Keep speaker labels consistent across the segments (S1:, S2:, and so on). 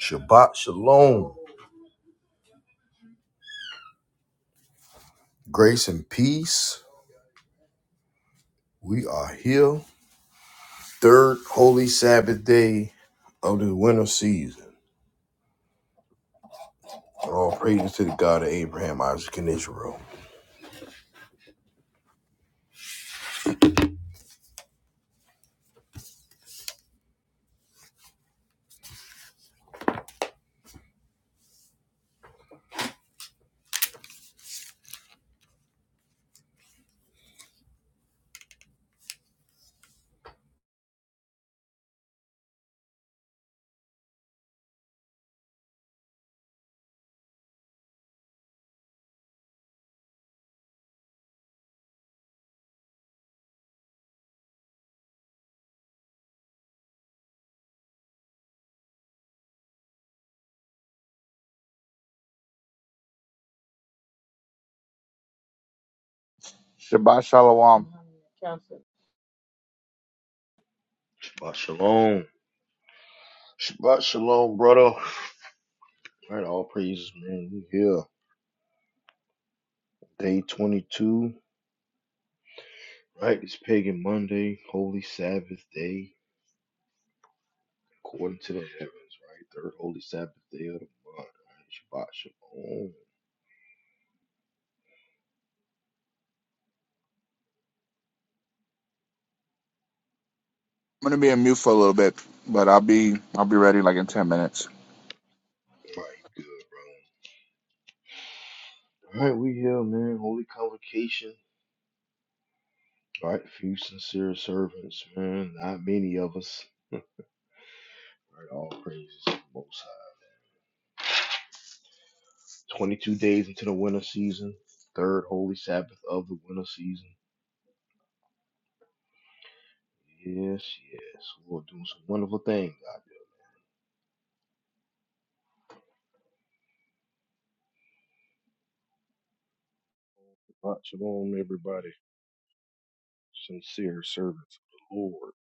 S1: Shabbat Shalom. Grace and peace. We are here. Third holy Sabbath day of the winter season. All praises to the God of Abraham, Isaac, and Israel.
S2: Shabbat shalom. I'm
S1: Shabbat shalom. Shabbat shalom, brother. Right, all praises, man. We here. Day 22. Right, it's Pagan Monday, Holy Sabbath Day, according to the heavens, right? Third Holy Sabbath Day of the month. Right? Shabbat shalom.
S2: gonna be in mute for a little bit, but I'll be I'll be ready like in ten minutes.
S1: All Right, good, bro. All right, we here, man. Holy Convocation. Right, few sincere servants, man. Not many of us. Right, all praises to the Most High. Twenty-two days into the winter season, third holy Sabbath of the winter season. Yes, yes, we're doing some wonderful things out
S3: Shabbat shalom, everybody. Sincere servants of the Lord.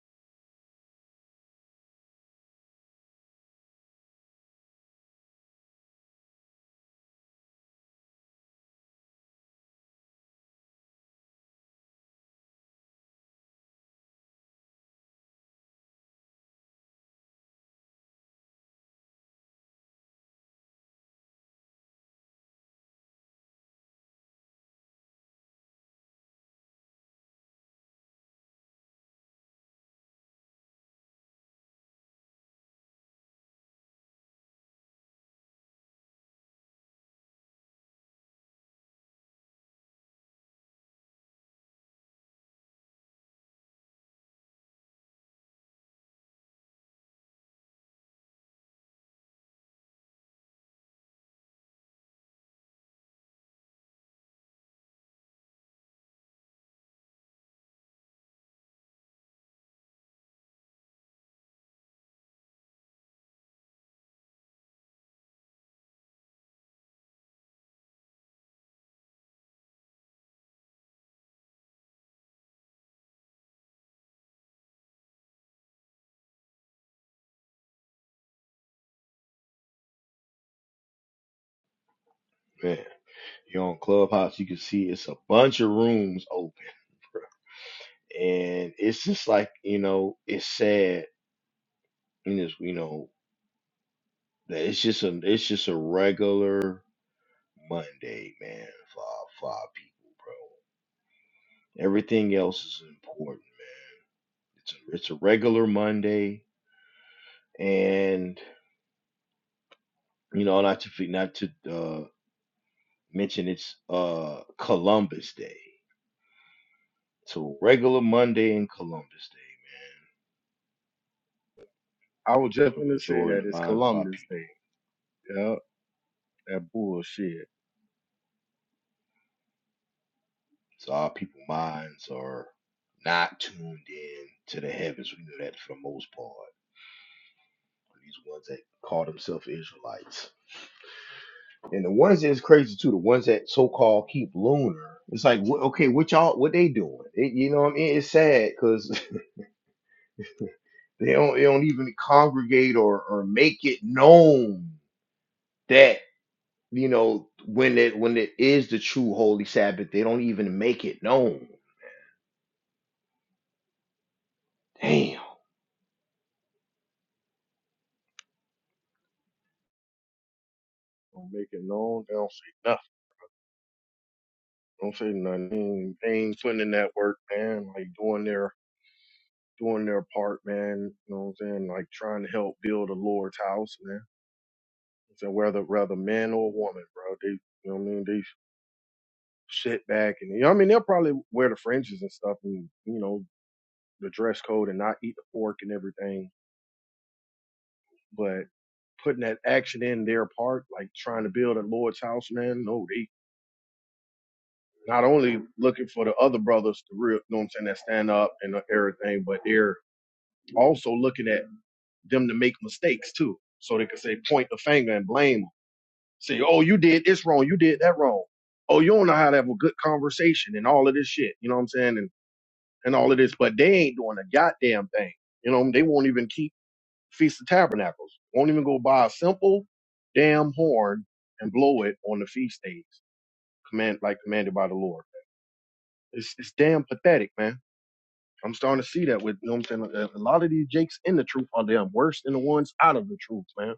S1: there, man. You're on Clubhouse, you can see it's a bunch of rooms open, bro. and it's just like you know, it's sad. And it's you know that it's just a it's just a regular Monday, man, for our, for our people, bro. Everything else is important It's a, it's a regular Monday, and you know, not to not to uh, mention it's uh, Columbus Day. So regular Monday and Columbus Day
S3: I was
S1: for
S3: just
S1: the
S3: gonna say that
S1: majority of the
S3: it's
S1: minds of our
S3: Columbus
S1: people.
S3: Day. Yeah, that bullshit.
S1: So our people minds are not tuned in to the heavens. We know that for the most part. These ones that call themselves Israelites. And the ones that's crazy too, the ones that so called keep lunar. It's like, okay, what y'all, what they doing? It, you know what I mean? It's sad because They don't, they don't even congregate or, or make it known that, you know, when it when it is the true holy Sabbath, they don't even make it known. Damn.
S3: Don't make it known. They don't say nothing. Don't say nothing. They ain't, they ain't putting in that work, man. Like doing their doing their part, man. You know what I'm saying? Like trying to help build the Lord's house, man. So whether whether man or woman, bro, they you know what I mean. They sit back and you know what I mean. They'll probably wear the fringes and stuff, and you know the dress code and not eat the pork and everything But putting that action in their part, like trying to build a Lord's house, man, no, they not only looking for the other brothers to real, you know what I'm saying, that stand up and everything, but they're also looking at them to make mistakes too. So they can say, point the finger and blame them. Say, oh, you did this wrong. You did that wrong. Oh, you don't know how to have a good conversation and all of this shit. You know what I'm saying? And, and all of this, but they ain't doing a goddamn thing. You know, they won't even keep Feast of Tabernacles. Won't even go buy a simple damn horn and blow it on the feast days, command like commanded by the Lord. It's it's damn pathetic, man. I'm starting to see that with you know what I'm saying. like, A lot of these jakes in the truth are damn worse than the ones out of the truth, man.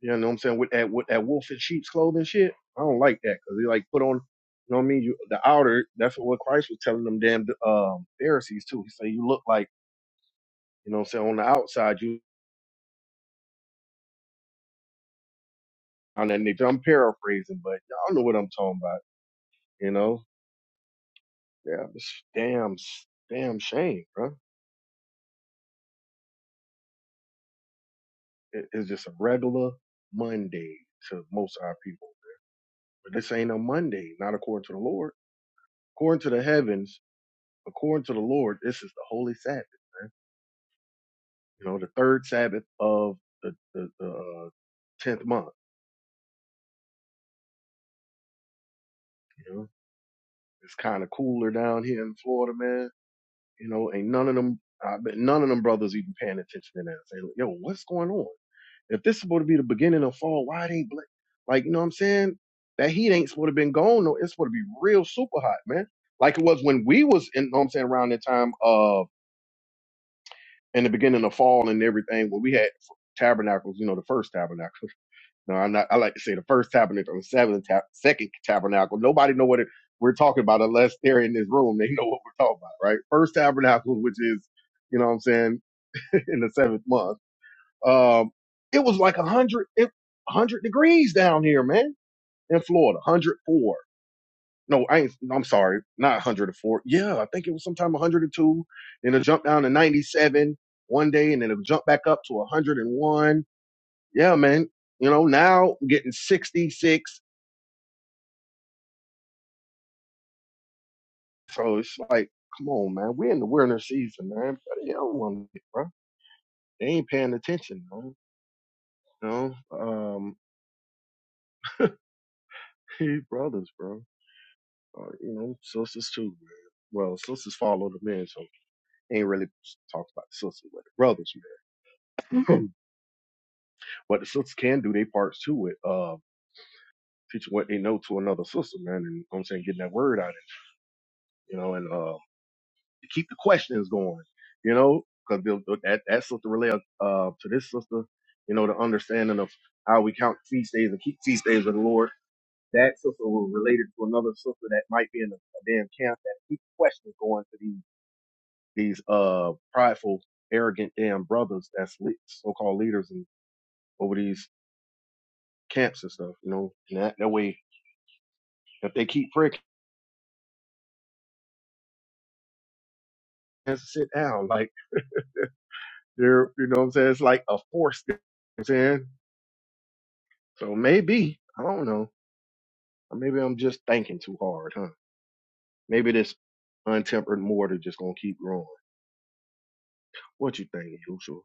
S3: You know what I'm saying? With that with that wolf in sheep's clothing shit, I don't like that because they like put on. You know what I mean? You, the outer, that's what Christ was telling them damn um, Pharisees too. He said, you look like, you know what I'm saying, on the outside, you on that nature. I'm paraphrasing, but y'all know what I'm talking about You know, yeah, it's damn, damn shame, bro. It, it's just a regular Monday to most of our people, but this ain't a Monday, not according to the Lord. According to the heavens, according to the Lord, this is the holy Sabbath, man. You know, the third Sabbath of the the, the uh, tenth month. You know, it's kind of cooler down here in Florida, man. You know, ain't none of them. I bet none of them brothers even paying attention to that. Saying, "Yo, what's going on?" If this is supposed to be the beginning of fall, why it ain't bla Like, you know what I'm saying? That heat ain't supposed to been gone. No, it's supposed to be real super hot, man. Like it was when we was in, you know what I'm saying, around that time uh in the beginning of fall and everything, when we had tabernacles, you know, the first tabernacle. No, I'm not I like to say the first tabernacle, the seventh tab, second tabernacle. Nobody know what it, we're talking about unless they're in this room, they know what we're talking about, right? First tabernacle, which is, you know what I'm saying, in the seventh month um, it was like a hundred, hundred degrees down here, man, in Florida, 104. No, I ain't, I'm sorry, not 104. Yeah, I think it was sometime 102. Then it jumped down to 97 one day and then it jumped back up to 101. Yeah, man. You know, now I'm getting 66. So it's like, come on, man. We're in the winter season, man. But you don't want to, get, bro. They ain't paying attention, man. You know, um, brothers, bro. Uh, you know, sisters too, man. Well, sisters follow the men, so ain't really talked about the sisters, with the brothers, man. but the sisters can do their parts too with uh, teaching what they know to another sister, man. And you know what I'm saying, getting that word out, you know, and uh, to keep the questions going, you know, because that, that sister relay uh, uh, to this sister, you know, the understanding of how we count feast days and keep feast days of the Lord. That sister will relate it to another sister that might be in a, a damn camp that keeps questions going to these. these uh prideful, arrogant damn brothers that's le- so-called leaders and over these camps and stuff, you know. And that, that way, if they keep pricking, has to sit down. Like they're, you know, what I'm saying it's like a force. You know what I'm saying so maybe I don't know. Or Maybe I'm just thinking too hard, huh? Maybe this untempered mortar just gonna keep growing. What you think, Yusuf?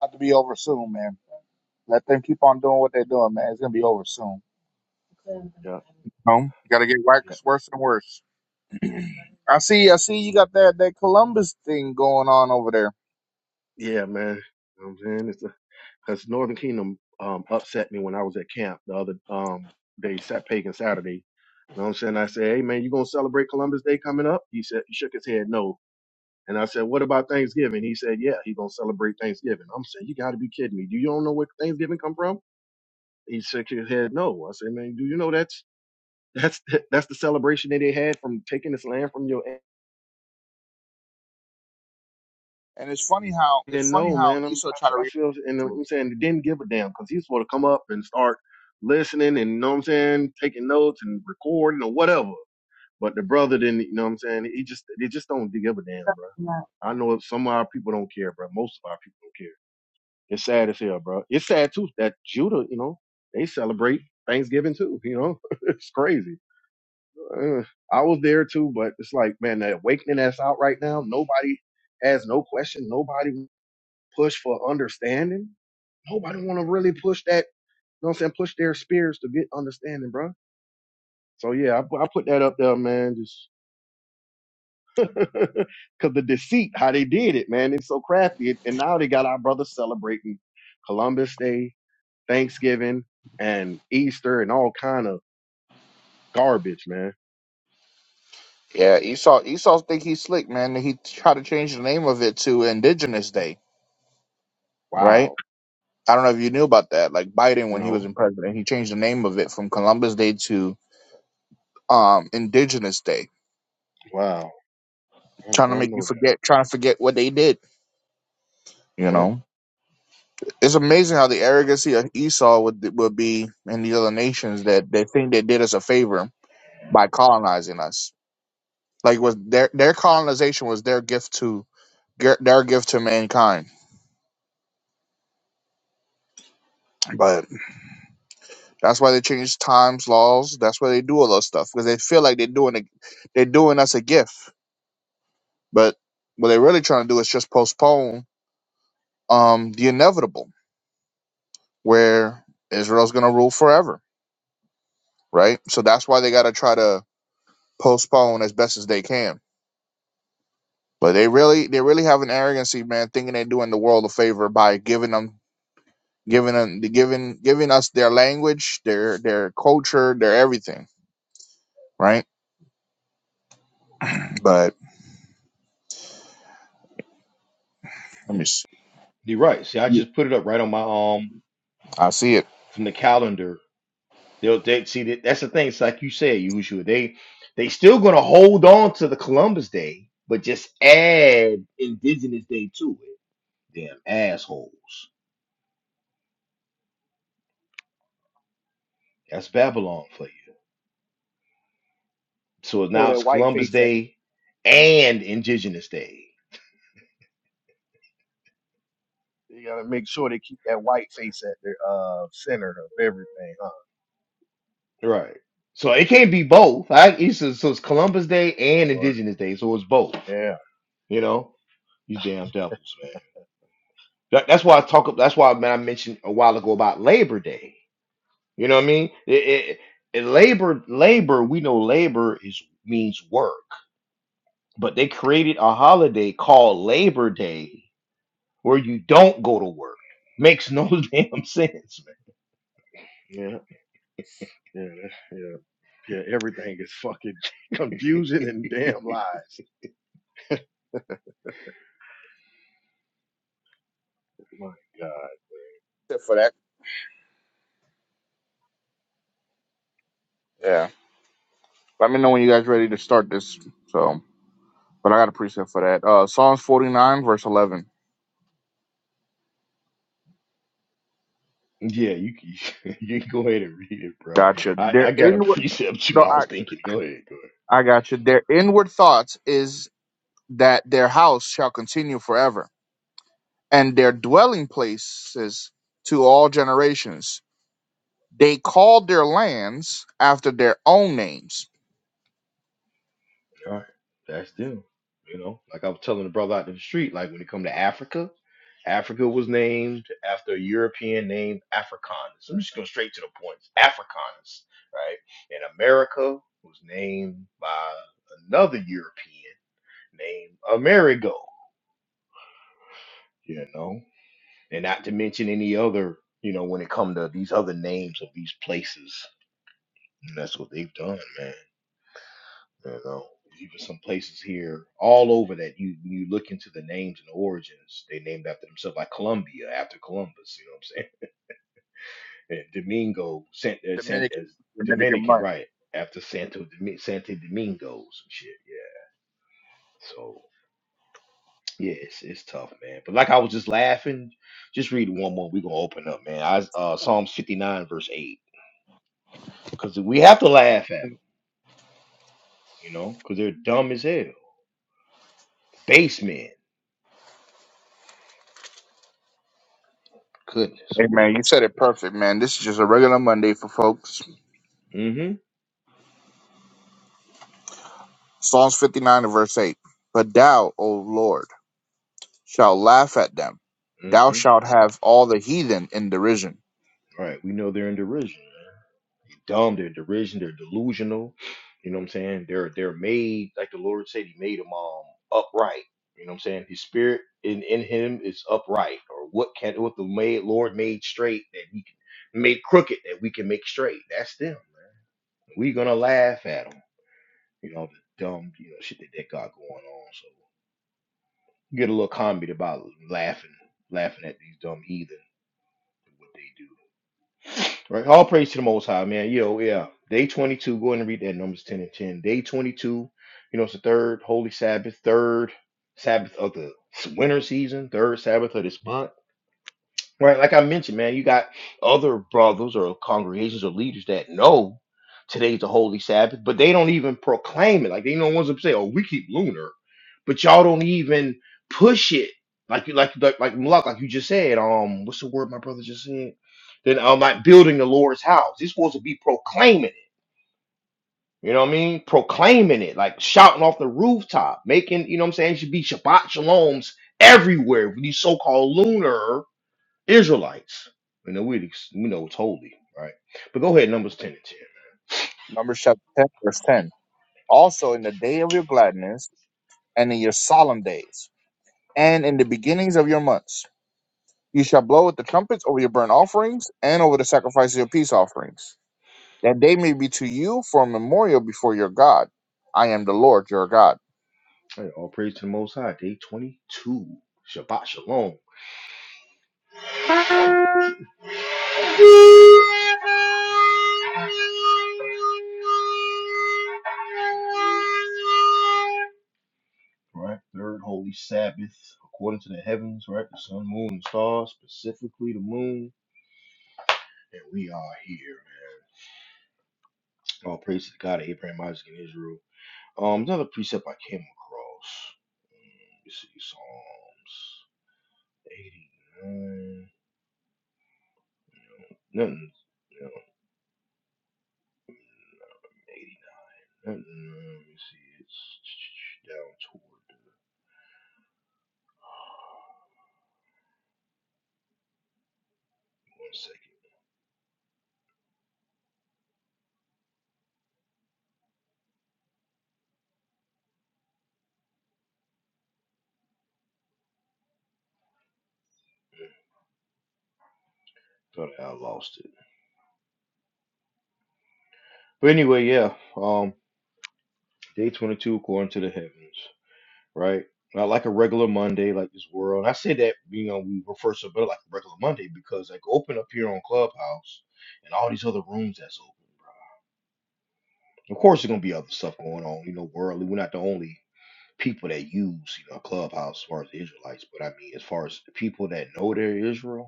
S2: About to be over soon, man. Let them keep on doing what they're doing, man. It's gonna be over soon.
S3: Yeah,
S2: No, gotta get
S3: yeah.
S2: worse, worse and worse. I see, I see. You got that that Columbus thing going on over there,
S3: Yeah, man. You know what I'm saying? It's because Northern Kingdom um, upset me when I was at camp the other um, day, Sat Pagan Saturday. You know what I'm saying? I said, hey, man, you going to celebrate Columbus Day coming up? He said, he shook his head, no. And I said, what about Thanksgiving? He said, yeah, he going to celebrate Thanksgiving. I'm saying, you got to be kidding me. Do you don't know where Thanksgiving come from? He shook his head, no. I said, man, do you know that's that's that's the celebration that they had from taking this land from your
S2: and it's funny how it's
S3: didn't
S2: funny
S3: know,
S2: how
S3: man. I'm,
S2: Esau
S3: I,
S2: tried
S3: f-
S2: to.
S3: I
S2: Re-
S3: feel, and I'm saying they didn't give a damn because he's supposed to come up and start listening and, you know what I'm saying, taking notes and recording or whatever. But the brother didn't, you know what I'm saying? He just, they just don't give a damn, bro. I know some of our people don't care, bro. Most of our people don't care. It's sad as hell, bro. It's sad too that Judah, you know, they celebrate Thanksgiving too, you know? it's crazy. Uh, I was there too, but it's like, man, the awakening that's out right now, nobody has no question. Nobody push for understanding. Nobody want to really push that. You know what I'm saying? Push their spirits to get understanding, bro. So yeah, I, pu- I put that up there, man. Just because the deceit, how they did it, man. It's so crafty. And now they got our brothers celebrating Columbus Day, Thanksgiving, and Easter, and all kind of garbage, man.
S2: yeah, Esau Esau think he's slick, man. He tried to change the name of it to Indigenous Day, right?
S3: Wow.
S2: I don't know if you knew about that. Like Biden,
S3: You
S2: when he was
S3: know,
S2: in president, he changed the name of it from Columbus Day to um Indigenous Day,
S3: wow. I did
S2: trying to
S3: not
S2: make you
S3: know that.
S2: forget, trying to forget what they did. You
S3: Yep.
S2: know, it's amazing how the arrogancy of Esau would would be in the other nations that they think they did us a favor by colonizing us. Like was their their colonization was their gift to their gift to mankind. But that's why they change times, laws. That's why they do all those stuff because they feel like they're doing a, they're doing us a gift. But what they're really trying to do is just postpone um the inevitable where Israel's going to rule forever, right? So that's why they got to try to postpone as best as they can. But they really, they really have an arrogancy, man, thinking they're doing the world a favor by giving them, giving them, giving, giving us their language, their, their culture, their everything, right? But let me see.
S1: You're right. See, I just put it up right on my um
S2: I see it.
S1: from the calendar. They'll they, see that that's the thing. It's like you said, usually they they still gonna hold on to the Columbus Day, but just add Indigenous Day to it. Damn assholes. That's Babylon for you. So
S3: Throw
S1: now
S3: that
S1: it's
S3: white
S1: Columbus
S3: face at
S1: Day and Indigenous Day.
S3: you gotta make sure they keep that white face at the uh, center of everything, huh?
S1: Right. So it can't be both. I it's, so so it's Columbus Day and
S3: Boy.
S1: Indigenous Day, so it's both.
S3: Yeah.
S1: You know, these damn devils, man. That, that's why I talk. That's why man, I mentioned a while ago about Labor Day. You know what I mean? It, it, it- labor, labor. We know labor is means work, but they created a holiday called Labor Day where you don't go to work. Makes no damn sense,
S3: Yeah, yeah, that's, yeah, yeah. Everything is fucking confusion and damn lies. My God,
S2: Preset For that, yeah. Let me know when you guys ready to start this. So, but I got a preset for that. Uh, Psalms forty nine, verse eleven.
S1: man. Yeah, you can, you can go ahead and read it, bro.
S2: Gotcha.
S1: I,
S2: Their
S1: I got a
S2: inward,
S1: precept too.
S2: no,
S1: I was
S2: I,
S1: thinking. Go ahead. Go ahead.
S2: I got you. Their inward thoughts is that their house shall continue forever, and their dwelling places to all generations. They called their lands after their own names.
S1: All right, that's them. You know, like I was telling the brother out in the street, like when it come to Africa, Africa was named after a European named Africanus. I'm just going straight to the point. Africanus, right? And America was named by another European named Amerigo, you know? And not to mention any other, you know, when it come to these other names of these places. And that's what they've done, man. You know, even some places here, all over that you when you look into the names and the origins, they named after themselves, like Colombia after Columbus. You know what I'm saying? And Domingo, San, uh, San, uh,
S2: Dominican, Dominican
S1: Dominican,
S2: month.
S1: right? After Santo Domi- Santo Domingo, some shit. Yeah. So yeah, it's it's tough, man. But like I was just laughing, just read one more. We gonna open up, man. I uh, Psalms 59 verse eight, because we have to laugh at them, you know, because they're dumb as hell. Basement, goodness,
S2: Hey man,
S1: world.
S2: you said it perfect, man. This is just a regular Monday for folks.
S1: Mm-hmm.
S2: Psalms 59 and verse 8. But thou, O Lord, shalt laugh at them. Thou
S1: mm-hmm.
S2: shalt have all the heathen in derision.
S1: All Right. We know they're in derision. They're Dumb, they're in derision, they're delusional. You know what I'm saying? They're they're made, like the Lord said, he made them um upright. You know what I'm saying? His spirit in, in him is upright. Or what can what the made Lord made straight that he can made crooked that we can make straight. That's them. we gonna laugh at them. You know, the dumb, you know, shit that they got going on. So get a little comedy about laughing, laughing at these dumb heathen and what they do. Right. All praise to the Most High, man. Yo, yeah. Day 22. Go ahead and read that Numbers 10 and 10. Day 22. You know, it's the third Holy Sabbath, third Sabbath of the winter season, third Sabbath of this month. Right, like I mentioned, man, you got other brothers or congregations or leaders that know today's the holy Sabbath, but they don't even proclaim it. Like they don't want to say, "Oh, we keep lunar," but y'all don't even push it. Like you, like like like Malak, like you just said. Um, what's the word my brother just said? Then um, like building the Lord's house. It's supposed to be proclaiming it. You know what I mean? Proclaiming it, like shouting off the rooftop, making you know what I'm saying. It should be Shabbat Shaloms everywhere. These so-called lunar. Israelites. we know, we, we know it's holy, right? But go ahead, Numbers 10 and
S2: Numbers chapter 10, verse 10. Also in the day of your gladness and in your solemn days and in the beginnings of your months. You shall blow with the trumpets over your burnt offerings and over the sacrifices of your peace offerings, that they may be to you for a memorial before your God. I am the Lord your God.
S1: 10. All, right, all praise to the Most High, day 22. Shabbat Shalom. Right, third holy Sabbath, according to the heavens, right? The sun, moon, and stars, specifically the moon. And we are here. man. All praise to the God of Abraham, Isaac, and Israel. Um, another precept I came across. Um, you see, Psalms 89. Nothing, you know, 89. Nothing, uh, let me see, it's down toward, Uh, one second. Thought I lost it. But anyway, yeah. Um, day 22 according to the heavens, right? Not like a regular Monday, like this world. And I say that, you know, we refer to it like a regular Monday because, like, open up here on Clubhouse and all these other rooms that's open. Of course, there's gonna be other stuff going on, you know, worldly. We're not the only people that use, you know, Clubhouse as far as the Israelites, but I mean, as far as the people that know they're Israel,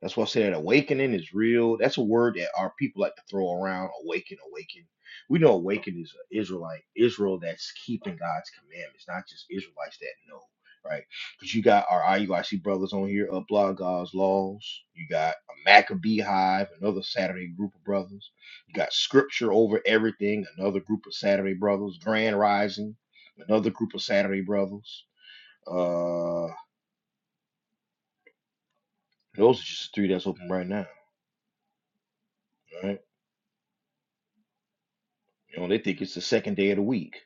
S1: that's why I said awakening is real. That's a word that our people like to throw around. Awaken, awaken. We know awaken is a Israelite, Israel that's keeping God's commandments, not just Israelites that know, right? Because you got our IUIC brothers on here, Upload God's Laws. You got a Maccabee Hive, another Saturday group of brothers. You got Scripture Over Everything, another group of Saturday brothers. Grand Rising, another group of Saturday brothers. Uh, those are just the three that's open right now, right? You know, they think it's the second day of the week.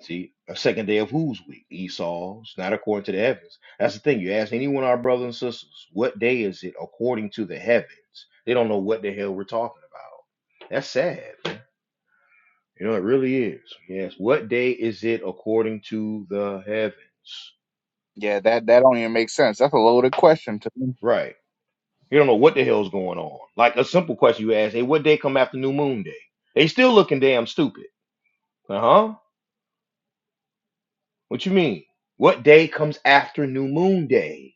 S1: See, a second day of whose week? Esau's, not according to the heavens. That's the thing. You ask any one of our brothers and sisters, what day is it according to the heavens? They don't know what the hell we're talking about. That's sad, man. You know, it really is. Yes. What day is it according to the heavens?
S2: Yeah, that that don't even make sense. That's a loaded question to me.
S1: Right. You don't know what the hell's going on. Like a simple question you ask, hey, what day come after new moon day? They still looking damn stupid. Uh-huh. What you mean? What day comes after new moon day?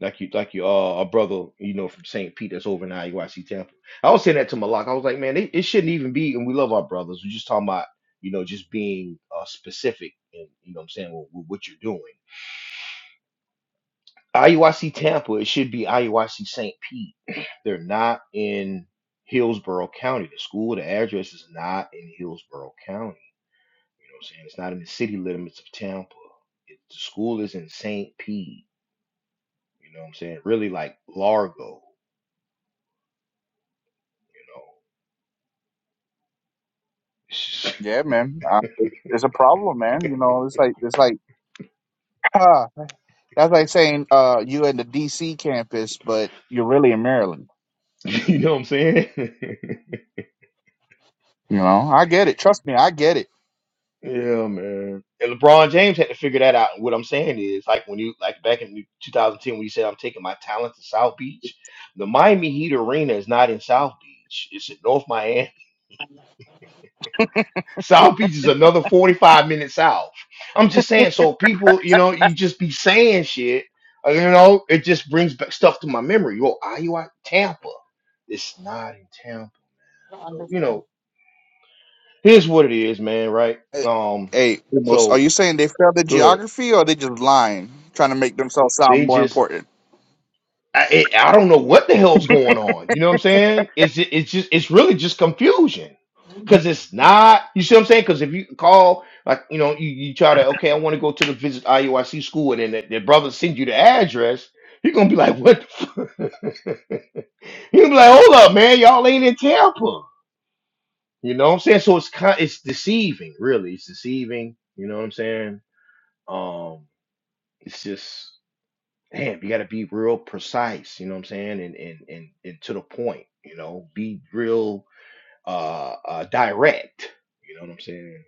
S1: like you like your uh, a brother you know from St. Pete that's over in IUIC Tampa. I was saying that to Malak. I was like, man, it, it shouldn't even be. And we love our brothers. We're just talking about you know just being uh, specific and you know what I'm saying with, with what you're doing. IUIC Tampa, it should be IUIC St. Pete. They're not in Hillsborough County. The school, the address is not in Hillsborough County. You know what I'm saying? It's not in the city limits of Tampa. It, the school is in St. Pete. You know what I'm saying? Really like Largo, you know.
S2: Yeah, man, uh, it's a problem, man. You know, it's like it's like that's like saying uh, you in the D.C. campus, but you're really in Maryland.
S1: You know what I'm saying?
S2: You know, I get it. Trust me, I get it
S1: yeah, man. And LeBron James had to figure that out. What I'm saying is, like when you like back in 2010 when you said I'm taking my talent to South Beach, the Miami Heat arena is not in South Beach. It's in North Miami. South Beach is another 45 minutes south. I'm just saying, so people, you know, you just be saying shit. uh, You know, it just brings back stuff to my memory. Yo, Iowa, Tampa. It's not in Tampa. So, you know, here's what it is, man, right?
S2: Hey,
S1: Um,
S2: hey, Umos,
S1: so
S2: are you saying they failed at
S1: Good.
S2: geography or are they just lying, trying to make themselves sound
S1: They
S2: more
S1: just
S2: important?
S1: I, it, I don't know what the hell's going on. You know what I'm saying? It's ju- it's just it's really just confusion because it's not. You see what I'm saying? Because if you call like you know you, you try to okay I want to go to the visit IUIC school and then the, the brother send you the address. You're gonna be like, what? The fuck? You're gonna be like, hold up, man, y'all ain't in Tampa. You know what I'm saying? So it's kind, it's deceiving, really. It's deceiving. You know what I'm saying? Um, it's just. damn, you got to be real precise, you know what I'm saying? And, and, and, and to the point, you know, be real, uh, uh, direct, you know what I'm saying?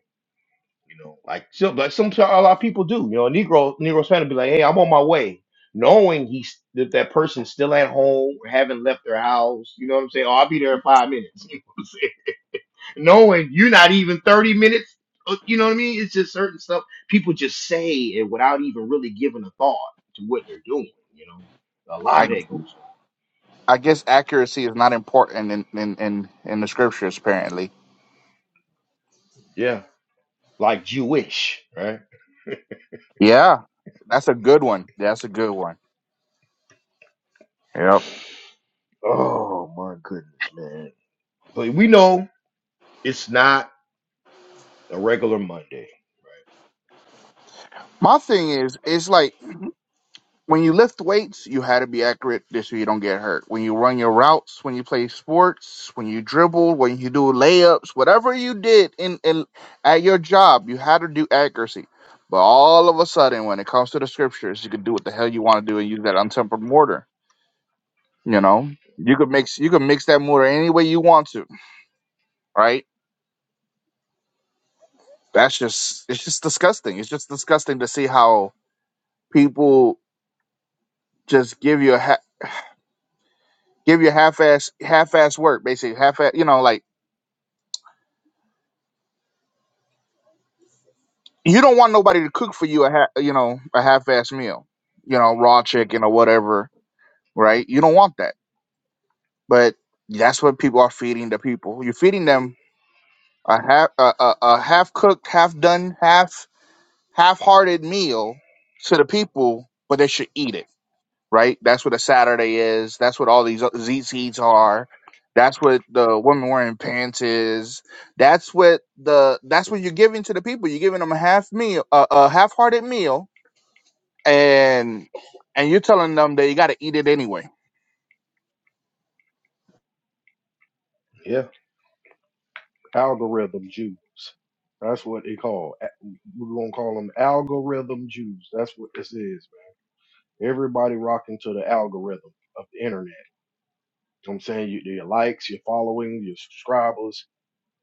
S1: You know, like, so, like some, a lot of people do, you know, a Negro, Negro fan will be like, Hey, I'm on my way. Knowing he's that that person's still at home or haven't left their house, you know what I'm saying? Oh, I'll be there in five minutes. knowing you're not even 30 minutes. uh, You know what I mean? It's just certain stuff people just say it without even really giving a thought to what they're doing. You know, a lot of
S2: I
S1: that goes on.
S2: I guess accuracy is not important in in in, in the scriptures apparently.
S1: Yeah, like Jewish, right?
S2: Yeah, that's a good one. That's a good one. Yep.
S1: Oh my goodness, man. But we know it's not a regular Monday, right?
S2: My thing is, it's like when you lift weights, you had to be accurate this so you don't get hurt. When you run your routes, when you play sports, when you dribble, when you do layups, whatever you did in, in at your job, you had to do accuracy. But all of a sudden, when it comes to the scriptures, you could do what the hell you want to do and use that untempered mortar. You know, you could mix you could mix that mortar any way you want to, right? That's just it's just disgusting. It's just disgusting to see how people just give you a ha- give you half ass half ass work, basically half ass. You know, like you don't want nobody to cook for you a ha- you know a half assed meal, you know, raw chicken or whatever, right? You don't want that, but that's what people are feeding the people. You're feeding them a half a, a, a half-cooked, half-done, half done, half half-hearted meal to the people, but they should eat it, right? That's what a Saturday is. That's what all these ZCs are. That's what the women wearing pants is. That's what the that's what you're giving to the people. You're giving them a half meal, a, a half-hearted meal and and you're telling them that you got to eat it anyway.
S1: Yeah,
S3: algorithm Jews. That's what they call. a- We're gonna call them algorithm Jews. That's what this is. Man. Everybody rocking to the algorithm of the internet. You know what I'm saying you, your likes, your following, your subscribers.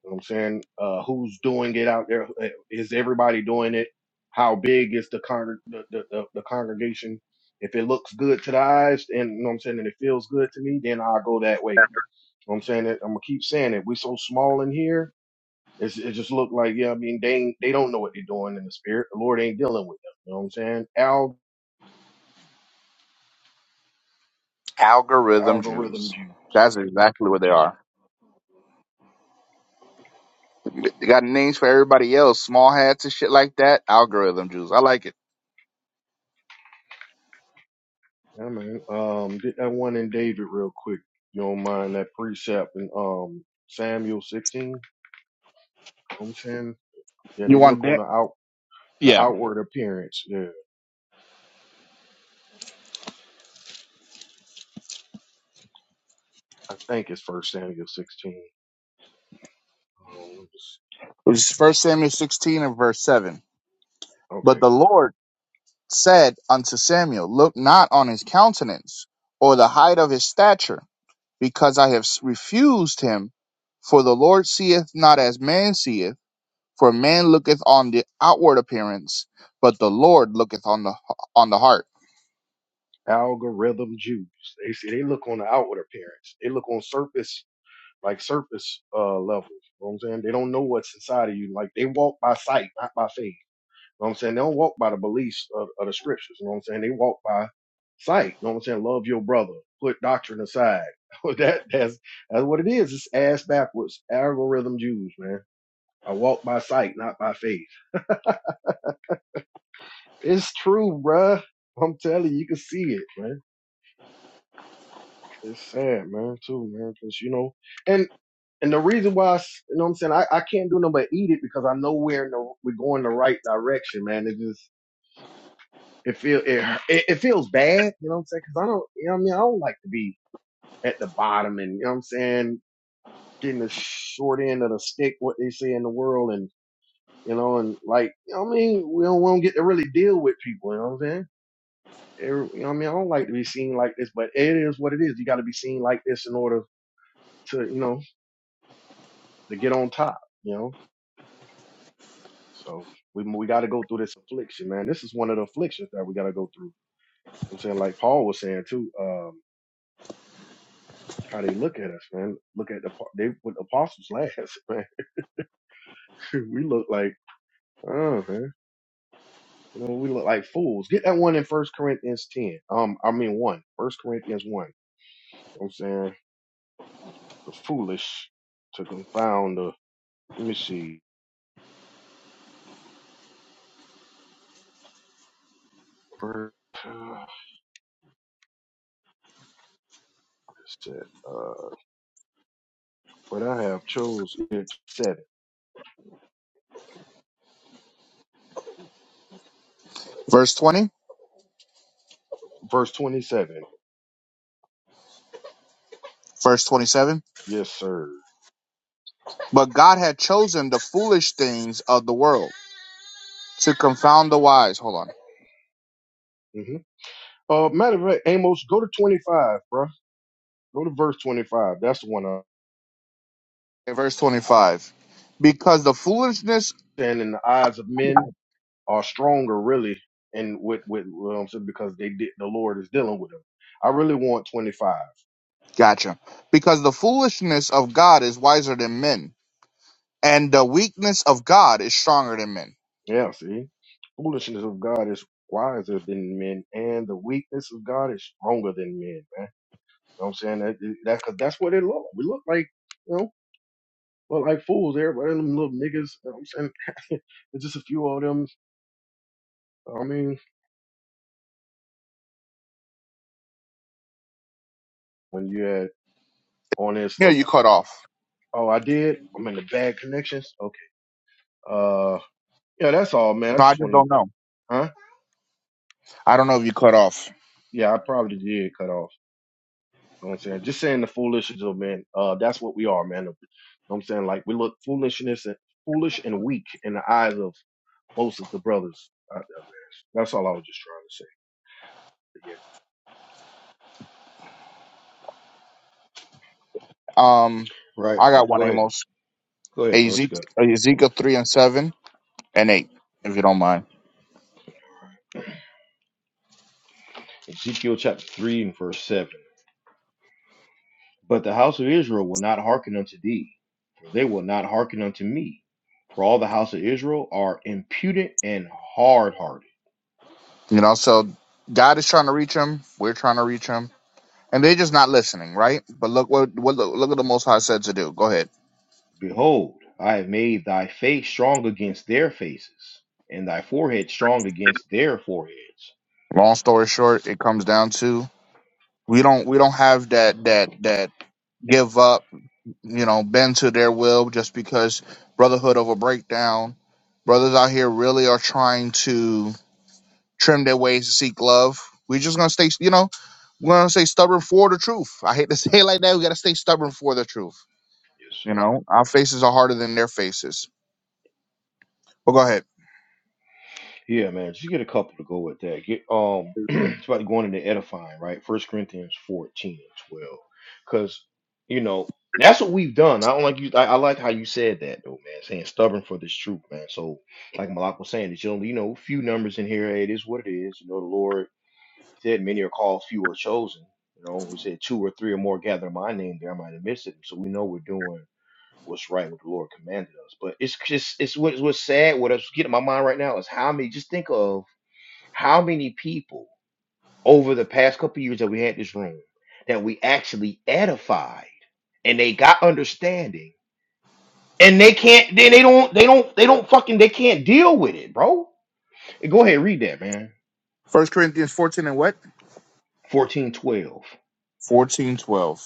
S3: You know what I'm saying? Uh, who's doing it out there? Uh, Is everybody doing it? How big is the, con- the, the, the, the congregation? If it looks good to the eyes and, you know what I'm saying, and it feels good to me, then I'll go that way. You know what I'm saying? I'm going to keep saying it. We're so small in here. It's, it just look like, yeah, I mean, they, ain't- they don't know what they're doing in the spirit. The Lord ain't dealing with them. You know what I'm saying? Al-
S2: Algorithm
S3: algorithms,
S2: Jews.
S3: you,
S2: That's exactly what they are. They got names for everybody else, small hats and shit like that. Algorithm Jews. I like it.
S3: Yeah, man. Um, get that one in David real quick. You don't mind that precept in, um, Samuel 16. You know what I'm saying? Yeah,
S2: You
S3: they
S2: want
S3: look on
S2: that?
S3: the out the
S2: Yeah.
S3: outward appearance. Yeah, I think it's First Samuel sixteen. Um, just-
S2: It's First Samuel 16 and verse 7. But
S3: okay,
S2: the Lord said unto Samuel, Look not on his countenance or the height of his stature, because I have refused him. For the Lord seeth not as man seeth For man looketh on the outward appearance, but the Lord looketh on the on the heart.
S3: algorithm Jews. They see they look on the outward appearance. They look on surface like surface uh levels. You know what I'm saying they don't know what's inside of you. Like they walk by sight, not by faith. You know what I'm saying they don't walk by the beliefs of, of the scriptures. You know what I'm saying they walk by sight. You know what I'm saying love your brother. Put doctrine aside. that that's that's what it is. It's ass backwards algorithm Jews, man I walk by sight, not by faith. It's true, bruh. I'm telling you, you can see it, man. It's sad, man, too, man, because you know, and and the reason why, you know, what I'm saying I, I can't do nothing but eat it because I know we're in the we're going the right direction, man. It just it feel it it, it feels bad, you know what I'm saying? Because I don't, you know, what I mean, I don't like to be at the bottom, and you know what I'm saying, getting the short end of the stick, what they say in the world, and you know, and like, you know what I mean, we don't, we don't get to really deal with people, you know what I'm saying? Every- you know what I mean, I don't like to be seen like this, but it is what it is. You got to be seen like this in order to, you know, to get on top. You know, so we we got to go through this affliction, man. This is one of the afflictions that we got to go through. I'm saying, like Paul was saying too, um, how they look at us, man. Look at the apo- they with the apostles last, man. we look like, oh man, you know, we look like fools. Get that one in First Corinthians ten. Um, I mean one. First Corinthians one. You know what I'm saying the foolish to confound the. Let me see. Verse, uh, it uh, but I have chose it seven.
S2: Verse 20,
S3: Verse 27.
S2: verse 27.
S3: Yes, sir.
S2: But God had chosen the foolish things of the world to confound the wise. Hold on.
S3: hmm Uh, matter of fact, Amos, go to 25, bruh. Go to verse 25. That's the one. Uh,
S2: Okay, Verse 25. Because the foolishness,
S3: and in the eyes of men are stronger, really, and with with well, I'm saying, because they did the Lord is dealing with them. I really want 25.
S2: gotcha. Because the foolishness of God is wiser than men, and the weakness of God is stronger than men.
S3: Yeah, see, foolishness of God is wiser than men, and the weakness of God is stronger than men, man. know what I'm saying? That, that, cause that's what it look like. We look like, you know, look like fools. Everybody, them little niggas, you know what I'm saying? It's just a few of them. I mean, when you had on this
S2: Yeah,
S3: little,
S2: you cut off.
S3: oh, I did. I'm in the bad connections. Okay. Uh, yeah, that's all, man. I
S2: No, I
S3: just
S2: just
S3: want to,
S2: don't know.
S3: huh?
S2: I don't know if you cut off.
S3: Yeah, I probably did cut off. You know what I'm saying? Just saying the foolishness of man. Uh, that's what we are, man. You know what I'm saying? Like we look foolishness and foolish and weak in the eyes of most of the brothers out there, man. That's all I was just trying to say. But yeah,
S2: Um,
S1: right,
S2: I got
S1: man.
S2: one
S1: Go ahead,
S2: Amos.
S1: go ahead, man. What
S2: Ezek-
S1: you got?
S2: Ezekiel 3 and 7. and eight, if you don't mind.
S1: Ezekiel chapter three and verse seven. But the house of Israel will not hearken unto thee, for they will not hearken unto me. For all the house of Israel are impudent and hard hearted.
S2: You know, so God is trying to reach him. We're trying to reach him, and they're just not listening, right? But look what what look, look at the Most High said to do. Go ahead.
S1: Behold, I have made thy face strong against their faces, and thy forehead strong against their foreheads.
S2: Long story short, it comes down to we don't we don't have that that that give up, you know, bend to their will just because brotherhood over breakdown. Brothers out here really are trying to trim their ways to seek love. We're just gonna stay, you know, we're gonna stay stubborn for the truth. I hate to say it like that. We gotta stay stubborn for the truth
S1: Yes,
S2: You
S1: sir.
S2: know, our faces are harder than their faces. But go ahead.
S1: Yeah, man, just get a couple to go with that. Get um, it's about going into edifying, right? First Corinthians fourteen and twelve, because you know that's what we've done. I don't like you. I, I like how you said that though, man. Saying stubborn for this truth, man. So like Malak was saying, there's only you know few numbers in here. Hey, it is what it is. You know, the Lord said, "Many are called, few are chosen." You know, we said two or three or more gather in my name, there I might have missed it. So we know we're doing what's right, what the Lord commanded us. But it's just it's what, what's sad. What is getting in my mind right now is how many. Just think of how many people over the past couple years that we had this room that we actually edified and they got understanding and they can't then they don't they don't they don't fucking they can't deal with it, bro. Go ahead, read that, man.
S2: First Corinthians 14 and what?
S1: Fourteen twelve.
S2: 14 12.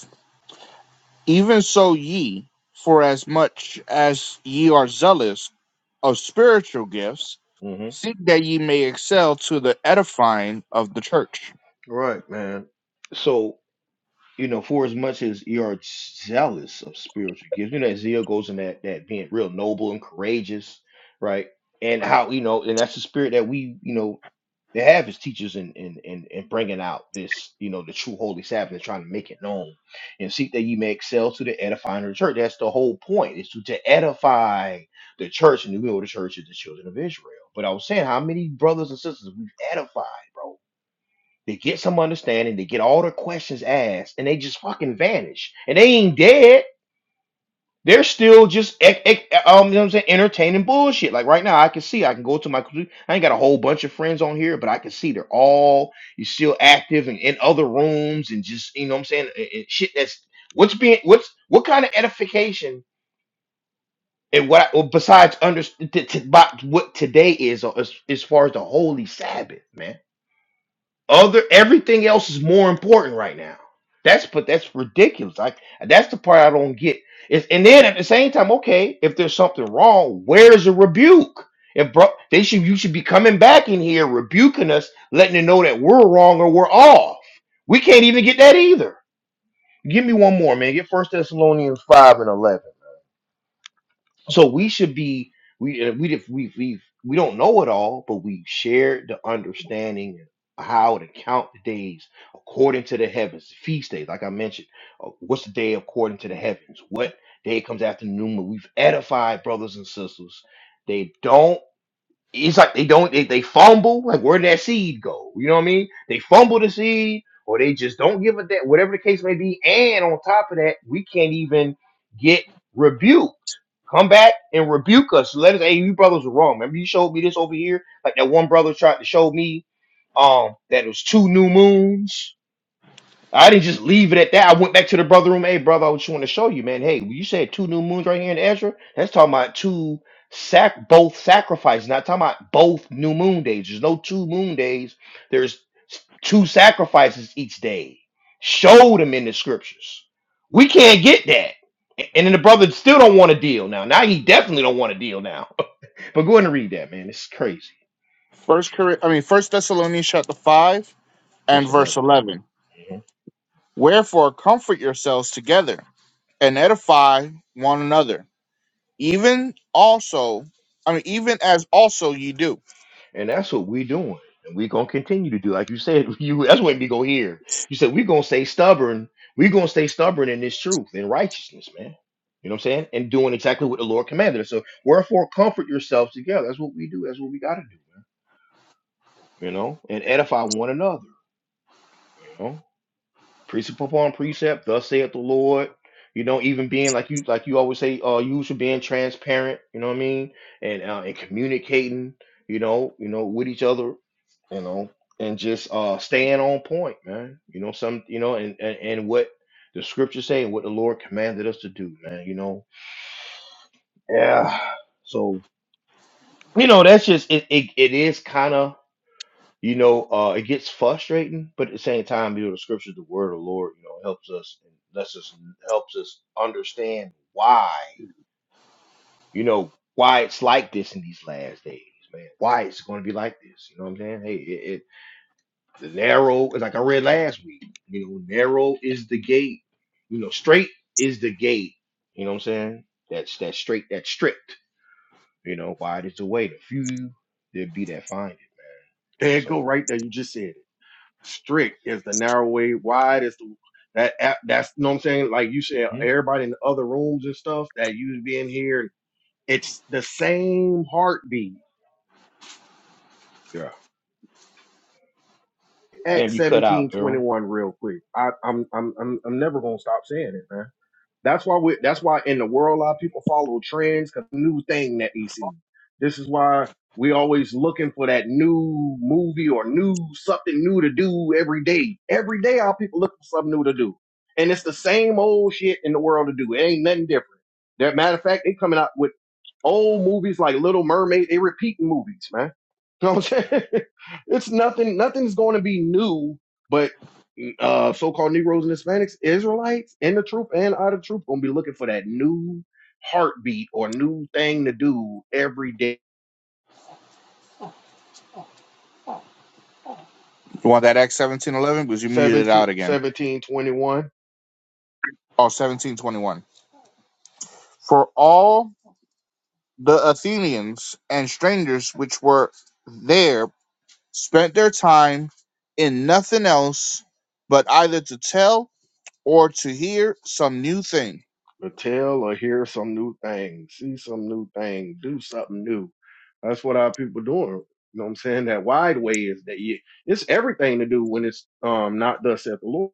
S2: Even so ye, for as much as ye are zealous of spiritual gifts,
S1: Mm-hmm.
S2: seek that ye may excel to the edifying of the church.
S1: Right, man. So. you know, for as much as you are zealous of spiritual gifts, you know, that zeal goes in that that being real noble and courageous, right? And how you know, and that's the spirit that we, you know, they have as teachers and and and and bringing out this, you know, the true holy Sabbath and trying to make it known and seek that ye may excel to the edifying of the church. That's the whole point is to, to edify the church and the will of the church is the children of Israel. But I was saying, how many brothers and sisters we've edified, bro? They get some understanding, they get all their questions asked, and they just fucking vanish. And they ain't dead. They're still just ec- ec- um, you know what I'm saying, entertaining bullshit. Like right now, I can see I can go to my computer. I ain't got a whole bunch of friends on here, but I can see they're all you're still active and in other rooms and just you know what I'm saying and, and shit. That's what's being what's what kind of edification and what I, well, besides under t- t- by what today is uh, as, as far as the holy Sabbath, man Other everything else is more important right now. That's but that's ridiculous. Like that's the part I don't get. It's, and then at the same time, okay, if there's something wrong, where's the rebuke? If bro, they should you should be coming back in here rebuking us, letting them know that we're wrong or we're off. We can't even get that either. Give me one more, man. Get First Thessalonians five and eleven. So we should be we uh, we did- we we we don't know it all, but we shared the understanding of how to count the days according to the heavens, feast days, like I mentioned. uh, What's the day according to the heavens? What day comes after the new moon? We've edified brothers and sisters. They don't it's like they don't they, they fumble like where did that seed go you know what i mean they fumble the seed or they just don't give it that whatever the case may be and on top of that we can't even get rebuked come back and rebuke us let us hey you brothers are wrong remember you showed me this over here like that one brother tried to show me um that it was two new moons I didn't just leave it at that. I went back to the brother room. Hey, brother, I just want to show you, man. Hey, you said two new moons right here in Ezra. That's talking about two sac both sacrifices, not talking about both new moon days. There's no two moon days. There's two sacrifices each day. Show them in the scriptures. We can't get that. A- And then the brother still don't want a deal now. Now he definitely don't want a deal now. but go ahead and read that, man. It's crazy.
S2: First Cor- I mean First Thessalonians chapter 5
S1: Verse
S2: and
S1: 11.
S2: verse 11. Wherefore comfort yourselves together and edify one another, even also, I mean even as also ye do
S1: And that's what we doing. And we gonna continue to do. Like you said, you that's what we go here. You said we gonna stay stubborn. we gonna stay stubborn in this truth and righteousness, man. You know what I'm saying? And doing exactly what the Lord commanded us. So wherefore comfort yourselves together. That's what we do. That's what we gotta do, man. You know, and edify one another precept upon precept. Thus saith the Lord. You know, even being like you, like you always say, uh, you should being transparent. You know what I mean, and uh, and communicating. You know, you know, with each other. You know, and just uh staying on point, man. You know, some, you know, and and, and what the scriptures say and what the Lord commanded us to do, man. You know, yeah. So you know, that's just it. It, it is kind of. You know, uh, it gets frustrating, but at the same time, you know, the scripture, the word of the Lord, you know, helps us and lets us helps us understand why, you know, why it's like this in these last days, man. Why it's going to be like this. You know what I'm saying? Hey, it, it the narrow is like I read last week. You know, narrow is the gate. You know, straight is the gate. You know what I'm saying? That's that straight, that's strict. You know, wide is the way. The few there be that find it.
S3: there it go
S1: So,
S3: right there. You just said it. strict is the narrow way wide is the that app that's you know what i'm saying like you said
S1: mhm,
S3: everybody in the other rooms and stuff that you be in here it's the same heartbeat
S1: yeah. Damn,
S3: Acts
S1: you cut out, Beryl.
S3: 1721 real quick i i'm i'm i'm, I'm never gonna stop saying it man That's why we. That's why in the world, a lot of people follow trends because new thing that they see. This is why we always looking for that new movie or new something new to do every day. Every day, our people look for something new to do, and it's the same old shit in the world to do. It ain't nothing different. That matter of fact, they coming out with old movies like Little Mermaid. They repeating movies, man. You know what I'm saying? it's nothing. Nothing's going to be new, but uh, so-called Negroes and Hispanics, Israelites in the troop and out of the troop gonna be looking for that new heartbeat or new thing to do every day.
S2: You want that Acts seventeen eleven? Because you muted it
S3: Seventeen,
S2: out again.
S3: seventeen, twenty-one.
S2: Oh, 1721. For all the Athenians and strangers which were there spent their time in nothing else but either to tell or to hear some new thing.
S3: to tell or hear some new thing, see some new thing, do something new. That's what our people doing. You know what I'm saying? That wide way is that you, it's everything to do when it's um not thus saith the Lord.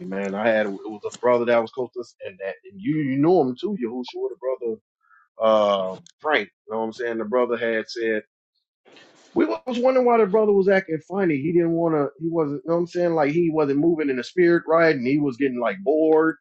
S3: Man, I had it was a brother that was close to us, and that and you you knew him too, Yahushua, the brother uh, Frank. You know what I'm saying? The brother had said we was wondering why the brother was acting funny. He didn't want to. He wasn't. You know what I'm saying? Like he wasn't moving in the spirit right, and he was getting like bored,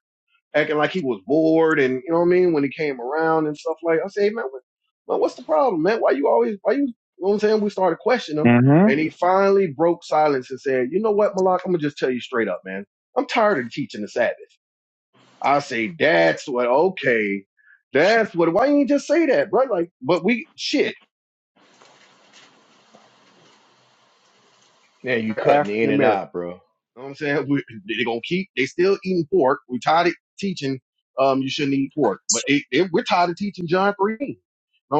S3: acting like he was bored, and you know what I mean when he came around and stuff like. I say, man, what, man, what's the problem, man? Why you always? Why you? You know what I'm saying? We started questioning him,
S2: hmm
S3: and he finally broke silence and said, "You know what, Malak? I'm gonna just tell you straight up, man. I'm tired of teaching the Sabbath. I say that's what okay, that's what why didn't you just say that, bro? Like, but we shit,
S1: Now you cutting
S3: African
S1: in and
S3: American.
S1: out, bro.
S3: You know what I'm saying? We, they gonna keep they still eating pork. We tired of teaching um you shouldn't eat pork. But it, it, we're tired of teaching John 3. You know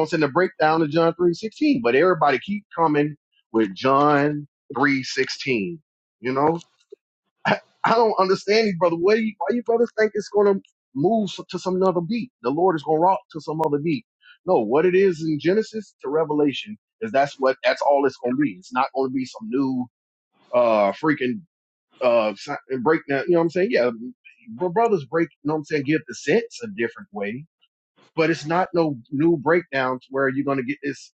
S3: what I'm saying? The breakdown of John 3.16. But everybody keep coming with John 3.16. You know? I, I don't understand these brothers. Why you, why you brothers think it's going to move to some other beat? The Lord is going to rock to some other beat. No, what it is in Genesis to Revelation is that's what that's all it's going to be. It's not going to be some new uh freaking uh si- breakdown. You know what I'm saying? Yeah, br- brothers break. You know what I'm saying? Give the sense a different way, but it's not no new breakdowns where you're going to get this.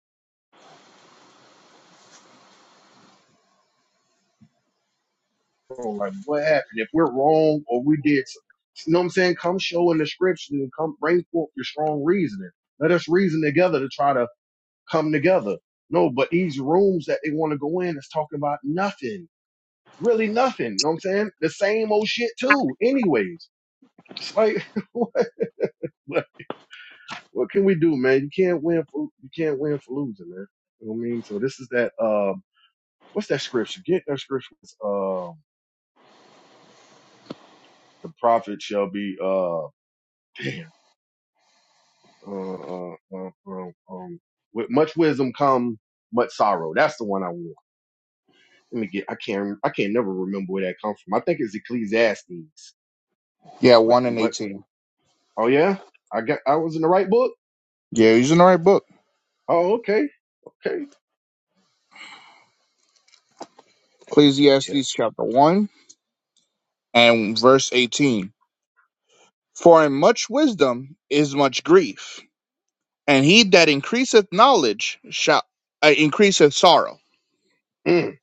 S3: wrong? Like, what happened? If we're wrong or we did, some- you know what I'm saying? Come show in the scripture and come bring forth your strong reasoning. Let us reason together to try to come together. No, but these rooms that they want to go in is talking about nothing, really nothing. You know what I'm saying? The same old shit too. Anyways, it's like, what, what what can we do, man? You can't win for, you can't win for losing, man. You know what I mean? So this is that, uh, what's that scripture? Get that scripture. It's, uh, the prophet shall be, uh, damn, Uh, uh, uh, um, um, with much wisdom come much sorrow. That's the one I want. Let me get. I can't. I can't never remember where that comes from. I think it's Ecclesiastes.
S2: Yeah,
S3: But
S2: 1 and
S3: what?
S2: 18.
S3: Oh yeah, I got. I was in the right book.
S2: Yeah, he's in the right book.
S3: Oh okay, okay.
S1: Yep.
S2: Ecclesiastes chapter 1 and verse 18. For in much wisdom is much grief, and he that increaseth knowledge shall uh, increaseth sorrow.
S3: Mm.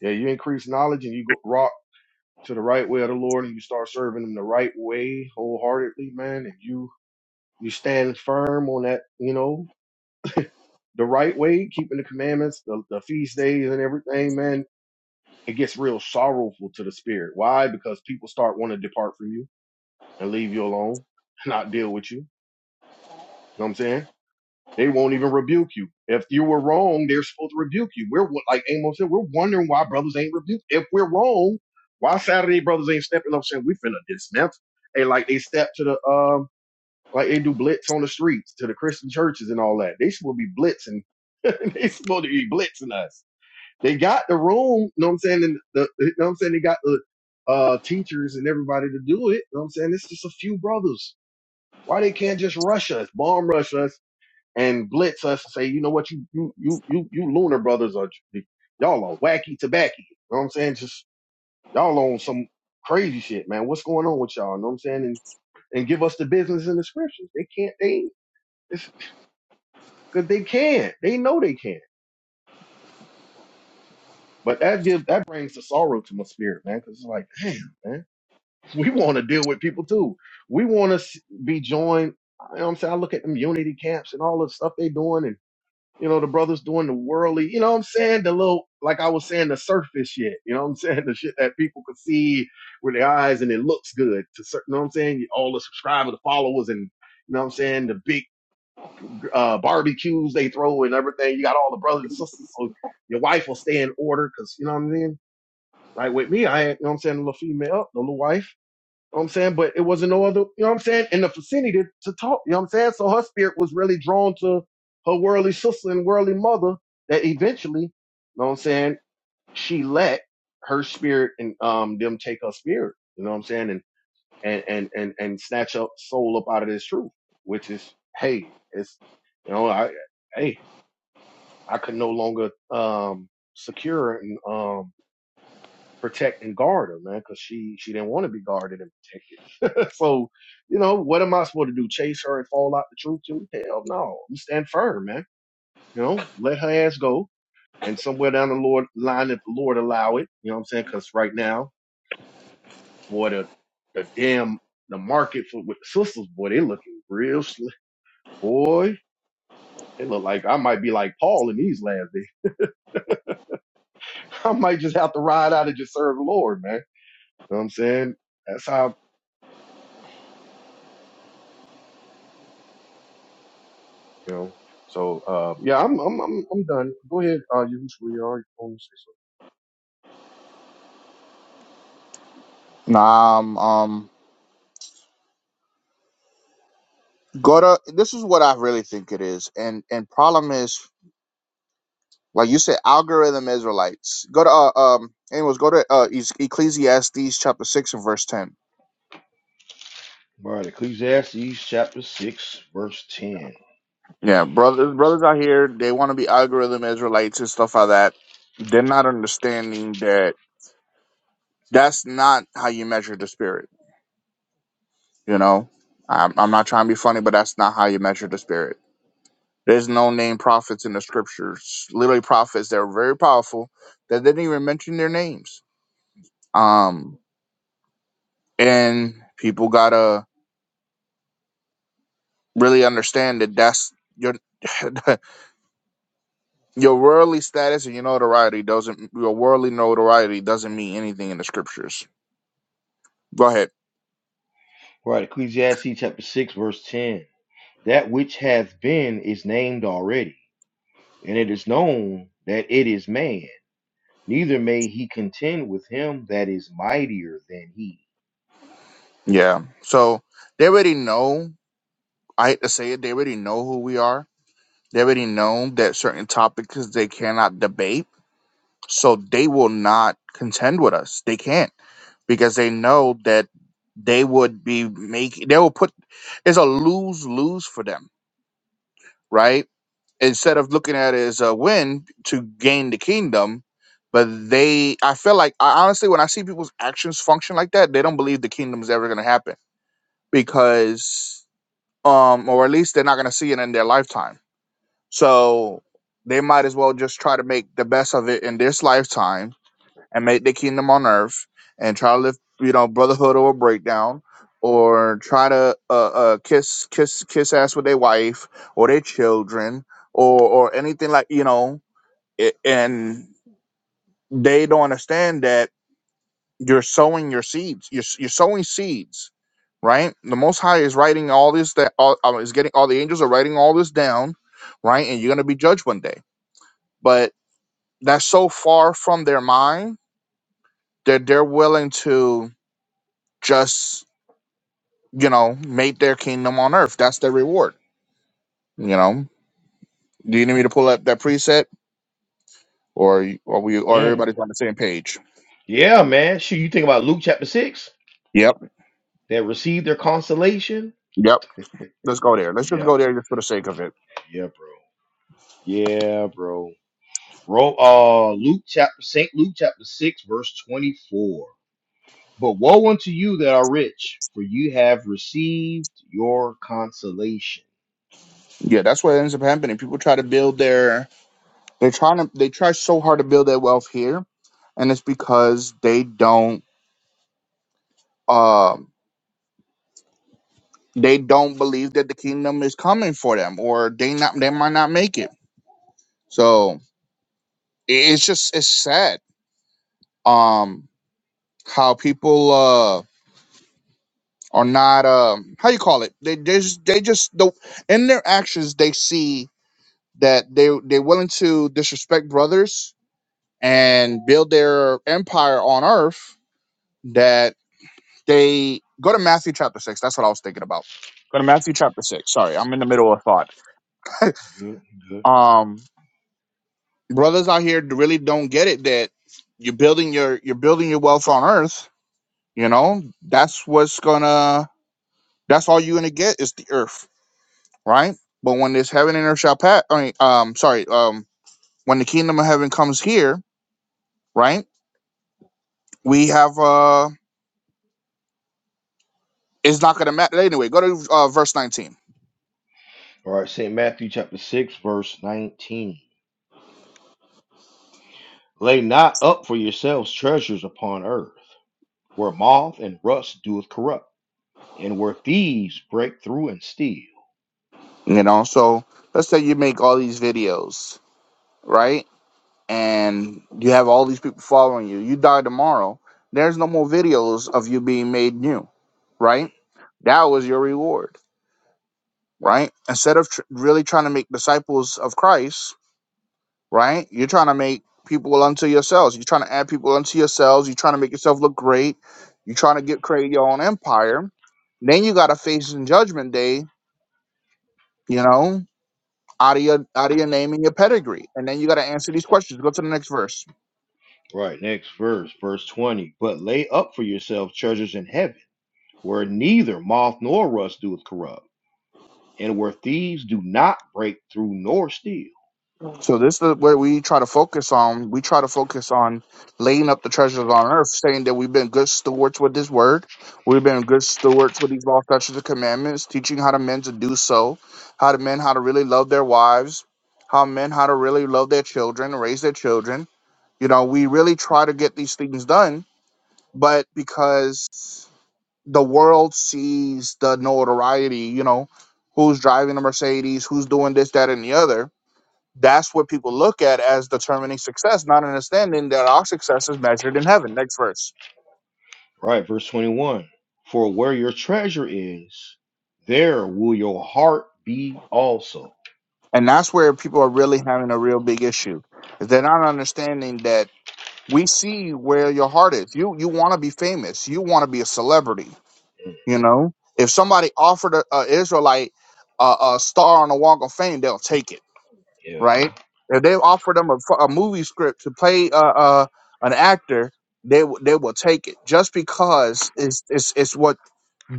S3: Yeah, you increase knowledge and you go rock to the right way of the Lord and you start serving Him the right way wholeheartedly, man. And you you stand firm on that. You know the right way, keeping the commandments, the, the feast days, and everything, man it gets real sorrowful to the spirit. Why? Because people start want to depart from you and leave you alone, not deal with you. You know what I'm saying? They won't even rebuke you. If you were wrong, they're supposed to rebuke you. We're like Amos said, we're wondering why brothers ain't rebuked. If we're wrong, why Saturday brothers ain't stepping up saying we finna dismantle? Hey, like they step to the um, like they do blitz on the streets to the Christian churches and all that. They supposed to be blitzing. they supposed to be blitzing us. They got the room, you know what I'm saying? And the, you know what I'm saying? They got the uh, teachers and everybody to do it. You know what I'm saying? It's just a few brothers. Why they can't just rush us, bomb rush us and blitz us and say, you know what? You, you, you, you, you lunar brothers are, y'all are wacky tobacco. You know what I'm saying? Just y'all on some crazy shit, man. What's going on with y'all? You know what I'm saying? And, and give us the business in the scriptures. They can't, they, it's, cause they can. They know they can. But that gives, that brings the sorrow to my spirit, man. Cause it's like, damn, man we want to deal with people too. We want to be joined. You know what I'm saying? I look at them unity camps and all the stuff they doing and, you know, the brothers doing the worldly, you know what I'm saying? The little, like I was saying, the surface shit, you know what I'm saying? The shit that people could see with their eyes and it looks good to certain, you know what I'm saying? All the subscribers, the followers and, you know what I'm saying? The big, uh, barbecues they throw and everything. You got all the brothers and sisters. So your wife will stay in order. Cause you know what I mean? Like with me, I, ain't- you know what I'm saying? The little female, the little wife know what I'm saying? But it wasn't no other, you know what I'm saying, in the vicinity to, to talk, you know what I'm saying? So her spirit was really drawn to her worldly sister and worldly mother that eventually, you know what I'm saying, she let her spirit and um them take her spirit, you know what I'm saying, and and and and, and snatch up soul up out of this truth, which is, hey, it's you know, I hey, I could no longer um secure and um protect and guard her, man, because she she didn't want to be guarded and protected so, you know, what am I supposed to do? Chase her and fall out the truth too? Hell no. I'm stand firm, man. You know, let her ass go. And somewhere down the Lord line, if the Lord allow it, you know what I'm saying? Cause right now, boy, the, the damn, the market for with the sisters, boy, they looking real slick. Boy, they look like I might be like Paul in these last days. I might just have to ride out and just serve the Lord, man. You know what I'm saying? That's how, you know, so, uh, yeah, I'm, I'm, I'm, I'm done. Go ahead. Uh, you, you are
S2: Nah, um, um, Gota, this is what I really think it is, and and problem is, like you said, algorithm Israelites. Go to uh, um, anyways, go to uh, Es- Ecclesiastes chapter six and verse ten.
S1: All right, Ecclesiastes chapter 6, verse 10.
S2: Yeah, brothers, brothers out here, they want to be algorithm Israelites and stuff like that. They're not understanding that that's not how you measure the spirit. You know, I'm I'm not trying to be funny, but that's not how you measure the spirit. There's no name prophets in the scriptures. Literally prophets that are very powerful that didn't even mention their names. Um, and people gotta really understand that that's your your worldly status and your notoriety doesn't your worldly notoriety doesn't mean anything in the scriptures. Go ahead.
S1: All right, Ecclesiastes chapter 6, verse 10. That which hath been is named already, and it is known that it is man. Neither may he contend with him that is mightier than he.
S2: Yeah. So they already know. I hate to say it. They already know who we are. They already know that certain topics they cannot debate. So they will not contend with us. They can't because they know that they would be making they will put it's a lose lose for them right instead of looking at it as a win to gain the kingdom but they i feel like I, honestly when i see people's actions function like that they don't believe the kingdom is ever going to happen because um or at least they're not going to see it in their lifetime so they might as well just try to make the best of it in this lifetime and make their kingdom on earth and try to lift you know brotherhood or a breakdown or try to uh, uh kiss kiss kiss ass with their wife or their children or or anything like you know it, and they don't understand that you're sowing your seeds you're, s- you're sowing seeds right the most high is writing all this that all uh, is getting all the angels are writing all this down right and you're going to be judged one day but that's so far from their mind that they're willing to just you know made their kingdom on earth. That's their reward. You know. Do you need me to pull up that preset, or y- are we? Or
S1: Mm.
S2: everybody's on the same page?
S1: Yeah, man. Shoot, you think about Luke chapter 6
S2: Yep.
S1: that received their consolation?
S2: Yep. Let's go there. Let's just
S1: Yeah,
S2: go there just for the sake of it.
S1: yeah, bro. Yeah, bro. Ro- uh, Luke chapter Saint Luke chapter six verse twenty four. But woe unto you that are rich, for you have received your consolation.
S2: Yeah, that's what ends up happening. People try to build their. They're trying to. They try so hard to build their wealth here, and it's because they don't. Um. They don't believe that the kingdom is coming for them, or they not. They might not make it. So i- it's just it's sad. Um how people uh are not um how you call it they they just they just the in their actions they see that they they're willing to disrespect brothers and build their empire on earth that they go to matthew chapter 6 that's what i was thinking about go to matthew chapter 6 sorry i'm in the middle of thought
S1: Good, good.
S2: um brothers out here really don't get it that you're building your you're building your wealth on earth you know that's what's gonna that's all you're gonna get is the earth right? But when this heaven and earth shall pass, I mean, um, sorry, um, when the kingdom of heaven comes here, right? We have uh, it's not gonna matter anyway. Go to uh, verse nineteen.
S1: All right, Saint Matthew chapter six verse nineteen. Lay not up for yourselves treasures upon earth, where moth and rust doeth corrupt, and where thieves break through and steal.
S2: You know, so let's say you make all these videos, right? And you have all these people following you. You die tomorrow. There's no more videos of you being made new, right? That was your reward, right? Instead of tr- really trying to make disciples of Christ, right? You're trying to make people unto yourselves. You're trying to add people unto yourselves. You're trying to make yourself look great. You're trying to get create your own empire. Then you got to face in judgment day, you know, out of your out of your name and your pedigree. And then you got to answer these questions. Go to the next verse.
S1: Right, next verse, verse twenty. But lay up for yourselves treasures in heaven, where neither moth nor rust doeth corrupt and where thieves do not break through nor steal.
S2: So this is what we try to focus on. We try to focus on laying up the treasures on earth, saying that we've been good stewards with this Word, we've been good stewards with these law, statutes, and commandments, teaching how to men to do so, how to men how to really love their wives, how men how to really love their children, raise their children. You know, we really try to get these things done, but because the world sees the notoriety, you know, who's driving a Mercedes, who's doing this, that, and the other that's what people look at as determining success, not understanding that our success is measured in heaven. Next verse.
S1: Right, verse 21. For where your treasure is, there will your heart be also.
S2: And that's where people are really having a real big issue. is They're not understanding that we see where your heart is. You you want to be famous. You want to be a celebrity.
S1: Mm,
S2: You know, if somebody offered a, a Israelite a, a star on the Walk of Fame, they'll take it,
S1: Yeah,
S2: right?
S1: yeah.
S2: If they offer them a, f- a movie script to play uh, uh, an actor, they w- they will take it just because it's it's it's what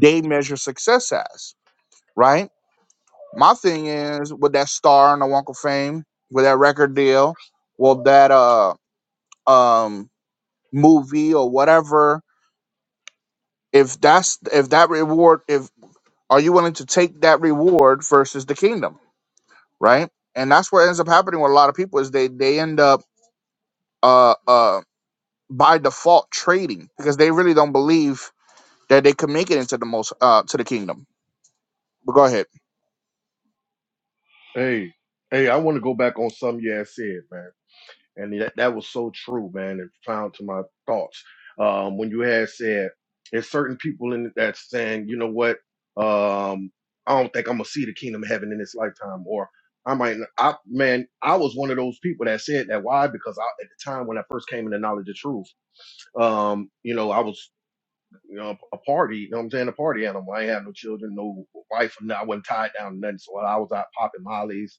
S2: they measure success as, right? My thing is with that star on the Walk of Fame, with that record deal, well that uh um movie or whatever, if that's if that reward if are you willing to take that reward versus the kingdom, right? And that's what ends up happening with a lot of people is they they end up uh uh by default trading because they really don't believe that they could make it into the most uh to the kingdom. But go ahead.
S3: Hey, hey, I want to go back on something you had said, man. And that, that was so true, man, and found to my thoughts. Um, when you had said there's certain people in that saying, you know what, um, I don't think I'm gonna see the kingdom of heaven in this lifetime, or I might not, I man, I was one of those people that said that. Why? Because I at the time when I first came into knowledge of truth, um, you know, I was you know, a party, you know what I'm saying? A party animal. I ain't have no children, no wife, no, I wasn't tied down to nothing. So I was out popping mollies,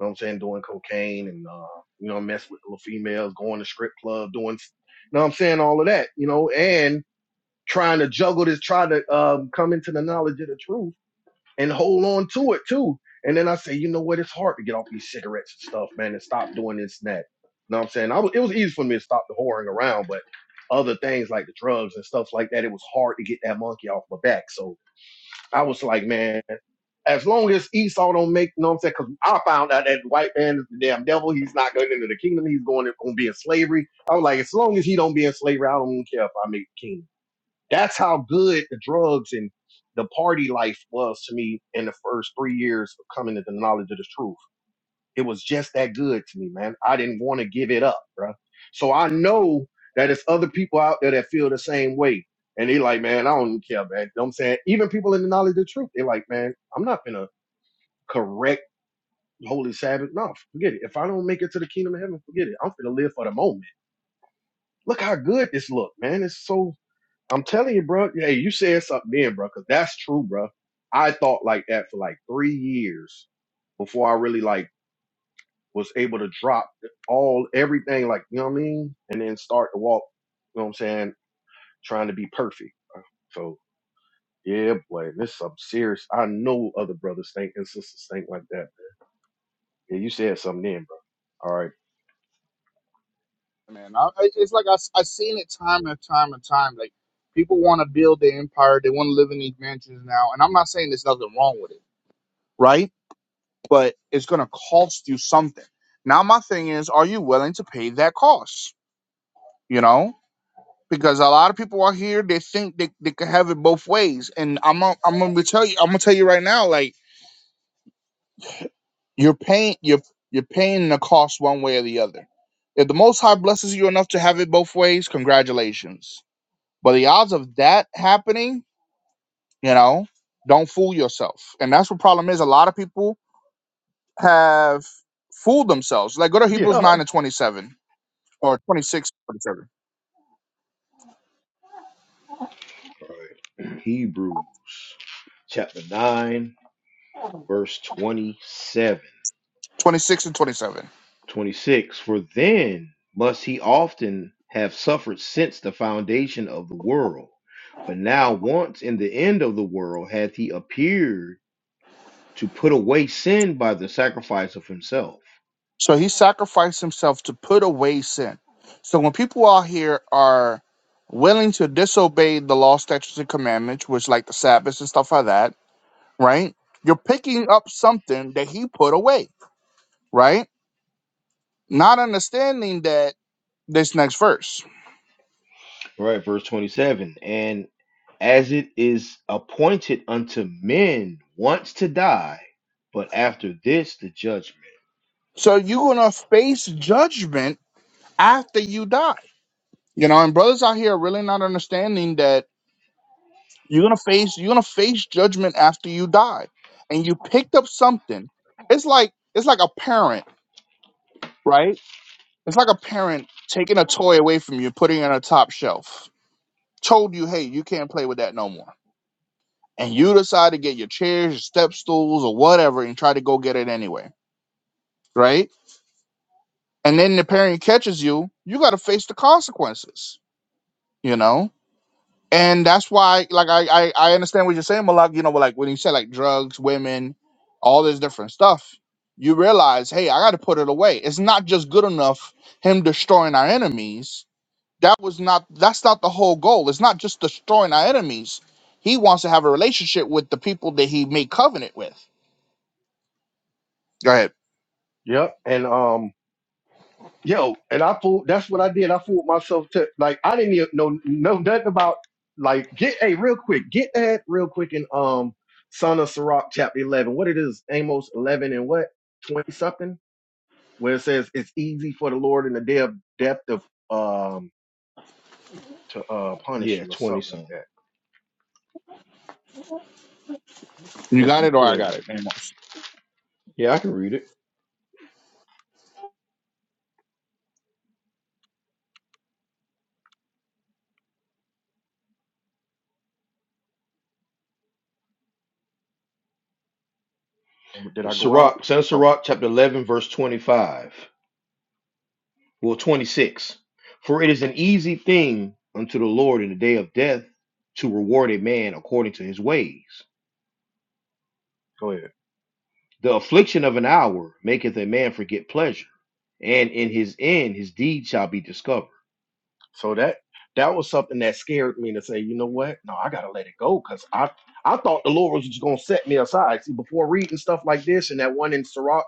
S3: you know what I'm saying, doing cocaine and, uh, you know, mess with little females, going to strip club, doing, you know what I'm saying, all of that, you know, and trying to juggle this, try to um, come into the knowledge of the truth and hold on to it too. And then I say, you know what? It's hard to get off these cigarettes and stuff, man, and stop doing this and that. You know what I'm saying? I was, it was easy for me to stop the whoring around, but other things like the drugs and stuff like that, it was hard to get that monkey off my back. So I was like, man, as long as Esau don't make, you know what I'm saying? Cause I found out that the white man is the damn devil. He's not going into the kingdom. He's going to, going to be in slavery. I was like, as long as he don't be in slavery, I don't care if I make the kingdom. That's how good the drugs and the party life was to me in the first three years of coming to the knowledge of the truth. It was just that good to me, man. I didn't want to give it up, bro. So I know that it's other people out there that feel the same way. And they like, man, I don't care, man. You know what I'm saying? Even people in the knowledge of the truth, they are like, man, I'm not gonna correct Holy Sabbath. No, forget it. If I don't make it to the kingdom of heaven, forget it. I'm gonna live for the moment. Look how good this look, man. It's so I'm telling you, bro. Hey, you said something then, bro, because that's true, bro. I thought like that for like three years before I really like was able to drop all everything, like you know what I mean, and then start to walk. You know what I'm saying? Trying to be perfect. bro. So yeah, boy, this is some serious. I know other brothers think and sisters think like that. Yeah, you said something then, bro. All right.
S2: man. I, I- it's like I, have seen it time and time and time. Like people want to build their empire, they want to live in these mansions now. And I'm not saying there's nothing wrong with it, right? But it's gonna cost you something. Now my thing is, are you willing to pay that cost? You know, because a lot of people out here they think they, they can have it both ways. And I'm gonna- I'm gonna tell you I'm gonna tell you right now, like you're paying you're you're paying the cost one way or the other. If the Most High blesses you enough to have it both ways, congratulations But the odds of that happening, you know, don't fool yourself. And that's what problem is. A lot of people have fooled themselves. Like go to Hebrews
S3: Yeah.
S2: 9 and 27 or twenty six, twenty seven,
S1: Hebrews chapter 9, verse 27.
S2: twenty six and 27.
S1: 26. For then must he often have suffered since the foundation of the world. But now, once in the end of the world, hath he appeared to put away sin by the sacrifice of himself
S2: So he sacrificed himself to put away sin. So when people out here are willing to disobey the law, statutes, and commandments, which like the Sabbath and stuff like that, right? You're picking up something that he put away, right? Not understanding that this next verse.
S1: Right, verse 27. And as it is appointed unto men once to die, but after this the judgment.
S2: So you're gonna face judgment after you die. You know, and brothers out here are really not understanding that you're gonna face you're gonna face judgment after you die. And you picked up something. It's like it's like a parent, right? It's like a parent taking a toy away from you, putting it on a top shelf. Told you, hey, you can't play with that no more. And you decide to get your chairs, your step stools, or whatever, and try to go get it anyway, right? And then the parent catches you, you gotta face the consequences, you know? and that's why like I, I i understand what you're saying malak you know but like when you say like drugs women all this different stuff you realize hey i gotta put it away it's not just good enough him destroying our enemies that was not that's not the whole goal it's not just destroying our enemies he wants to have a relationship with the people that he made covenant with go ahead
S3: Yep. And um. yo, and I fooled. That's what I did. I fooled myself to like I didn't even know know nothing about like get hey real quick get that real quick in um Son of Sirach chapter eleven. What it is Amos eleven and what twenty something where it says it's easy for the Lord in the day of death to um to uh punish
S1: Yeah,
S3: you or
S1: 20
S3: something like
S1: something.
S3: that.
S2: you
S3: If
S2: got
S3: you
S2: it or i
S3: could,
S2: got it Amos.
S1: Yeah, I can read it.
S3: um, did I go out?
S1: Sirach, Son of
S3: Oh,
S1: Sirach, chapter 11, verse 25. Well, 26. For it is an easy thing unto the Lord in the day of death to reward a man according to his ways.
S3: go ahead.
S1: The affliction of an hour maketh a man forget pleasure, and in his end his deed shall be discovered.
S3: So that that was something that scared me to say, you know what? No, I gotta let it go because I I thought the Lord was just gonna set me aside. See, before reading stuff like this and that one in Sirach,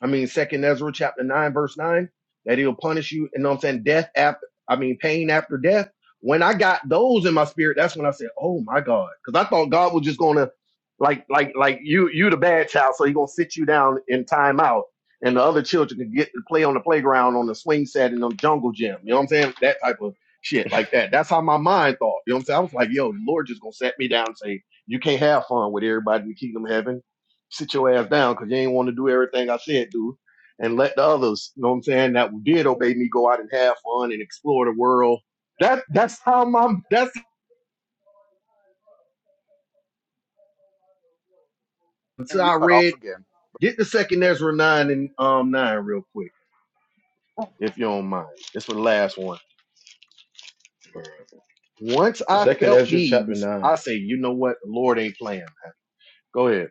S3: I mean Second Ezra chapter nine verse nine, that He'll punish you. And know what I'm saying death after, I mean pain after death. When I got those in my spirit, that's when I said, oh my God, because I thought God was just gonna like like like you you the bad child, so He gonna sit you down in time out and the other children could get to play on the playground on the swing set and the jungle gym. You know what I'm saying? That type of shit like that. That's how my mind thought. You know what I'm saying? I was like, yo, the Lord just gonna set me down and say, you can't have fun with everybody in the kingdom of heaven. Sit your ass down because you ain't want to do everything I said do. And let the others, you know what I'm saying, that did obey me go out and have fun and explore the world. That that's how my that's how
S2: and you
S3: I
S2: cut off
S3: read.
S2: again
S3: Get the second Ezra nine and um nine real quick, if you don't mind. It's for the last one. Once I
S1: Second
S3: felt
S1: Ezra chapter
S3: these,
S1: 9.
S3: I say, you know what? The Lord ain't playing. Go ahead.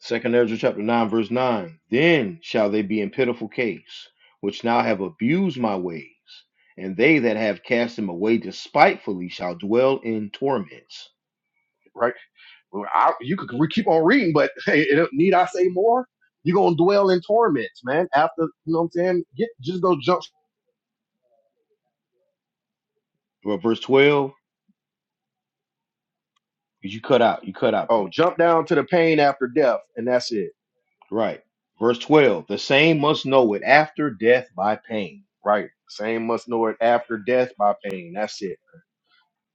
S1: Second Ezra chapter 9, verse 9. Then shall they be in pitiful case, which now have abused my ways, and they that have cast them away despitefully shall dwell in torments.
S3: Right? Well, I, you could re- keep on reading, but hey, it don't- need I say more? You're going to dwell in torments, man. After, you know what I'm saying? Get, just go jump.
S1: Well, verse 12, 'cause you cut out, you cut out,
S3: Oh,
S1: bro.
S3: jump down to the pain after death, and that's it.
S1: Right. Verse 12, the same must know it after death by pain.
S3: Right? Same must know it after death by pain. That's it.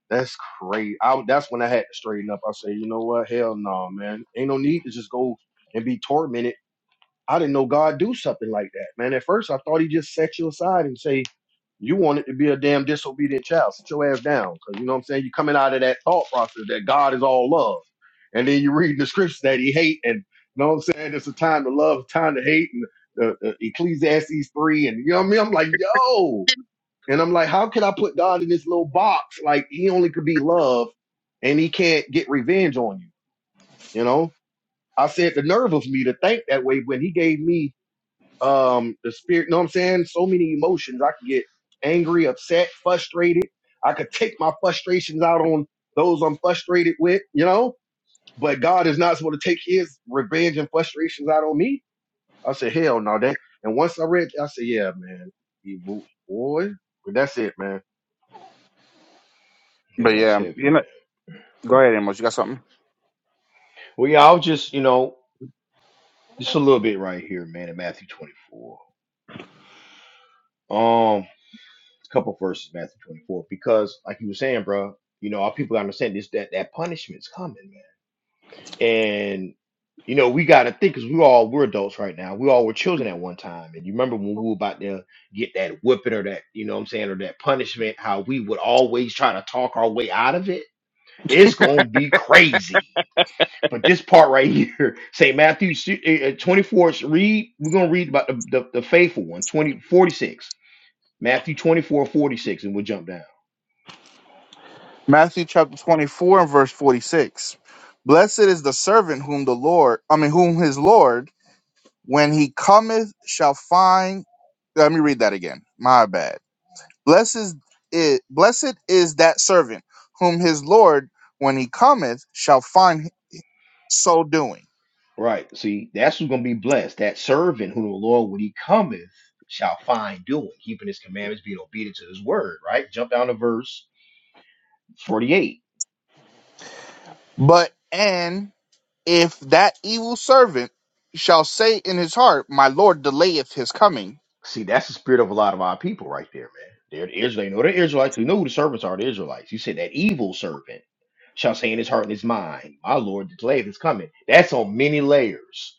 S3: That's crazy. I, that's when I had to straighten up. I say, you know what? Hell no, man. Ain't no need to just go and be tormented I didn't know God do something like that, man. At first, I thought He just set you aside and say, "You wanted to be a damn disobedient child. Sit your ass down," because you know what I'm saying. You're coming out of that thought process that God is all love, and then you read the scriptures that He hate, and you know what I'm saying. It's a time to love, time to hate, and the, the Ecclesiastes three, and you know what I mean. I'm like, yo, and I'm like, how can I put God in this little box? Like He only could be love, and He can't get revenge on you. You know, I said the nerve of me to think that way when He gave me um the spirit know what i'm saying so many emotions i could get angry upset frustrated i could take my frustrations out on those i'm frustrated with you know but god is not supposed to take his revenge and frustrations out on me i said hell no that and once i read i said yeah man he moved boy but that's it man
S1: Yeah,
S2: but
S1: that's
S2: yeah
S1: heavy.
S2: you know go ahead Amos. you got something
S1: Well, yeah, I'll just, you know, just a little bit right here, man, in Matthew 24. Um. couple verses Matthew 24 because like you were saying, bro, you know, our people gotta understand this that that punishment's coming, man. And you know, we gotta think because we all were adults right now. We all were children at one time. And you remember when we were about to get that whipping or that, you know what I'm saying, or that punishment, how we would always try to talk our way out of it. It's gonna be crazy. But this part right here, St. Matthew s- eh, eh, 24, is read, we're gonna read about the, the, the faithful one, 20 46. Matthew 24 46, and we'll jump down.
S2: Matthew chapter 24 and verse 46. Blessed is the servant whom the Lord, I mean, whom his Lord, when he cometh, shall find. Let me read that again. My bad. Blessed is, it, blessed is that servant whom his Lord, when he cometh, shall find so doing.
S1: Right. See, that's who's going to be blessed. That servant who the Lord, when he cometh, shall find doing, keeping his commandments, being obedient to his word. Right. Jump down to verse 48.
S2: But, and if that evil servant shall say in his heart, My Lord delayeth his coming.
S1: See, that's the spirit of a lot of our people right there, man. They're the Israelites. They know the Israelites. We know who the servants are, the Israelites. You said that evil servant shall say in his heart and his mind, My Lord, the day is coming. That's on many layers.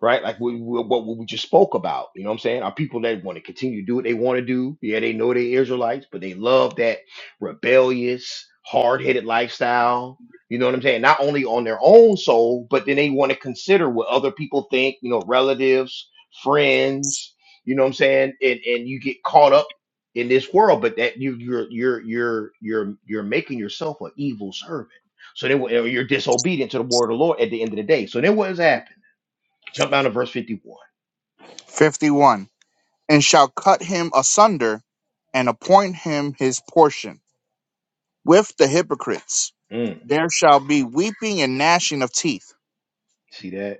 S1: right? Like we, we, what we just spoke about. You know what I'm saying? Are people that want to continue to do what they want to do? Yeah, they know they Israelites, but they love that rebellious, hard headed lifestyle. You know what I'm saying? Not only on their own soul, but then they want to consider what other people think, you know, relatives, friends, you know what I'm saying? And and you get caught up in this world, but that you you're you're you're you're you're making yourself an evil servant. So then wh- you're disobedient to the word of the Lord at the end of the day. So then what has happened? Jump down to verse 51.
S2: 51 and shall cut him asunder, and appoint him his portion with the hypocrites.
S1: Mm,
S2: There shall be weeping and gnashing of teeth.
S1: see that?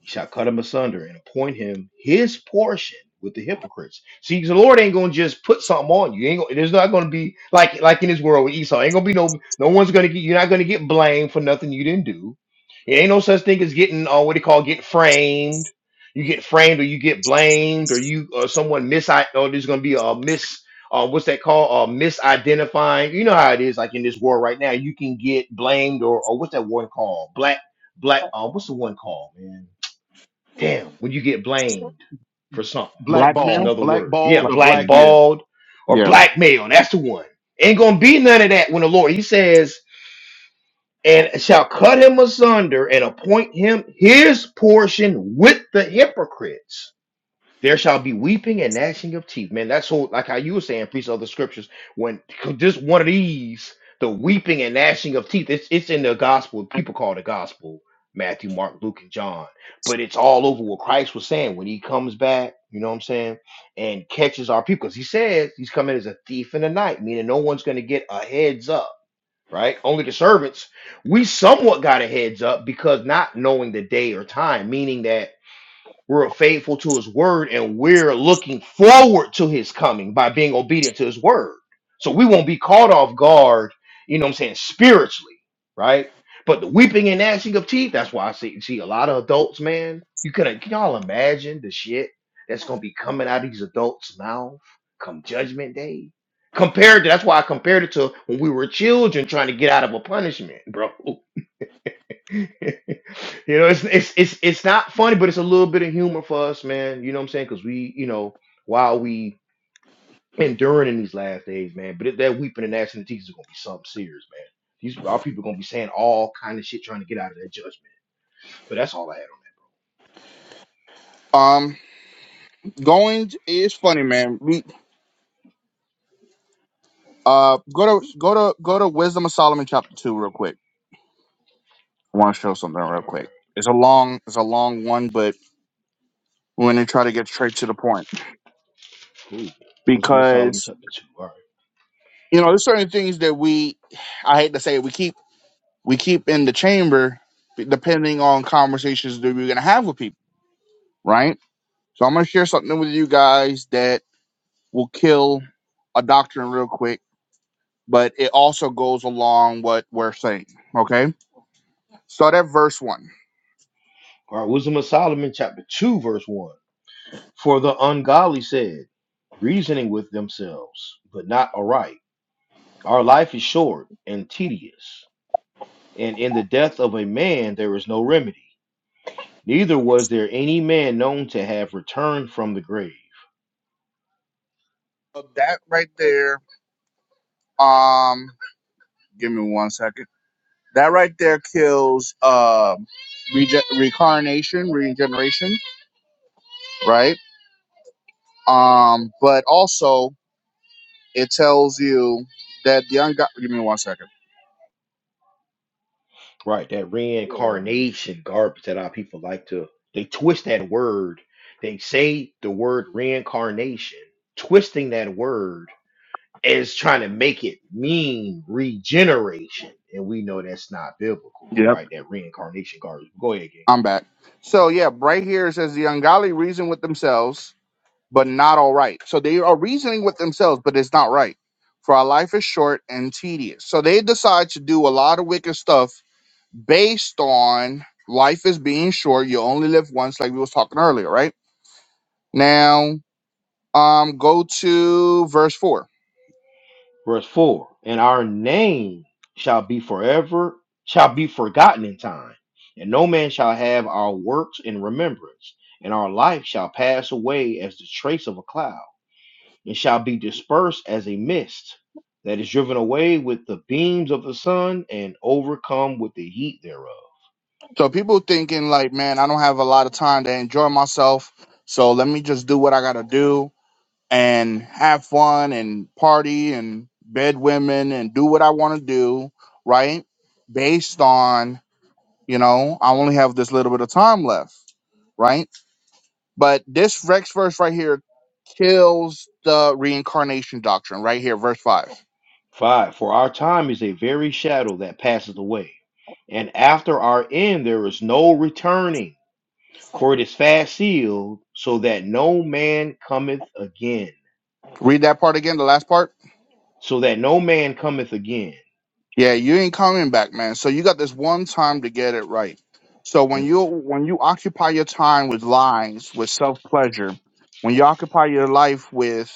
S1: He shall cut him asunder and appoint him his portion with the hypocrites. See, the Lord ain't gonna just put something on you. He Ain't gonna, there's not gonna be like like in this world with Esau. Ain't gonna be no no one's gonna get you're not gonna get blamed for nothing you didn't do. It ain't no such thing as getting uh, what they call getting framed. You get framed or you get blamed or you or someone mis or there's gonna be a mis uh, what's that called? Uh, misidentifying. You know how it is, like in this world right now. You can get blamed or, or what's that one called? Black, black. Uh, what's the one called, man? Damn, when you get blamed for something, it's
S2: Blackmail.
S3: blackball
S1: another word.
S3: blackball
S1: Yeah,
S2: Black-
S3: to
S2: man.
S3: blackmail
S1: blackballed or
S2: Yeah.
S1: blackmail. That's the one. Ain't gonna be none of that when the Lord, he says, and shall cut him asunder and appoint him his portion with the hypocrites. There shall be weeping and gnashing of teeth. Man, that's whole like how you were saying, priest of the scriptures. When 'cause just one of these, the weeping and gnashing of teeth, it's it's in the gospel. People call it the gospel, Matthew, Mark, Luke, and John. But it's all over what Christ was saying when he comes back, you know what I'm saying, and catches our people. Because he says he's coming as a thief in the night, meaning no one's gonna get a heads up, right? Only the servants. We somewhat got a heads up because not knowing the day or time, meaning that we're faithful to his word and we're looking forward to his coming by being obedient to his word. So we won't be caught off guard, you know what I'm saying, spiritually, right? But the weeping and gnashing of teeth, that's why I see, see a lot of adults, man. You can, can y'all imagine the shit that's gonna be coming out of these adults' mouth come judgment day? Compared to that's why I compared it to when we were children trying to get out of a punishment, bro. you know, it's, it's it's it's not funny, but it's a little bit of humor for us, man. You know what I'm saying? Because we, you know, while we enduring in these last days, man, but it, that weeping and gnashing of teeth is gonna be something serious, man. These our people gonna be saying all kind of shit trying to get out of that judgment. But that's all I had
S2: Um. Going it's funny, man. We uh go to go to go to Wisdom of Solomon chapter two real quick. I want to show something
S1: on.
S2: real
S1: that. All right.
S2: quick. It's a long it's a long one, but we're gonna try to get straight to the point
S1: Cool. Wisdom of Solomon
S2: because
S1: chapter two. All right.
S2: you know there's certain things that we I hate to say it, we keep. we keep in the chamber depending on conversations that we're going to have with people, right? So I'm going to share something with you guys that will kill a doctrine real quick, but it also goes along what we're saying, okay? Start at verse 1.
S1: All right. Wisdom of Solomon chapter two, verse one. For the ungodly said, reasoning with themselves, but not aright. Our life is short and tedious. and in the death of a man there is no remedy. Neither was there any man known to have returned from the grave.
S2: So that right there um give me one second. That right there kills um rege- reincarnation, regeneration, right? Um but also it tells you that the ungodly give me one second.
S1: Right, that
S3: Oh, man.
S1: reincarnation garbage that our people like to they twist that word. They say the word reincarnation, twisting that word as trying to make it mean regeneration. And we know that's not biblical, right? That reincarnation garbage. Go ahead,
S2: I'm back. So yeah, right here it says the ungodly reason with themselves, but not all right. So they are reasoning with themselves, but it's not right. For our life is short and tedious. So they decide to do a lot of wicked stuff based on life is being short. You only live once, like we was talking earlier, right? Now, um, go to verse four.
S1: Verse 4 And our name shall be forever, shall be forgotten in time, and no man shall have our works in remembrance, and our life shall pass away as the trace of a cloud, and shall be dispersed as a mist that is driven away with the beams of the sun and overcome with the heat thereof.
S2: So people thinking like, man, I don't have a lot of time to enjoy myself. So let me just do what I gotta do and have fun and party and bed women and do what I want to do, right? Based on, you know, I only have this little bit of time left, right? But this Rex verse right here kills the reincarnation doctrine right here, verse 5.
S1: 5. For our time is a very shadow that passeth away, and after our end there is no returning. For it is fast sealed, so that no man cometh again.
S2: Read that part again, the last part.
S1: So that no man cometh again.
S2: Yeah, you ain't coming back, man. So you got this one time to get it right. So when you when you occupy your time with lies, with self pleasure, when you occupy your life with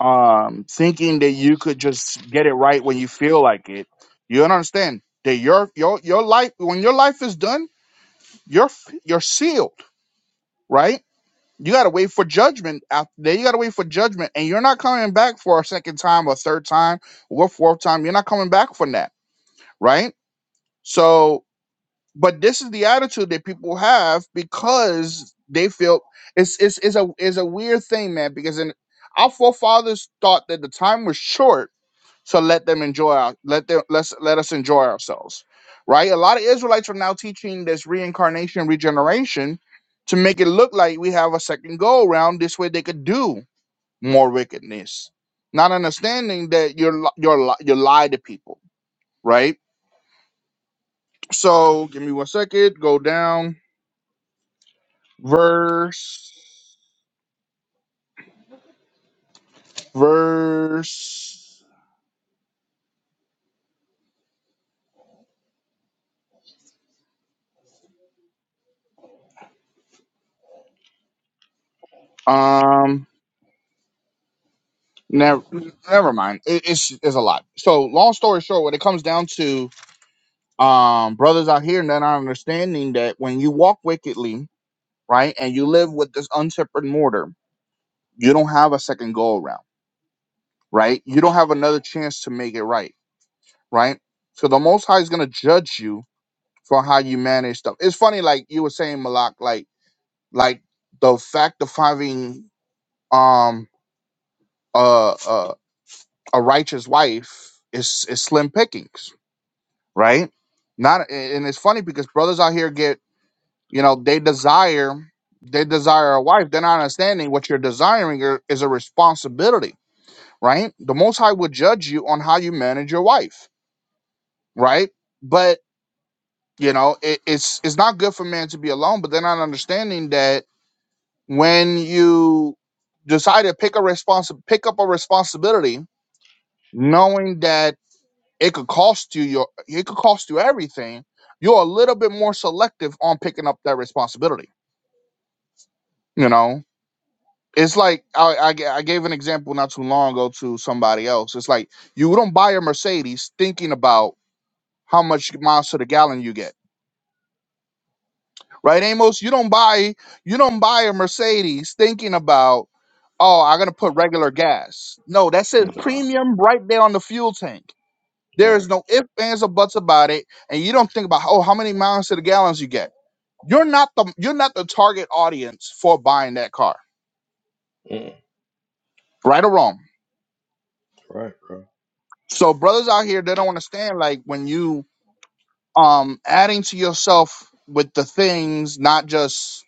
S2: um, thinking that you could just get it right when you feel like it. You don't understand that your your your life when your life is done, you're f- you're sealed, right? You gotta wait for judgment. After that, you gotta wait for judgment, and you're not coming back for a second time, or third time, or fourth time. You're not coming back from that, right? So, but this is the attitude that people have because they feel it's it's, it's a is a weird thing, man. Because in, our forefathers thought that the time was short So let them enjoy our let them let's let us enjoy ourselves. Right? A lot of Israelites are now teaching this reincarnation regeneration to make it look like we have a second go around. This way they could do more wickedness. Not understanding that you're li- you're li- you lie to people, right? So give me one second, go down. Verse verse um never never mind. It, it's it's a lot. So long story short, when it comes down to um, brothers out here that are understanding that when you walk wickedly, right, and you live with this untempered mortar, you don't have a second go around, right? You don't have another chance to make it right, right? So the Most High is gonna judge you for how you manage stuff. It's funny, like you were saying, Malak, like like the fact of having um a a, a righteous wife is is slim pickings, right? Not and it's funny because brothers out here get. You know, they desire they desire a wife. They're not understanding what you're desiring are- is a responsibility, right? The Most High would judge you on how you manage your wife, right? But you know, it, it's it's not good for man to be alone. But they're not understanding that when you decide to pick a responsi- pick up a responsibility, knowing that it could cost you your it could cost you everything, you're a little bit more selective on picking up that responsibility. You know, it's like I, I g- I gave an example not too long ago to somebody else. It's like you don't buy a Mercedes thinking about how much miles to the gallon you get, right, Amos? You don't buy you don't buy a Mercedes thinking about oh I'm gonna put regular gas. No, that says
S1: Mm, Nah,
S2: premium right there on the fuel tank. There
S1: right.
S2: is no ifs, ands, or buts about it, and you don't think about oh how many miles to the gallons you get. You're not the you're not the target audience for buying that car,
S1: Mm,
S2: right or wrong
S1: Right, right,
S2: So brothers out here, they don't understand like when you um adding to yourself with the things, not just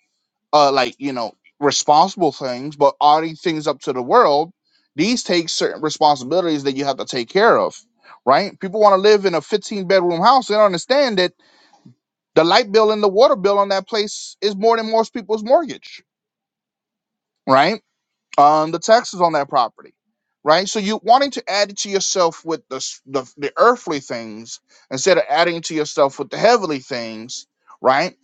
S2: uh like you know responsible things, but adding things up to the world. These take certain responsibilities that you have to take care of, right? People want to live in a 15 bedroom house. They don't understand that the light bill and the water bill on that place is more than most people's mortgage, right? um, the taxes on that property, right? So you wanting to add it to yourself with the, s- the the earthly things instead of adding it to yourself with the heavenly things, right?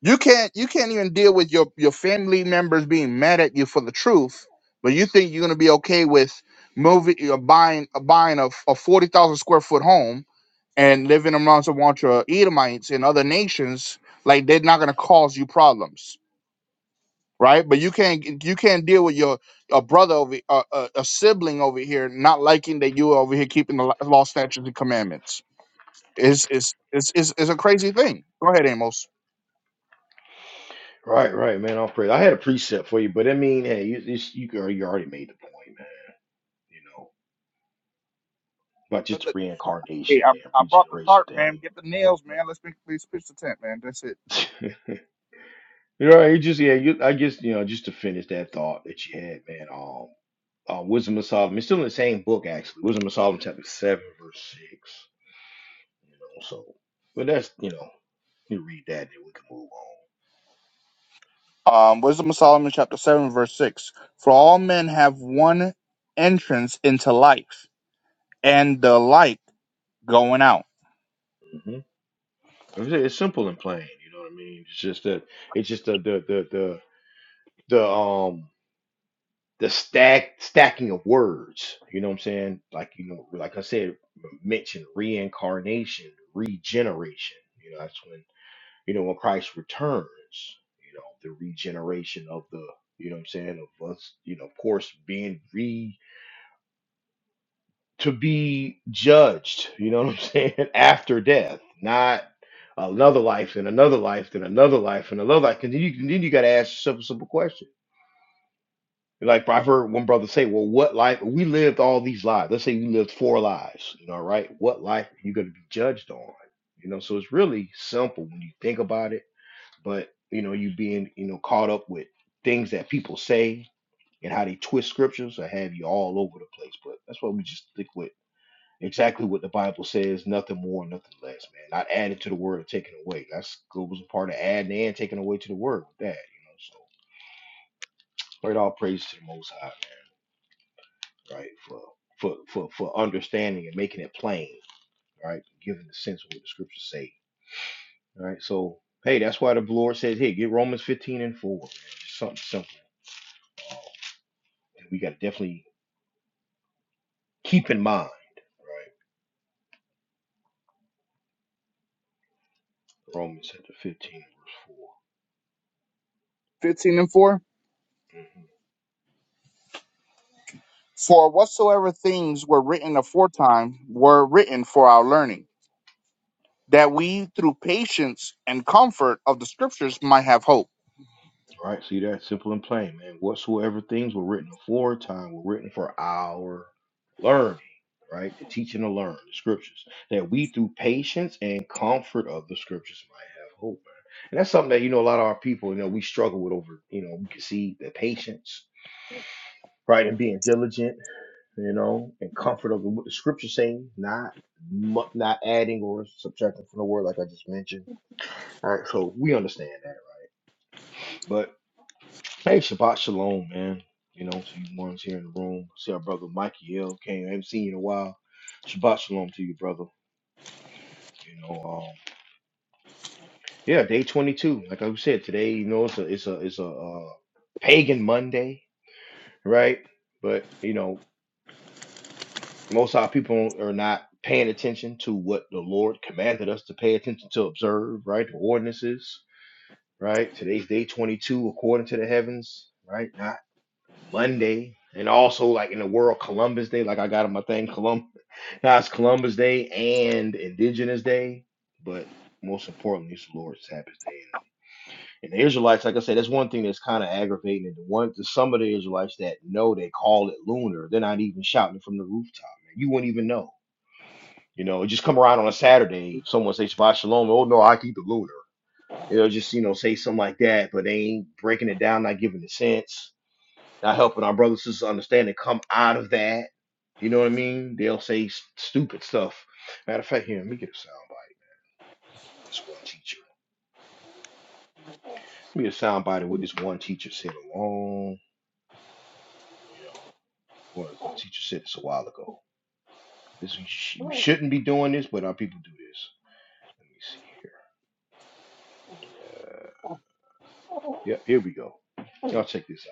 S2: You can't you can't even deal with your your family members being mad at you for the truth, but you think you're gonna be okay with moving or buying uh, buying a, a forty thousand square foot home and living amongst a bunch of Edomites and other nations like they're not gonna cause you problems right? But you can't you can't deal with your a brother over a, a, a sibling over here not liking that you over here keeping the lo- law, statutes, and commandments. Is is is is is a crazy thing. Go ahead, Amos.
S1: right, right, man. I'll pray. I had a precept for you, but I mean, hey, you you, you can- you already made the point, man. You know, about just
S2: But
S1: the
S2: the-
S1: reincarnation,
S2: Hey, I,
S1: damn
S2: I brought the
S1: regeneration
S2: tarp, man.
S1: thing.
S2: Get the nails, man. Let's make let's pitch the tent, man. That's it.
S1: You know, you just yeah, you, I guess you know, just to finish that thought that you had, man. Um, uh, Wisdom of Solomon. It's still in the same book, actually. Wisdom of Solomon, chapter seven, verse six. You know, so but that's you know, you read that and we can move on.
S2: Um, Wisdom of Solomon, chapter 7, verse 6. For all men have one entrance into life, and the light going out.
S1: hmm It's simple and plain. You know what I mean? It's just that it's just the the the the, the um the stack stacking of words. You know what I'm saying? Like you know, like I said, mention reincarnation, regeneration. You know, that's when you know when Christ returns. You know, the regeneration of the you know what I'm saying of us. You know, of course, being re to be judged. You know what I'm saying after death, not another life and another life and another life and another life. And then you then you got to ask yourself a simple question Like I've heard one brother say, "Well, what life? We lived all these lives. Let's say we lived four lives. You know, right? What life are you going to be judged on? You know, so it's really simple when you think about it. But you know, you being you know caught up with things that people say and how they twist scriptures, I have you all over the place. But that's why we just stick with exactly what the Bible says, nothing more, nothing less, man. Not added to the word or taken away. That's goes a part of adding and taking away to the word with that. You know, so straight all praise to the Most High. right? For for for for understanding and making it plain, right? Giving the sense of what the scriptures say, right? So hey, that's why the Lord said, hey, get Romans 15 and 4, man. Just something simple that we got to definitely keep in mind, right? Romans chapter 15 verse
S2: 15 and 4.
S1: 4.
S2: For whatsoever things were written aforetime were written for our learning. that we through patience and comfort of the scriptures might have hope.
S1: Right? See that? Simple and plain, man. Whatsoever things were written aforetime were written for our learning, right? To teach and to learn the scriptures. That we through patience and comfort of the scriptures might have hope. man. And that's something that, you know, a lot of our people, you know, we struggle with over, you know, we can see the patience, right? And being diligent, you know, and comfort of the, what the scripture saying, not mu- not adding or subtracting from the word like I just mentioned. All right, so we understand that. Hey, Shabbat Shalom, man. You know, to you ones here in the room. See our brother Mikey L came. I haven't seen you in a while. Shabbat Shalom to you, brother. You know, um, yeah, day 22. Like I said, today, you know, it's a it's a it's a uh, pagan Monday, right? But you know, most of our people are not paying attention to what the Lord commanded us to pay attention to observe, right? The ordinances, right? Today's day 22 according to the heavens, right? Not Monday, and also like in the world Columbus Day, like I got on my thing Colum now it's Columbus Day and Indigenous Day, but most importantly it's the Lord's Sabbath Day. And the Israelites, like I said, that's one thing that's kind of aggravating. And the one the- some of the Israelites that know they call it lunar, they're not even shouting it from the rooftop, man. You wouldn't even know. You know, just come around on a Saturday, someone say Shabbat Shalom, oh no, I keep the lunar. You know, just you know, say something like that, but they ain't breaking it down, not giving the sense not helping our brothers and sisters understand and come out of that. You know what I mean? They'll say s- stupid stuff. Matter of fact, here, let me get a soundbite. This one teacher. Let me get a soundbite of what this one teacher said a long, you know, or a teacher said this a while ago. This we, sh- we shouldn't be doing this, but our people do this. Let me see here. Yep, here we go. Y'all check this out.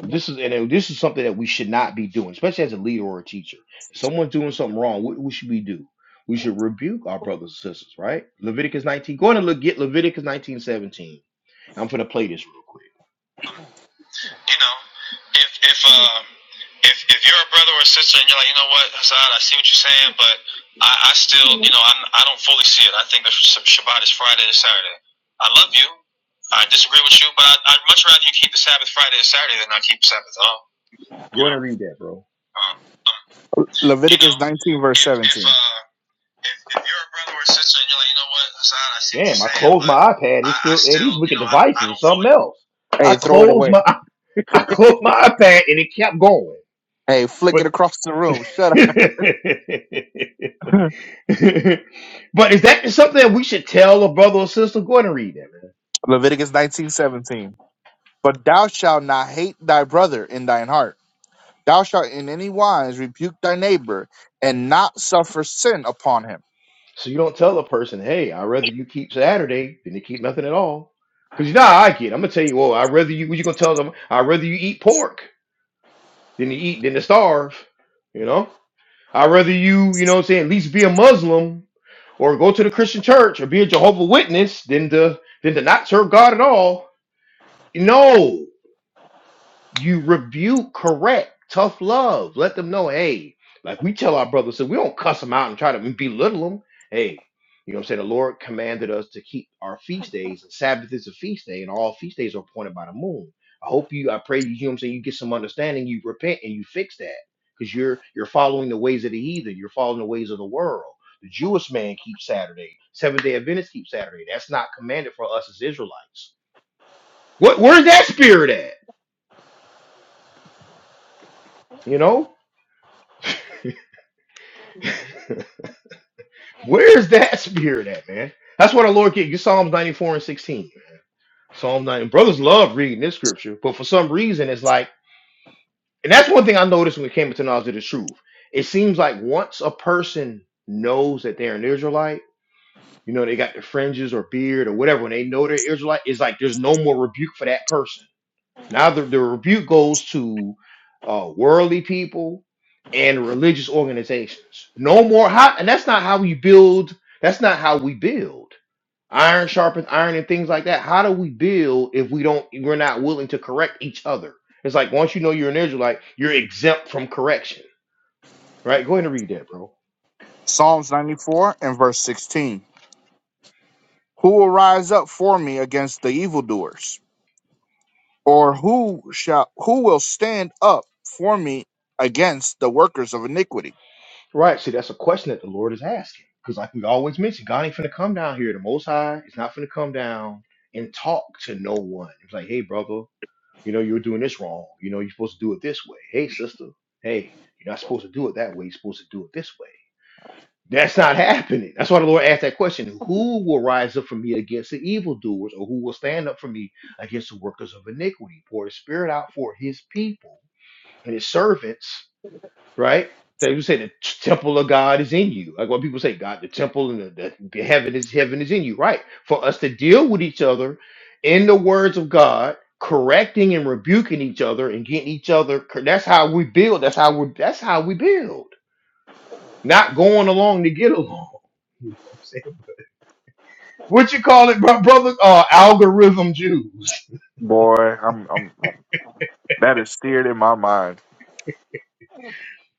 S1: This is and this is something that we should not be doing, especially as a leader or a teacher. If someone's doing something wrong, what, what should we do? We should rebuke our brothers and sisters, right? Leviticus 19. Go ahead and look, get Leviticus 19:17. I'm gonna play this real quick. You know, if if um if if you're a brother or a sister and you're like, you know what, Hassan, I see what you're saying, but I, I still, you know, I'm I don't fully see it. I think that Sh- Shabbat is Friday and Saturday. I love you. I disagree with you, but I, I'd much rather you keep the Sabbath Friday and Saturday than not keep the Sabbath at all. Go ahead and read that, bro. Um, you know,
S2: Leviticus 19, verse
S1: if if
S2: 17.
S1: uh if, if you're a brother or a sister and you're like, you know what, Hassan, I see Damn, you I closed my iPad. I, It's I still at still, these you wicked you know, devices. I, I devices. do Something else. I
S2: Hey, throw it
S1: closed
S2: away.
S1: my I, I closed my iPad and it kept going.
S2: Hey, flick
S1: But
S2: it across the room. Shut up.
S1: but is that something that we should tell a brother or sister? Go ahead and read that, man.
S2: Leviticus 19 17. But thou shalt not hate thy brother in thine heart. Thou shalt in any wise rebuke thy neighbor and not suffer sin upon him.
S1: So you don't tell a person, hey, I'd rather you keep Saturday than to keep nothing at all. Because you know how I get. I'm gonna tell you, well, I'd rather you what you gonna tell them, I'd rather you eat pork than to eat than to starve. You know? I'd rather you, you know what I'm saying, at least be a Muslim or go to the Christian church or be a Jehovah Witness than to than to not serve God at all. No you rebuke, correct, tough love. Let them know, hey, like we tell our brothers, so we don't cuss them out and try to belittle them. Hey, you know what I'm saying? The Lord commanded us to keep our feast days, and Sabbath is a feast day, and all feast days are appointed by the moon. I hope you, I pray you, you know what I'm saying, you get some understanding, you repent and you fix that. Because you're you're following the ways of the heathen, you're following the ways of the world. The Jewish man keeps Saturday, Seventh day Adventists keep Saturday. That's not commanded for us as Israelites. What where's that spirit at? You know? Where is that spirit at, man? That's what the Lord gave you. Psalms 94 and 16. man. Psalm 90. Brothers love reading this scripture, but for some reason, it's like, and that's one thing I noticed when it came into knowledge of the truth. It seems like once a person knows that they're an Israelite, you know, they got the fringes or beard or whatever, when they know they're Israelite, it's like there's no more rebuke for that person. Now the, the rebuke goes to uh, worldly people and religious organizations. No more how, and that's not how we build. That's not how we build iron sharpens iron and things like that. How do we build if we don't if we're not willing to correct each other? It's like once you know you're an Israelite, you're exempt from correction. Right? Go ahead and read that, bro.
S2: Psalms 94 and verse 16. Who will rise up for me against the evildoers? or who shall who will stand up for me against the workers of iniquity?
S1: Right. See, that's a question that the Lord is asking. Because like we always mention, God ain't finna come down here. The most high is not finna come down and talk to no one. It's like, hey, brother, you know, you're doing this wrong. You know, you're supposed to do it this way. Hey, sister, hey, you're not supposed to do it that way. You're supposed to do it this way That's not happening. That's why the Lord asked that question Who will rise up for me against the evildoers, or who will stand up for me against the workers of iniquity? Pour his spirit out for his people and his servants, right? They would say the t- temple of God is in you. Like what people say, God, the temple and the, the- the heaven is heaven is in you, right? For us to deal with each other in the words of God, correcting and rebuking each other and getting each other. cor- That's how we build. That's how we. That's how we build not going along to get along. You know what I'm saying? What you call it, bro- brother? Uh, algorithm Jews.
S2: Boy, I'm, I'm, I'm that is seared in my mind.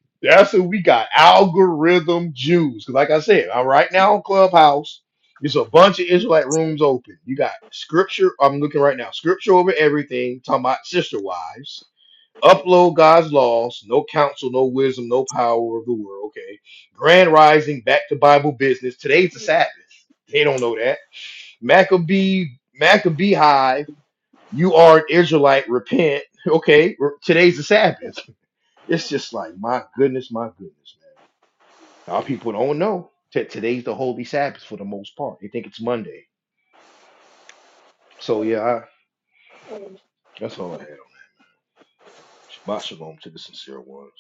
S1: That's who we got. Algorithm Jews. Because, like I said, i right now on Clubhouse. There's a bunch of Israelite rooms open. You got scripture. I'm looking right now. Scripture over everything. Talking about sister wives. Upload God's laws. No counsel, no wisdom, no power of the world. Okay. Grand rising. Back to Bible business. Today's the Sabbath. They don't know that. Maccabee, Maccabee you are an Israelite, repent. Okay, today's the Sabbath. It's just like, my goodness, my goodness, man. Our people don't know that today's the holy Sabbath for the most part. They think it's Monday. So, yeah, I, that's all I had. Shabbat shalom to the sincere ones.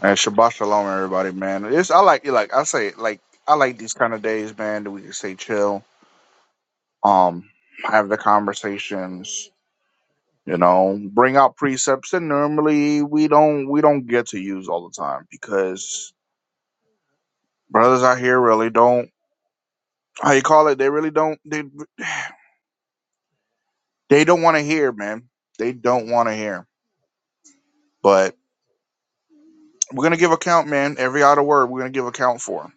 S2: And Shabbat Shalom, everybody, man. It's I like like I say like I like these kind of days, man. That we can stay chill, um, have the conversations, you know, bring out precepts that normally we don't we don't get to use all the time because brothers out here really don't how you call it. They really don't they they don't want to hear, man. They don't want to hear But we're gonna give account, man. Every other word we're gonna give account for.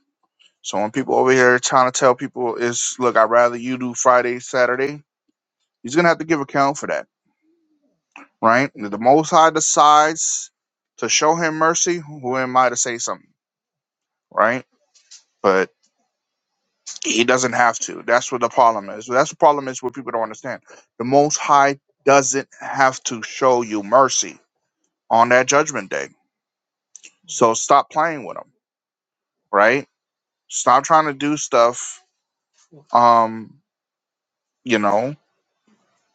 S2: So when people over here trying to tell people is look, I'd rather you do Friday, Saturday, he's gonna have to give account for that, right? If The most high decides to show him mercy, who am I to say something, right? But he doesn't have to. That's what the problem is. That's the problem is what people don't understand. The most high doesn't have to show you mercy on that judgment day. So stop playing with him, right? Stop trying to do stuff. Um, you know,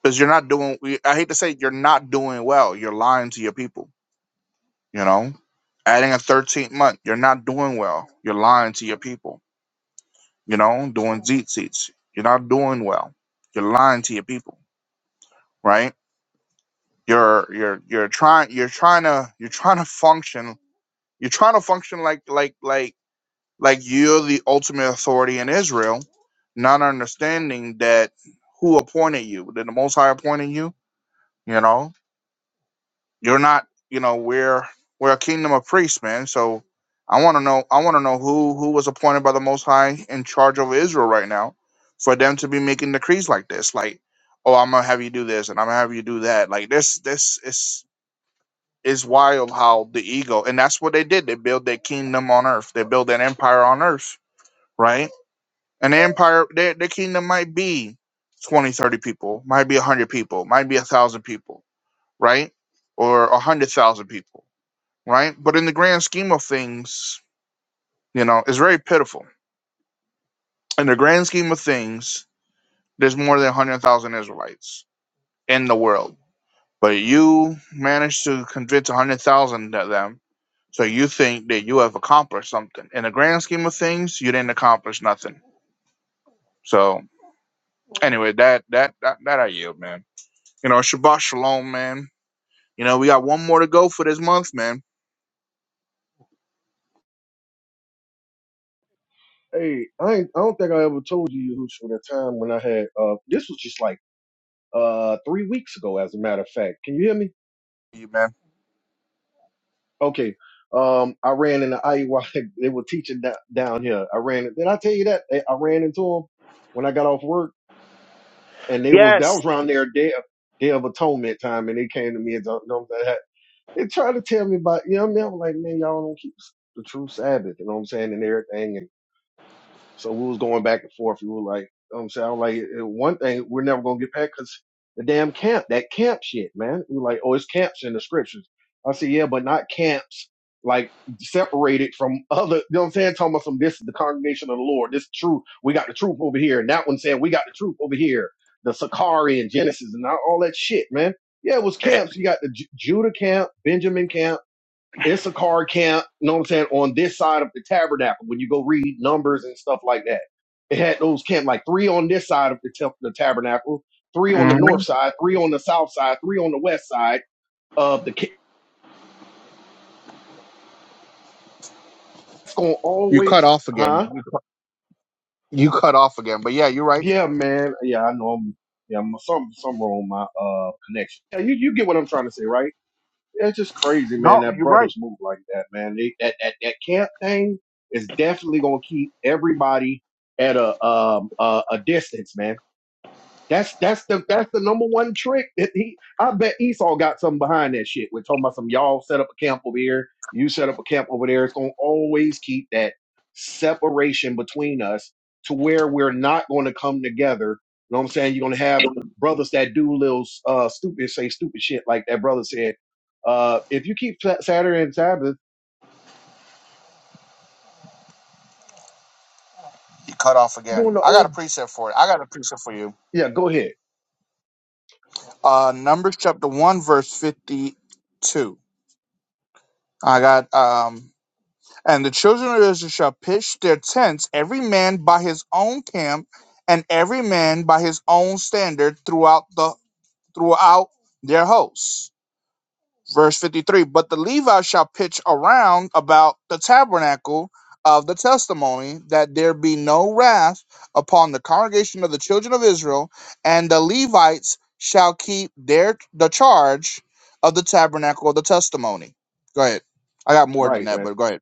S2: because you're not doing. we- I hate to say it, you're not doing well. You're lying to your people. You know, adding a 13th month, you're not doing well. You're lying to your people. You know, doing zeet seats, you're not doing well. You're lying to your people, right? You're you're you're trying you're trying to you're trying to function you're trying to function like like like like you're the ultimate authority in Israel, not understanding that who appointed you? Did the Most High appointed you? You know, You're not, you know, we're we're a kingdom of priests, man. So I want to know, I want to know who who was appointed by the Most High in charge over Israel right now, for them to be making decrees like this, like, oh, I'm gonna have you do this, and I'm gonna have you do that. Like this, this is is wild how the ego, and that's what they did. They built their kingdom on earth. They built an empire on earth, right? And the empire, their their kingdom might be 20, 30 people, might be 100 people, might be a 1,000 people, right? Or a 100,000 people right? But in the grand scheme of things, you know, it's very pitiful. In the grand scheme of things, there's more than 100,000 Israelites in the world. But you managed to convince 100,000 of them. So you think that you have accomplished something. In the grand scheme of things, you didn't accomplish nothing. So anyway, that that that, that I yield, man. You know, Shabbat Shalom, man. You know, we got one more to go for this month, man.
S3: hey I, ain't, I don't think i ever told you Yahushua, that time when i had uh this was just like uh three weeks ago as a matter of fact can you hear me
S2: You man.
S3: Okay. Um, I ran into IUI. They were teaching da- down here. I ran. Did I tell you that? I I ran into them when I got off work, and they was that
S2: Yes.
S3: was around their day of, day of atonement time, and they came to me and don't know that they tried to tell me about. You know what I mean? I'm like, man, y'all don't keep the true Sabbath. You know what I'm saying? And everything. So we was going back and forth. We were like, you know what I'm saying, I was like, "Eh, one thing we're never gonna get past because the damn camp, that camp shit, man. We were like, oh, it's camps in the scriptures. I said, yeah, but not camps like separated from other. You know what I'm saying? Talking about some. This is the congregation of the Lord. This truth. We got the truth over here, and that one saying we got the truth over here. The Sakari and Genesis and all all that shit, man. Yeah, it was
S2: Eh,
S3: camps. You got the Ju- Judah camp, Benjamin camp. Issachar camp, you know what I'm saying, on this side of the tabernacle. When you go read numbers and stuff like that, it had those camp like three on this side of the, temp- the tabernacle, three on the
S2: mhm.
S3: north side, three on the south side, three on the west side of the camp. It's going to
S2: You cut
S3: always,
S2: off again.
S3: huh?
S2: You cut off again. But yeah, you're right.
S3: Yeah, man. Yeah, I know. I'm, yeah, my, some, some wrong with my uh connection. Yeah, you, you get what I'm trying to say, right? Yeah, It's just crazy, man,
S2: No,
S3: that
S2: you're right.
S3: brothers move like that, man. They, that, that that camp thing is definitely gonna keep everybody at a um a, a distance, man. That's that's the that's the number one trick that he. I bet Esau got something behind that shit. We're talking about some y'all set up a camp over here, you set up a camp over there. It's gonna always keep that separation between us to where we're not going to come together. You know what I'm saying? You're gonna have brothers that do little uh stupid say stupid shit like that brother said. Uh, if you keep Sa- Saturday and Sabbath,
S2: You cut off
S3: you're
S2: again.
S3: doing the
S2: I got a
S3: old
S2: precept for it. I got a precept for you.
S3: yeah. Go ahead,
S2: Uh Numbers chapter one verse fifty two. I got um and the children of Israel shall pitch their tents, every man by his own camp, and every man by his own standard throughout the throughout their hosts. verse 53 but the levites shall pitch around about the tabernacle of the testimony that there be no wrath upon the congregation of the children of israel and the levites shall keep their the charge of the tabernacle of the testimony go ahead i got more than
S3: right,
S2: that
S3: man.
S2: but go ahead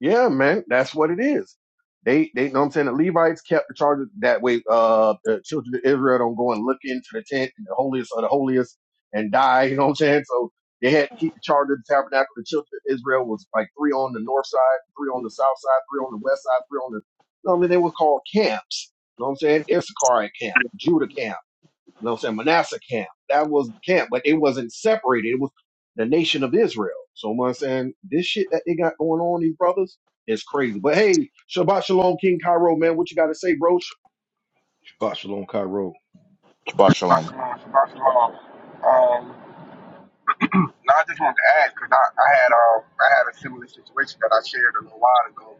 S3: Yeah, man, that's what it is. They, they, know what I'm saying. The Levites kept the charges that way. Uh, the children of Israel don't go and look into the tent and the holiest of the holiest and die. You know what I'm saying? So they had to keep the charge of the tabernacle. The children of Israel was like three on the north side, three on the south side, three on the west side, three on the. You know what I mean? They were called camps. You know what I'm saying? Issachar camp, Judah camp. You know what I'm saying? Manasseh camp. That was the camp, but it wasn't separated. It was the nation of Israel. So I'm saying this shit that they got going on, these brothers, is crazy. But hey, Shabbat Shalom, King Cairo, man, what you got to say, bro?
S1: Shabbat shalom, Cairo.
S2: Shabbat shalom
S4: Shalom, Shabbat Shalom. Um, now I just wanted to ask because I, I had um I had a similar situation that I shared a little while ago,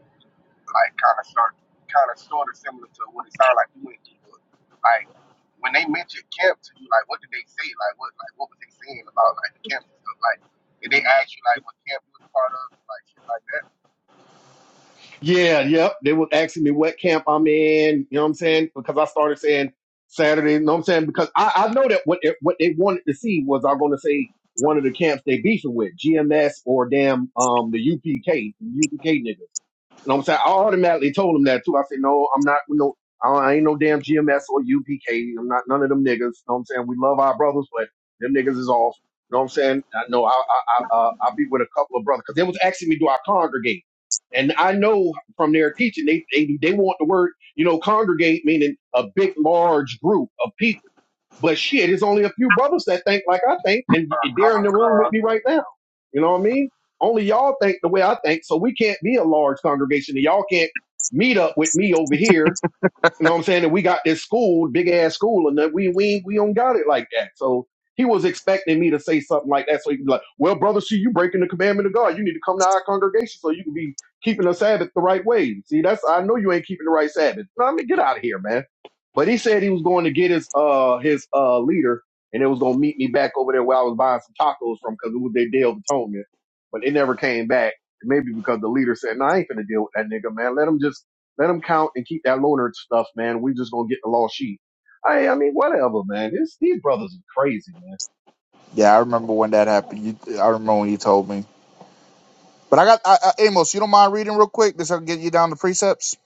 S4: like kind of start kind of sort of similar to what it sounded like you went through. But like when they mentioned camp to you, like what did they say? Like what like what was they saying about like the camp and stuff? Like did they ask you like what camp you was a part of, like shit like that?
S3: Yeah, yep. They was asking me what camp I'm in. You know what I'm saying? Because I started saying Saturday. You know what I'm saying? Because I, I know that what it, what they wanted to see was I'm going to say one of the camps they beefing with, GMS or damn um the UPK, UPK niggas. You know what I'm saying? I automatically told him that too. I said, no, I'm not, no, I ain't no damn GMS or UPK. I'm not none of them niggas. You know what I'm saying? We love our brothers, but them niggas is off. You know what I'm saying? I know I, I, I, uh, I'll be with a couple of brothers because they was asking me, do I congregate? And I know from their teaching, they, they, they want the word, you know, congregate meaning a big, large group of people. But shit, it's only a few brothers that think like I think, and
S4: Uh, come
S3: they're in
S4: on,
S3: the room with me right now. You know what I mean? Only y'all think the way I think, so we can't be a large congregation, and y'all can't meet up with me over here you know what I'm saying? And we got this school, big ass school, and that we we we don't got it like that. So he was expecting me to say something like that. So he'd be like, "Well, brother, see, you breaking the commandment of God. You need to come to our congregation so you can be keeping the Sabbath the right way. See, that's I know you ain't keeping the right Sabbath. Nah, I mean, get out of here, man. But he said he was going to get his uh his uh leader, and it was going to meet me back over there where I was buying some tacos from because it was their day of atonement. But it never came back. Maybe because the leader said, "No, I ain't gonna deal with that nigga, man. Let him just." Let them count and keep that loner stuff, man. We just gonna get the lost sheet. I, I mean, whatever, man. This, these brothers are crazy, man.
S2: yeah i remember when that happened you, i remember when you told me but i got I, I, amos you don't mind reading real quick this will get you down to precepts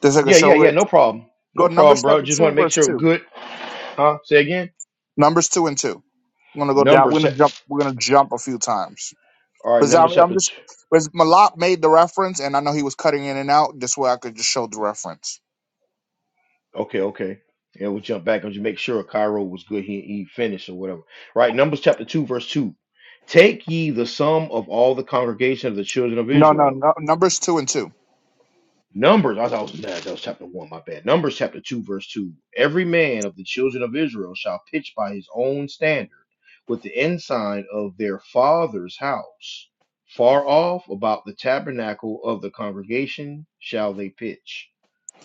S2: this i can
S1: Yeah, yeah,
S2: show
S1: yeah,
S2: it
S1: no problem. No
S2: go to
S1: problem,
S2: numbers
S1: bro.
S2: chapter
S1: Just want
S2: 2
S1: to make
S2: verse
S1: sure we're
S2: 2
S1: good. Huh? Say again?
S2: Numbers two and two. I'm gonna go down.
S1: Numbers.
S2: We're
S1: chap-
S2: gonna jump. We're gonna jump a few times.
S1: All right,
S2: Because I'm,
S1: Numbers
S2: I'm
S1: chapter
S2: just because Malak made the reference, and I know he was cutting in and out. This way, I could just show the reference.
S1: Okay, okay. Yeah, we'll jump back and just make sure Cairo was good. He, he finished or whatever. Right, Numbers chapter 2, verse 2. Take ye the sum of all the congregation of the children of
S2: No, no,
S1: Israel.
S2: no. Numbers two and two.
S1: Numbers, I thought nah, that was chapter 1, my bad. Numbers chapter 2, verse 2. Every man of the children of Israel shall pitch by his own standard with the ensign of their father's house. Far off about the tabernacle of the congregation shall they pitch.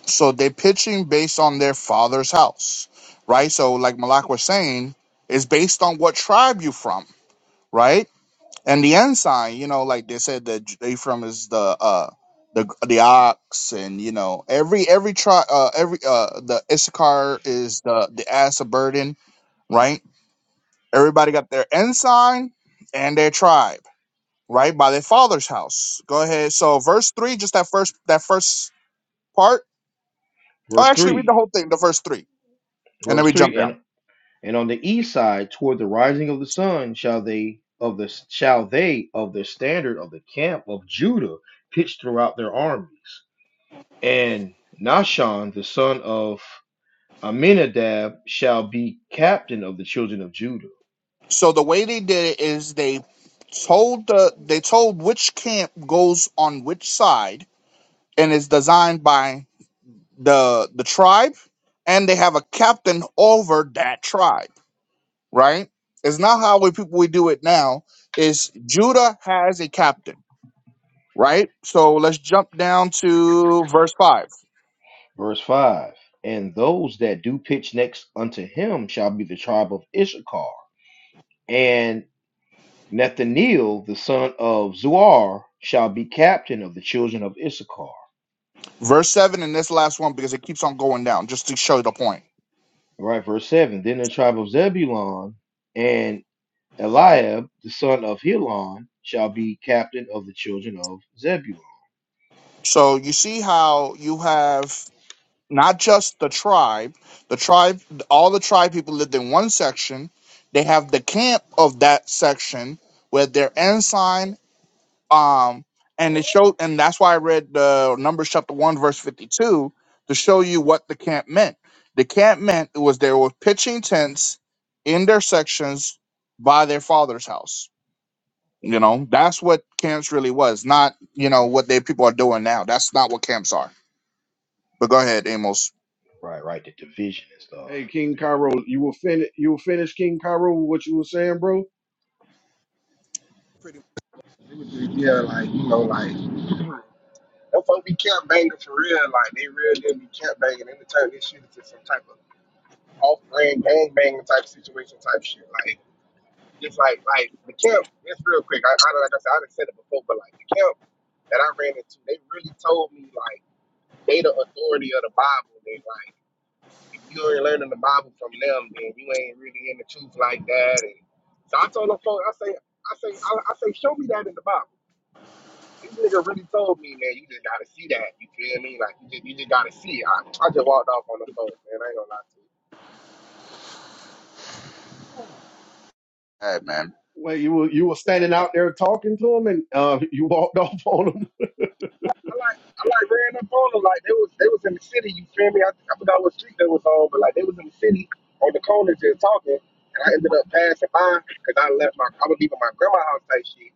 S2: So they're pitching based on their father's house, right? So, like Malak was saying, it's based on what tribe you from, right? and the ensign, you know, like they said that J- Ephraim is the uh the the ox, and you know every every tri uh every uh the Issachar is the the ass of burden, right? Everybody got their ensign and their tribe, right? By their father's house. Go ahead. So verse three, just that first that first part. Oh,
S1: Verse
S2: actually, read the
S1: 3.
S2: whole thing, the verse three, and then
S1: Verse
S2: we jump
S1: 3. and.
S2: down.
S1: And on the east side, toward the rising of the sun, shall they of the shall they of the standard of the camp of Judah pitch throughout their armies. And Nashon, the son of Aminadab, shall be captain of the children of Judah.
S2: So the way they did it is they told the they told which camp goes on which side and it's designed by the the tribe and they have a captain over that tribe right it's not how we people we do it now is judah has a captain right so let's jump down to verse 5
S1: Verse five. And those that do pitch next unto him shall be the tribe of Issachar. And Nathaniel, the son of Zuar, shall be captain of the children of Issachar.
S2: verse 7 and this last one because it keeps on going down just to show the point
S1: All Right, verse 7. Then the tribe of Zebulun and Eliab, the son of Helon, shall be captain of the children of Zebulun.
S2: so you see how you have not just the tribe the tribe all the tribe people lived in one section they have the camp of that section with their ensign um and it showed and that's why i read the numbers chapter 1 verse 52 to show you what the camp meant the camp meant it was they were pitching tents in their sections by their father's house you know that's what camps really was not you know what they people are doing now that's not what camps are but go ahead amos
S1: Right, right, the division and stuff.
S3: Hey, King Cairo, you will finish. You will finish, King Cairo, with what you were saying, bro.
S4: Pretty much. It was just, yeah, like you know, like. Them folks be camp banging for real, like they really be camp banging. They turn this shit into some type of off brand gang bang type situation type shit. Like just like like the camp, just real quick, I, I like I said, I done said it before, but like the camp that I ran into, they really told me like they the authority of the Bible and like if you ain't learning the Bible from them, then you ain't really in the truth like that. And so I told them, folks, I say, I say, I, I say, show me that in the Bible. This nigga really told me, man, you just gotta see that. You feel me? Like you just, you just gotta see it. I, I just walked off on the phone, man. I ain't gonna lie to you.
S2: Go ahead, man
S3: Wait, you were you were standing out there talking to him, and uh, you walked off on him.
S4: I like I like ran up on them like they was they was in the city. You feel me? I, I forgot what street they was on, but like they was in the city on the corner just talking, and I ended up passing by because I left my I was leaving my grandma's house type shit.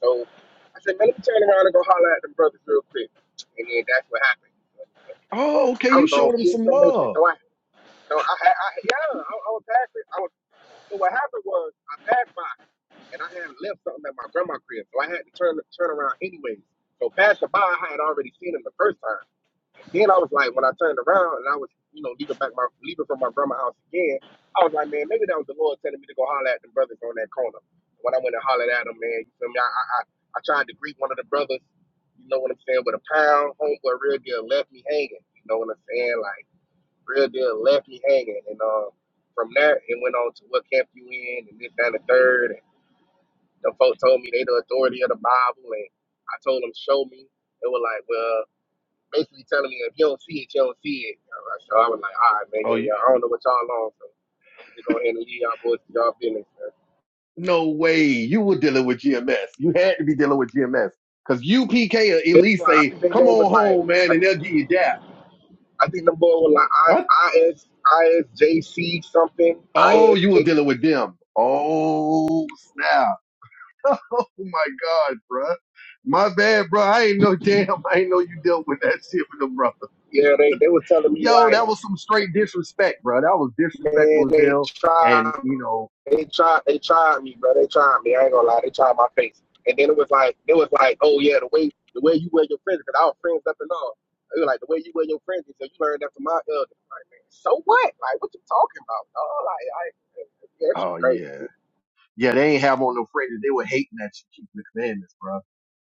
S4: So I said, man, let me turn around and go holler at them brothers real quick, and then that's what happened. So, so,
S3: Oh, okay,
S4: I
S3: you
S4: was on
S3: showed him
S4: in
S3: some
S4: some more shit,
S3: love.
S4: so I so I, I, I yeah I, I was passing. I was so what happened was I passed by and I had left something at my grandma's crib, so I had to turn turn around anyways. So passing by, I had already seen him the first time then I was like, when I turned around and I was, you know, leaving back my leaving from my grandma's house again, I was like, man, maybe that was the Lord telling me to go holler at the brothers on that corner. When I went and hollered at them, man, you feel me? I, I I I tried to greet one of the brothers, you know what I'm saying, with a pound. Homeboy real deal left me hanging. You know what I'm saying? Like real deal left me hanging. And uh, from there it went on to what camp you in and this that, and the third. And the folk told me they the authority of the Bible and I told them show me. They were like, well basically telling me if you don't see it, you don't see it. So I was like, all right, man,
S3: Oh,
S4: yeah,
S3: you,
S4: yeah. I don't know what y'all on, so I'm just going ahead and leave y'all boys to y'all business. Man.
S3: no way, you were dealing with GMS. You had to be dealing with GMS because UPK or
S4: It's
S3: Elise
S4: like, I
S3: say,
S4: think their
S3: "Come
S4: name was
S3: on
S4: like,
S3: home, man,"
S4: I,
S3: and they'll
S4: th-
S3: give you that.
S4: I think the boy was like
S3: Huh?
S4: I, IS, ISJC something,
S3: Oh, you were
S4: ISJC.
S3: dealing with them. Oh, snap. oh my God, bruh. My bad, bro. I ain't know damn. I ain't know you dealt with that shit with the brother.
S4: Yeah, they, they was telling me
S3: Yo,
S4: like.
S3: that was some straight disrespect, bro. That was
S4: Man,
S3: disrespectful as
S4: they
S3: hell. And
S4: tried,
S3: you know,
S4: they tried, they tried me, bro. They tried me. I ain't gonna lie, they tried my face. And then it was like, it was like, oh yeah, the way, the way you wear your friends, because I was friends up and all. They were like, the way you wear your friends, so you learned that from my elder. man. So what? Like, what you talking about? dawg? like, I, yeah, that shit
S3: oh yeah,
S4: crazy.
S3: yeah. They ain't have on no friends. They were hating that you keep the commandments, bro.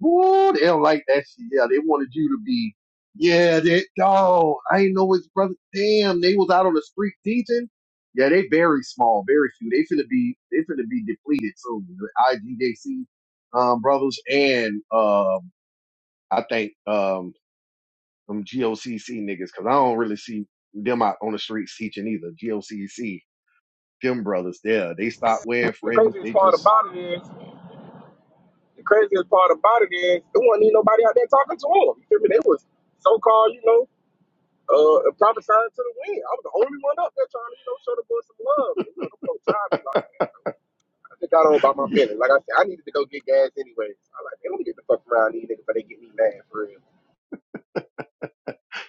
S3: Ooh, they don't like that shit. Yeah, they wanted you to be, yeah, that dog. I ain't know his brother. Damn, they was out on the street teaching. Yeah, they very small, very few. They finna be, they finna be depleted soon. The IGJC um, brothers and um, I think um, some GOCC niggas, cause I don't really see them out on the streets teaching either. GOCC, them brothers, there, they stopped wearing
S4: The
S3: fringes.
S4: craziest
S3: They
S4: part
S3: just
S4: about it is, the craziest part about it is, there wasn't even nobody out there talking to him. You feel me? They was so called, you know, uh, prophesying to the wind. I was the only one up there trying to, you know, show the boys some love. And, you know, them folks tried me like. I got on about my business. Like I said, I needed to go get gas anyways. I like, man, let me get the fuck around these niggas before they get me mad for real.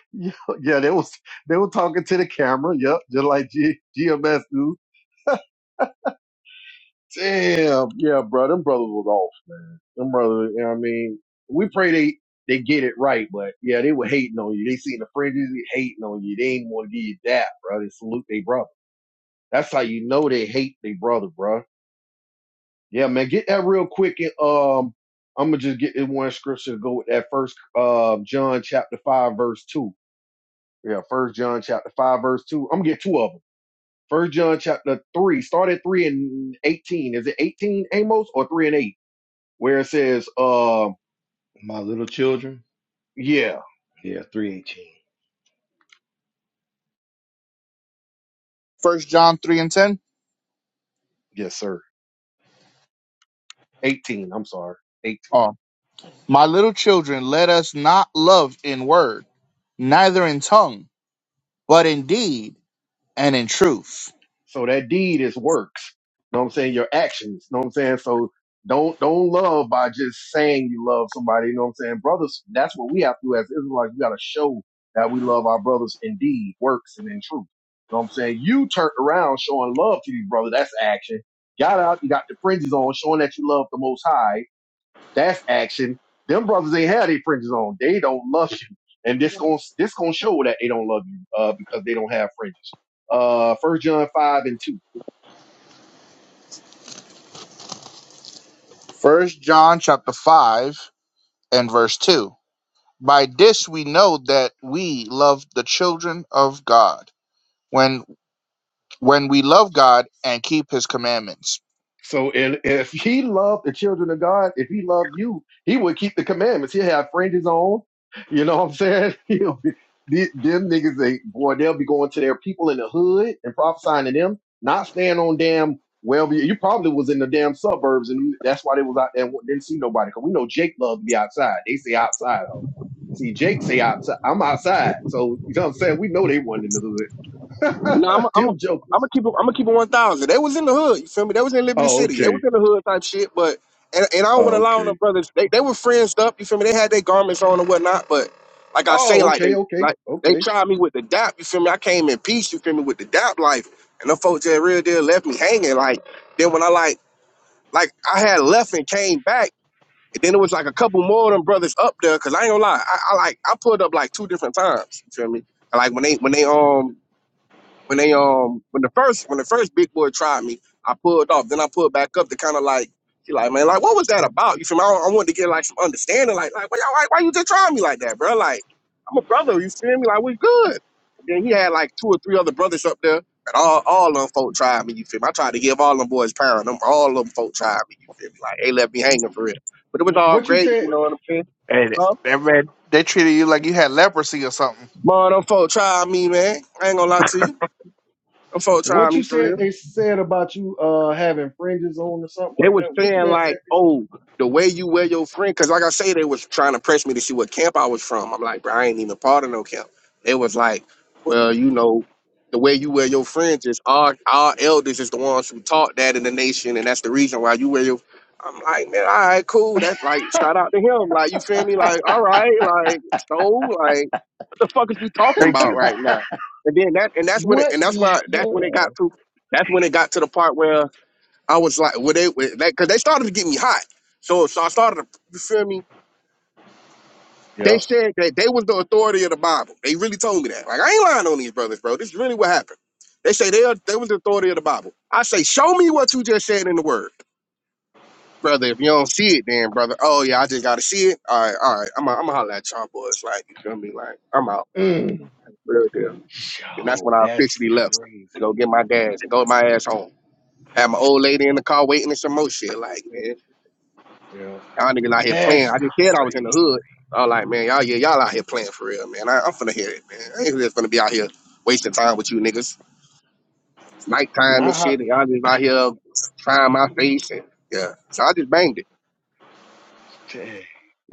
S3: Yeah, yeah, they was they were talking to the camera. Yep, just like G, GMS do. Damn. Yeah, bro. Them brothers was off, man. Them brothers, you know what I mean? We pray they, they get it right, but yeah, they were hating on you. They seen the fringes, they hating on you. They ain't want to give you that, bro. They salute their brother. That's how you know they hate their brother, bro. Yeah, man. Get that real quick. And, um, I'm going to just get this one scripture to go with that first, um, John chapter five, verse two. Yeah, first John chapter five, verse two. I'm going to get two of 'em. First John chapter three, start at three and eighteen. Is it eighteen Amos or three and eight? Where it says, uh,
S1: My little children,
S3: yeah,
S1: yeah, 318.
S2: first john 3 and 10
S3: yes, sir. Eighteen. I'm sorry. 18.
S2: oh my little children let us not love in word neither in tongue but in deed and in truth
S3: So that deed is works. know what I'm saying? Your actions. know what I'm saying? So don't don't love by just saying you love somebody. You know what I'm saying? Brothers, that's what we have to do as Israelites. We gotta show that we love our brothers in deed, works, and in truth. know what I'm saying? You turned around showing love to these brothers, that's action. Got out, you got the fringes on, showing that you love the most high, that's action. Them brothers ain't had their fringes on. They don't love you. And this gon' this gonna show that they don't love you, uh, because they don't have fringes uh, 1 John 5 and 2.
S2: First John chapter five and verse two. By this we know that we love the children of God when when we love God and keep His commandments.
S3: So and if he loved the children of God, if he loved you, he would keep the commandments. He'll have friends his own. You know what I'm saying? He'll be, the- them niggas, they, boy, they'll be going to their people in the hood and prophesying to them, not staying on damn well. You probably was in the damn suburbs, and that's why they was out there and didn't see nobody. Cause we know Jake loved to be outside. They say outside, ho. See, Jake say outside. I'm outside, so you know what I'm saying. We know they wasn't in the hood.
S4: No, I'm, a, I'm, a,
S3: them
S4: I'm
S3: jokers.
S4: gonna keep it. I'm gonna keep it one thousand. They was in the hood. You feel me? They was in Liberty
S3: Oh,
S4: City. They
S3: okay.
S4: was in the hood type shit. But and, and I don't want
S3: Oh,
S4: to lie on
S3: okay.
S4: them brothers. They they were friends up. You feel me? They had their garments on and whatnot. But like I say,
S3: Oh,
S4: like
S3: okay,
S4: they
S3: okay,
S4: like they
S3: okay.
S4: tried me with the dap. You feel me? I came in peace. You feel me? With the dap life. And the folks that real deal left me hanging. Like then when I like like I had left and came back. And then it was like a couple more of them brothers up there, cause I ain't gonna lie, I, I like I pulled up like two different times. You feel me? Like when they when they um when they um when the first when the first big boy tried me, I pulled off. Then I pulled back up to kind of like she like man like what was that about? You feel me? I, I wanted to get like some understanding. Like like why, y'all- why why you just trying me like that, bro? Like I'm a brother. You feel me? Like we good. And then he had like two or three other brothers up there, and all all them folk tried me. You feel me? I tried to give all them boys power, and them all them folk tried me. You feel me? Like they left me hanging for real. But it was
S3: Wh-
S4: all
S3: What you
S4: great. You
S3: said?
S4: know what I'm saying?
S2: Hey,
S4: Huh?
S2: that man, they treated you like you had leprosy or something.
S4: Man, them folk tried me, man. I ain't gonna lie to you. Them folk tried
S3: What
S4: me
S3: you
S4: for real.
S3: said? They said about you uh having fringes on or something
S4: They
S3: like
S4: was
S3: that. What you
S4: saying
S3: guys
S4: like,
S3: said?
S4: oh, the way you wear your friend, because like I say, they was trying to press me to see what camp I was from. I'm like, bro, I ain't even part of no camp. It was like, well, you know, the way you wear your friends is our our elders is the ones who taught that in the nation, and that's the reason why you wear your. I'm like, man, all right, cool. That's like, shout out to him. Like, you feel me? Like, all right, like, so, like, what the fuck is we talking
S2: Thank
S4: about
S2: you.
S4: right now? And then that, and that's when, it,
S3: What
S4: and that's
S3: the
S4: why, that's when it got
S3: hell?
S4: to, that's when it got to the part where I was like, well, they because they started to get me hot. So so I started to you feel me. They
S3: Yep.
S4: said that they was the authority of the Bible. They really told me that. Like I ain't lying on these brothers, bro. This is really what happened. They say they are, they was the authority of the Bible. I say, show me what you just said in the word, brother. If you don't see it, then brother, oh yeah, I just gotta see it. All right, all right. I'm, a, I'm gonna holler at y'all boys. Like you feel me? Like I'm out,
S3: Mm.
S4: real deal. And that's when
S3: Yo,
S4: I
S3: that's
S4: officially left
S3: crazy.
S4: to go get my gas and go my ass home. Had my old lady in the car waiting and some more shit. Like man.
S3: Yeah,
S4: Y'all niggas out here playing.
S3: that's
S4: I just said I was in the
S3: crazy.
S4: hood. I was like, man, y'all yeah, y'all out here playing for real, man. I, I'm finna hear it, man. I ain't just finna be out here wasting time with you niggas. It's nighttime and
S3: Not how,
S4: shit, and y'all just out here trying my face and yeah. So I just banged it.
S3: dang.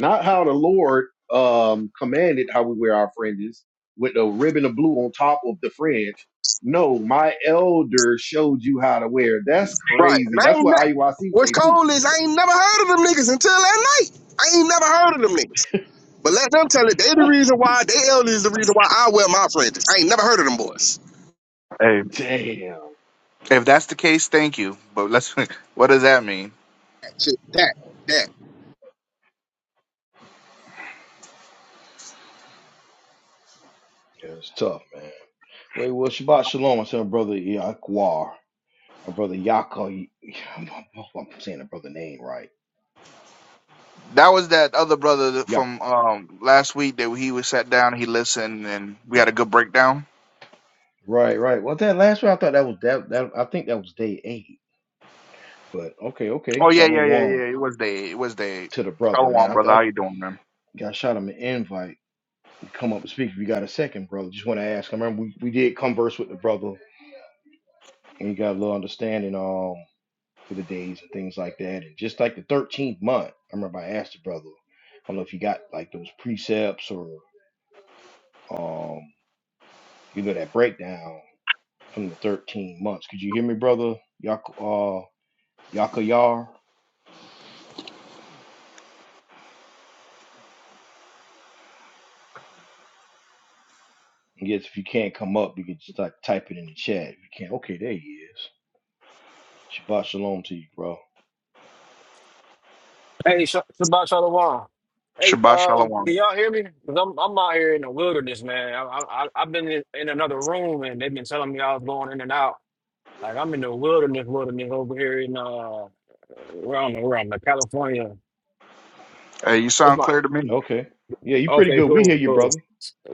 S3: not how the Lord um commanded how we wear our fringes with the ribbon of blue on top of the fringe. No, my elder showed you how to wear. That's
S4: Right. And
S3: crazy.
S4: I
S3: That's
S4: ain't
S3: what
S4: ne-
S3: IUIC
S4: what's
S3: say
S4: cold
S3: too.
S4: is I ain't never heard of them niggas until that night. I ain't never heard of them niggas. But let them tell it, they the reason why, they elders is the reason why I wear my fringes. I ain't never heard of them boys.
S2: Hey,
S3: Damn.
S2: if that's the case, thank you. But let's. What does that mean?
S4: Shit, that, that.
S1: Yeah, it's tough, man. Wait, well, Shabbat Shalom to my brother Yaquar, my brother Yaakov. I'm, I'm saying the brother name right.
S2: That was that other brother that-
S1: Yaakov.
S2: from um, last week that he was sat down, he listened, and we had a good breakdown.
S1: Right, right. Well, that last one, I thought that was that, that. I think that was day eight. But okay, okay.
S2: Oh yeah, yeah, yeah,
S1: Shalom
S2: yeah. It was Dave. It was Dave.
S1: to the brother,
S2: Shalom,
S1: man. I,
S2: brother.
S1: I
S2: How you doing, man?
S1: I shot him an invite to come up and speak. If you got a second, brother, just want to ask. I remember we, we did converse with the brother, and he got a little understanding um with the days and things like that. And just like the thirteenth month, I remember I asked the brother. I don't know if you got like those precepts or um you know that breakdown from the thirteen months. Could you hear me, brother? Yak uh Yaka Yar. I guess if you can't come up, you can just like type it in the chat. If you can't, okay, there he is. Shabbat shalom to you, bro.
S5: Hey, Sh- Shabbat Shalom. Hey,
S2: Shabbat
S5: um, can
S2: shalom.
S5: y'all hear me? Cause I'm I'm out here in the wilderness, man. I I I- I've been in, in another room and they've been telling me I was going in and out. Like I'm in the wilderness, wilderness over here in uh, where I'm where I'm at, California.
S2: Hey, you
S5: It's
S2: sound
S5: my
S2: clear to me.
S1: Okay. Yeah, you pretty
S5: okay,
S1: good. We hear
S5: cool,
S1: you,
S5: cool.
S1: brother.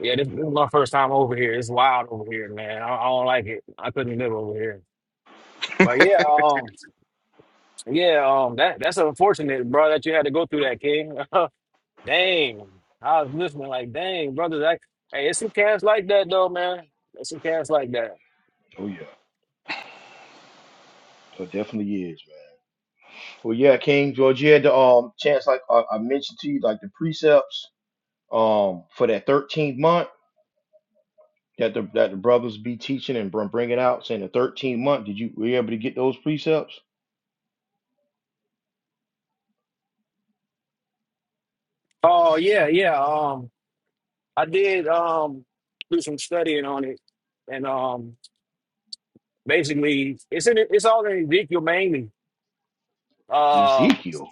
S5: Yeah, this, this is my first time over here. It's wild over here, man. I, I don't like it. I couldn't live over here. But yeah, um, yeah, um, that that's unfortunate, bro, that you had to go through that, King. Dang. I was listening like, dang, brothers. I, hey, it's some cats like that though, man. There's some cats like that.
S1: Oh yeah, Oh, it definitely is, man. Well, yeah, King George, you had the um chance, like I, I mentioned to you, like the precepts um for that 13th month that the that the brothers be teaching and br- bringing out, saying the 13th month. Did you were you able to get those precepts?
S5: Oh yeah, yeah. Um, I did um do some studying on it, and um, basically, it's in it's all in Ezekiel mainly. Uh,
S1: Ezekiel.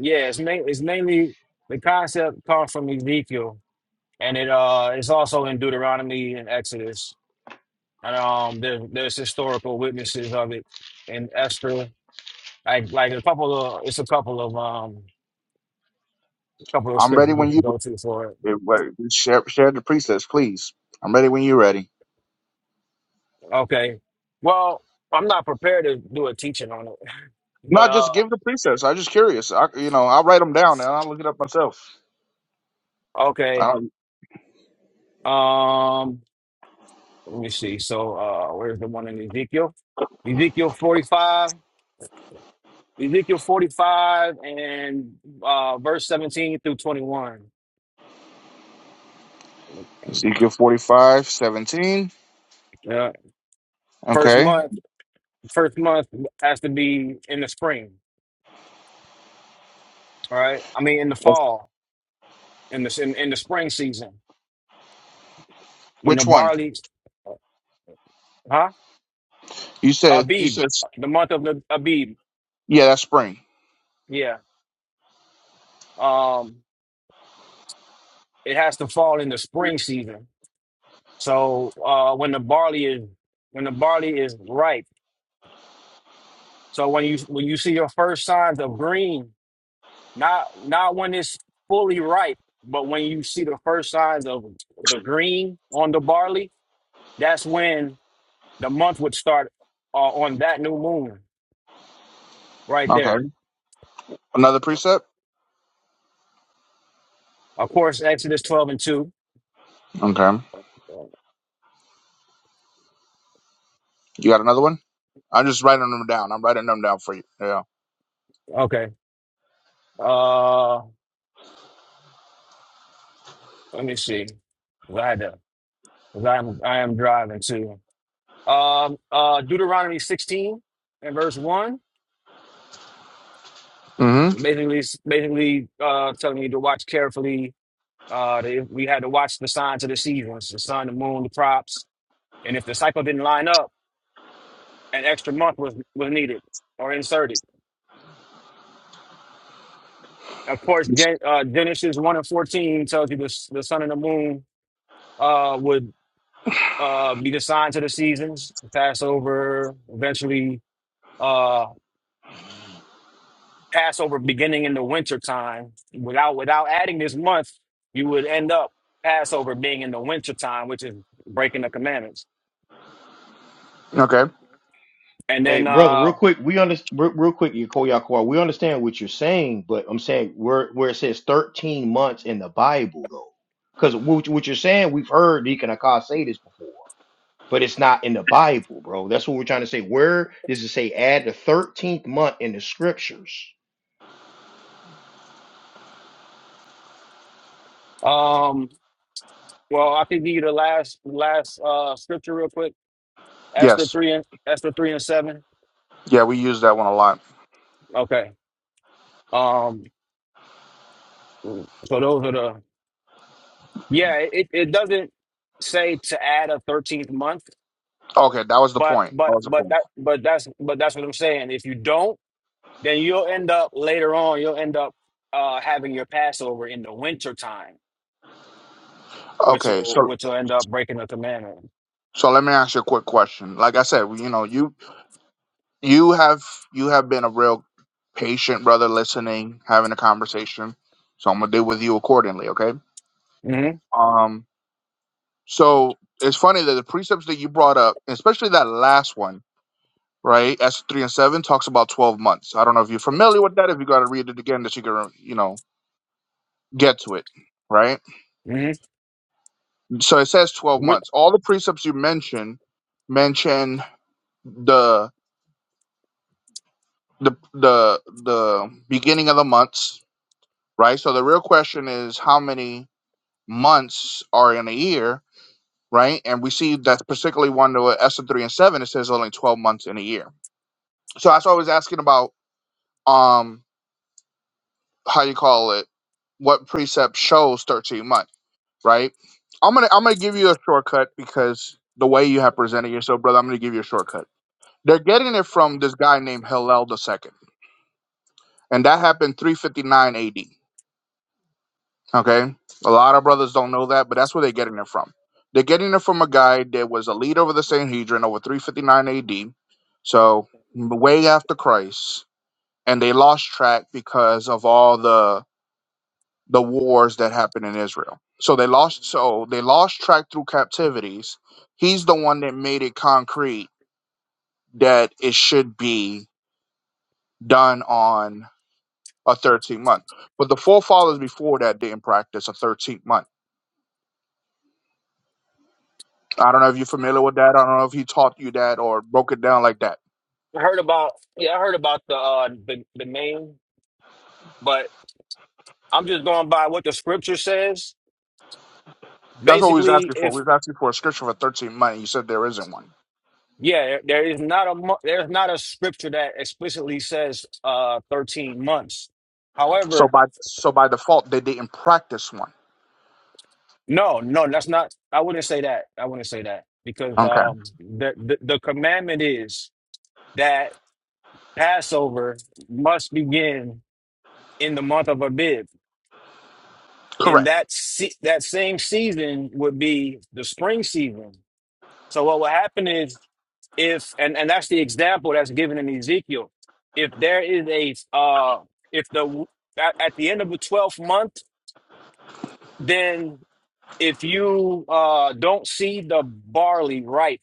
S5: yeah, it's main it's mainly the concept comes from Ezekiel, and it uh it's also in Deuteronomy and Exodus, and um there, there's historical witnesses of it in Esther Like like a couple of it's a couple of um a couple of
S2: I'm ready
S5: scriptures
S2: when
S5: we
S2: you
S5: can go to for it.
S2: eh, wait, share, share the precepts, please. I'm ready when you're ready.
S5: Okay. Well, I'm not prepared to do a teaching on it. But
S2: Not just
S5: uh
S2: give the precepts. I'm just curious. I, you know, I'll write them down and I'll look it up myself. I
S5: okay.
S2: don't,
S5: Um let me see. So uh where's the one in Ezekiel? Ezekiel 45. Ezekiel 45 and uh verse 17 through 21.
S2: Ezekiel 45, seventeen.
S5: Yeah. First
S2: Okay.
S5: month, first month has to be in the spring, all right? I mean in the
S2: What's-
S5: fall, in the in, in the spring season. When the
S2: Which one?
S5: barley, huh?
S2: You said, you
S5: Abib,
S2: said,
S5: the month of the Abib.
S2: yeah, that's spring.
S5: Yeah. Um, it has to fall in the spring season. So uh, when the barley is when the barley is ripe. So when you when you see your first signs of green, not not when it's fully ripe, but when you see the first signs of the green on the barley, that's when the month would start uh, on that new moon right
S2: Okay.
S5: there.
S2: Another precept?
S5: Of course, Exodus twelve and two.
S2: Okay. You got another one? I'm just writing them down. I'm writing them down for you. Yeah.
S5: Okay. Uh, let me see. Ladder, because I am I am driving too. Um, uh, Deuteronomy 16 and verse one,
S2: Mm-hmm.
S5: basically basically uh telling you to watch carefully. Uh, the, we had to watch the signs of the seasons, the sun, the moon, the props, and if the cycle didn't line up, an extra month was was needed or inserted. Of course, Gen, uh, Genesis one and fourteen tells you the s- the sun and the moon uh would uh be the signs of the seasons, Passover, eventually uh Passover beginning in the winter time. Without without adding this month, you would end up Passover being in the winter time, which is breaking the commandments.
S2: Okay.
S5: And
S1: Hey,
S5: then
S1: brother,
S5: uh
S1: real quick, we understand. Real, real quick, Yakoyakwa, we understand what you're saying, but I'm saying where where it says 13 months in the Bible though, because what, you- what you're saying, we've heard Deacon Akar say this before. but it's not in the Bible, bro. That's what we're trying to say. Where does it say add the 13th month in the scriptures?
S5: um well I can give you the last last uh scripture real quick. Esther
S2: Yes.
S5: three and Esther three and seven.
S2: Yeah, we use that one a lot.
S5: Okay. Um so those are the yeah, it, it doesn't say to add a thirteenth month,
S2: Okay, that was the
S5: but
S2: point.
S5: but
S2: That was the
S5: but
S2: point.
S5: that but that's but that's what I'm saying. If you don't then you'll end up later on you'll end up uh having your passover in the winter time which
S2: Okay,
S5: will
S2: so
S5: which will end up breaking the commandment
S2: so let me ask you a quick question. Like I said, you know, you you have you have been a real patient brother, listening, having a conversation. So I'm gonna deal with you accordingly. Okay.
S5: hmm
S2: Um. So it's funny that the precepts that you brought up, especially that last one, right? S three and seven talks about twelve months. I don't know if you're familiar with that. If you got to read it again, that you can you know get to it, right?
S5: hmm
S2: So it says twelve
S5: what
S2: months. All the precepts you mentioned mention the the the the beginning of the months, right? So the real question is how many months are in a year, right? And we see that's particularly one to S and three and seven. It says only twelve months in a year. So that's why I was asking about um how you call it, what precept shows thirteen months, right? I'm gonna I'm gonna give you a shortcut because the way you have presented yourself, brother, I'm gonna give you a shortcut. They're getting it from this guy named Hillel the second, and that happened 359 AD Okay. A lot of brothers don't know that, but that's where they're getting it from. They're getting it from a guy that was a leader of the Sanhedrin over 359 AD. So way after Christ. And they lost track because of all the the wars that happened in Israel. So they lost so they lost track through captivities. He's the one that made it concrete that it should be done on a 13 month. But the forefathers before that didn't practice a 13 month. I don't know if you're familiar with that. I don't know if he taught you that or broke it down like that.
S5: I heard about yeah i heard about the uh the, the name but i'm just going by what the scripture says
S2: That's what we was
S5: basically
S2: asking for.
S5: if
S2: We was asking for a scripture for 13 money. You said there isn't one.
S5: yeah there there is not a mo- there's not a scripture that explicitly says uh 13 months However.
S2: So by so by default, they didn't practice one.
S5: No, no, that's not. I wouldn't say that. I wouldn't say that because
S2: Okay.
S5: um, the, the the commandment is that Passover must begin in the month of Abib, and
S2: Correct.
S5: that se that same season would be the spring season. So what will happen is if and and that's the example that's given in Ezekiel. If there is a uh, if the at, at the end of the twelfth month, then if you uh don't see the barley ripe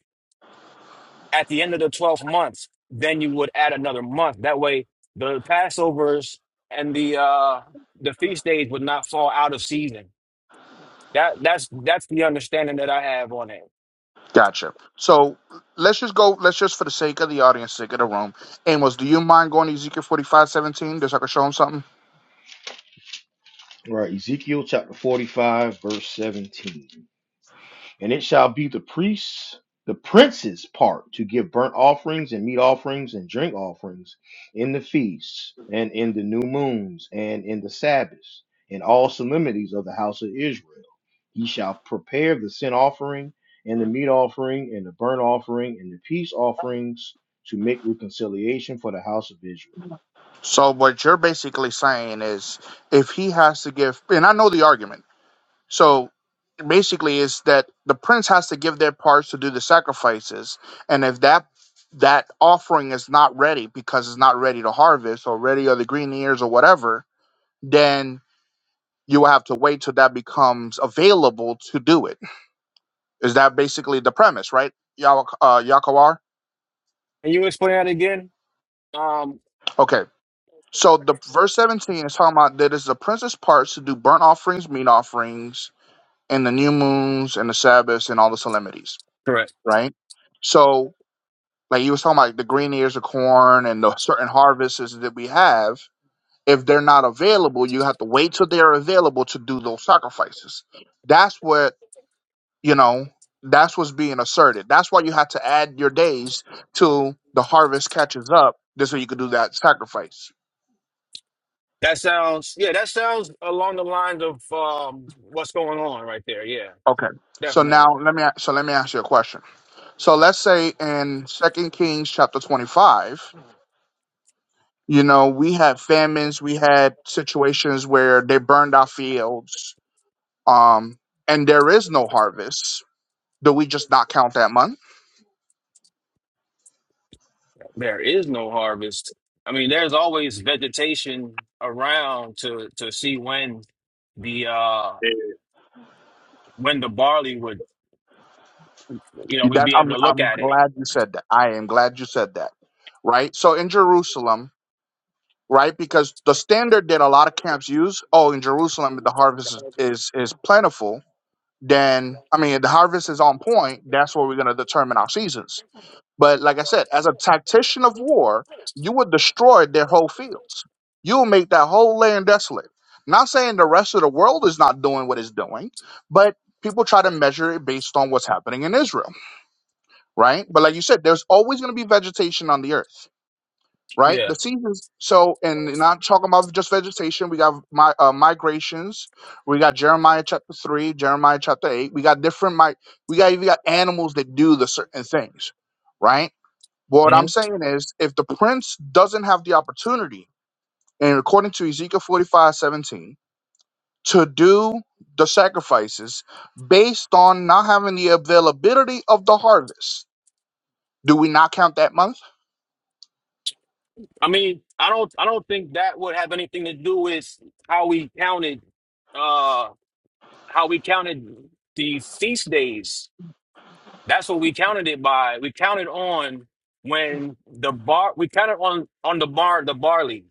S5: At the end of the 12th month, then you would add another month. That way, the Passovers and the uh, the feast days would not fall out of season. That that's that's the understanding that I have on it.
S2: Gotcha. So let's just go. Let's just for the sake of the audience, sake of the room. Amos, do you mind going to Ezekiel 45 17? just so I can show him something?
S1: Right, Ezekiel chapter 45, verse 17. And it shall be the priests, the prince's part to give burnt offerings and meat offerings and drink offerings in the feasts and in the new moons and in the Sabbaths and all solemnities of the house of Israel. He shall prepare the sin offering and the meat offering and the burnt offering and the peace offerings to make reconciliation for the house of Israel.
S2: So what you're basically saying is, if he has to give, and I know the argument. So basically is that the prince has to give their parts to do the sacrifices. And if that that offering is not ready because it's not ready to harvest or ready or the green ears or whatever, then you will have to wait till that becomes available to do it. Is that basically the premise, right? Yaw- uh, Yakawar?
S5: Can you explain that again? Um,
S2: Okay. So the verse 17 is talking about that is the prince's parts to do burnt offerings, meat offerings, and the new moons and the Sabbaths and all the solemnities,
S5: Correct.
S2: right? So like you was talking about the green ears of corn and the certain harvests that we have if they're not available you have to wait till they're available to do those sacrifices that's what you know that's what's being asserted that's why you have to add your days till the harvest catches up this way you could do that sacrifice
S5: That sounds yeah. That sounds along the lines of um, what's going on right there. Yeah,
S2: okay so now
S5: definitely.
S2: let me so let me ask you a question so let's say in second kings chapter 25 you know we had famines we had situations where they burned our fields Um, and there is no harvest. Do we just not count that month?
S5: There is no harvest. I mean, there's always vegetation around to to see when the uh when the barley would you know, we'd
S2: That's
S5: be able
S2: I'm
S5: to look
S2: I'm
S5: at it.
S2: glad you said that. I am glad you said that. Right? So in Jerusalem, right? Because the standard that a lot of camps use, oh, in Jerusalem the harvest is is, is plentiful, then I mean if the harvest is on point, that's where we're gonna determine our seasons. But like I said, as a tactician of war, you would destroy their whole fields. You'll make that whole land desolate. Not saying the rest of the world is not doing what it's doing, but people try to measure it based on what's happening in Israel, right? But like you said, there's always going to be vegetation on the earth, right?
S5: Yeah.
S2: The seasons. So, and not talking about just vegetation, we got my uh, migrations. We got Jeremiah chapter three, Jeremiah chapter eight. We got different. Mi- we got even got animals that do the certain things, right? What
S5: hmm
S2: I'm saying is, if the prince doesn't have the opportunity, and according to Ezekiel 45 17, to do the sacrifices based on not having the availability of the harvest, do we not count that month?
S5: I mean, I don't, I don't think that would have anything to do with how we counted, uh, how we counted the feast days. That's what we counted it by. We counted on when the bar, we counted on on the bar, the barley,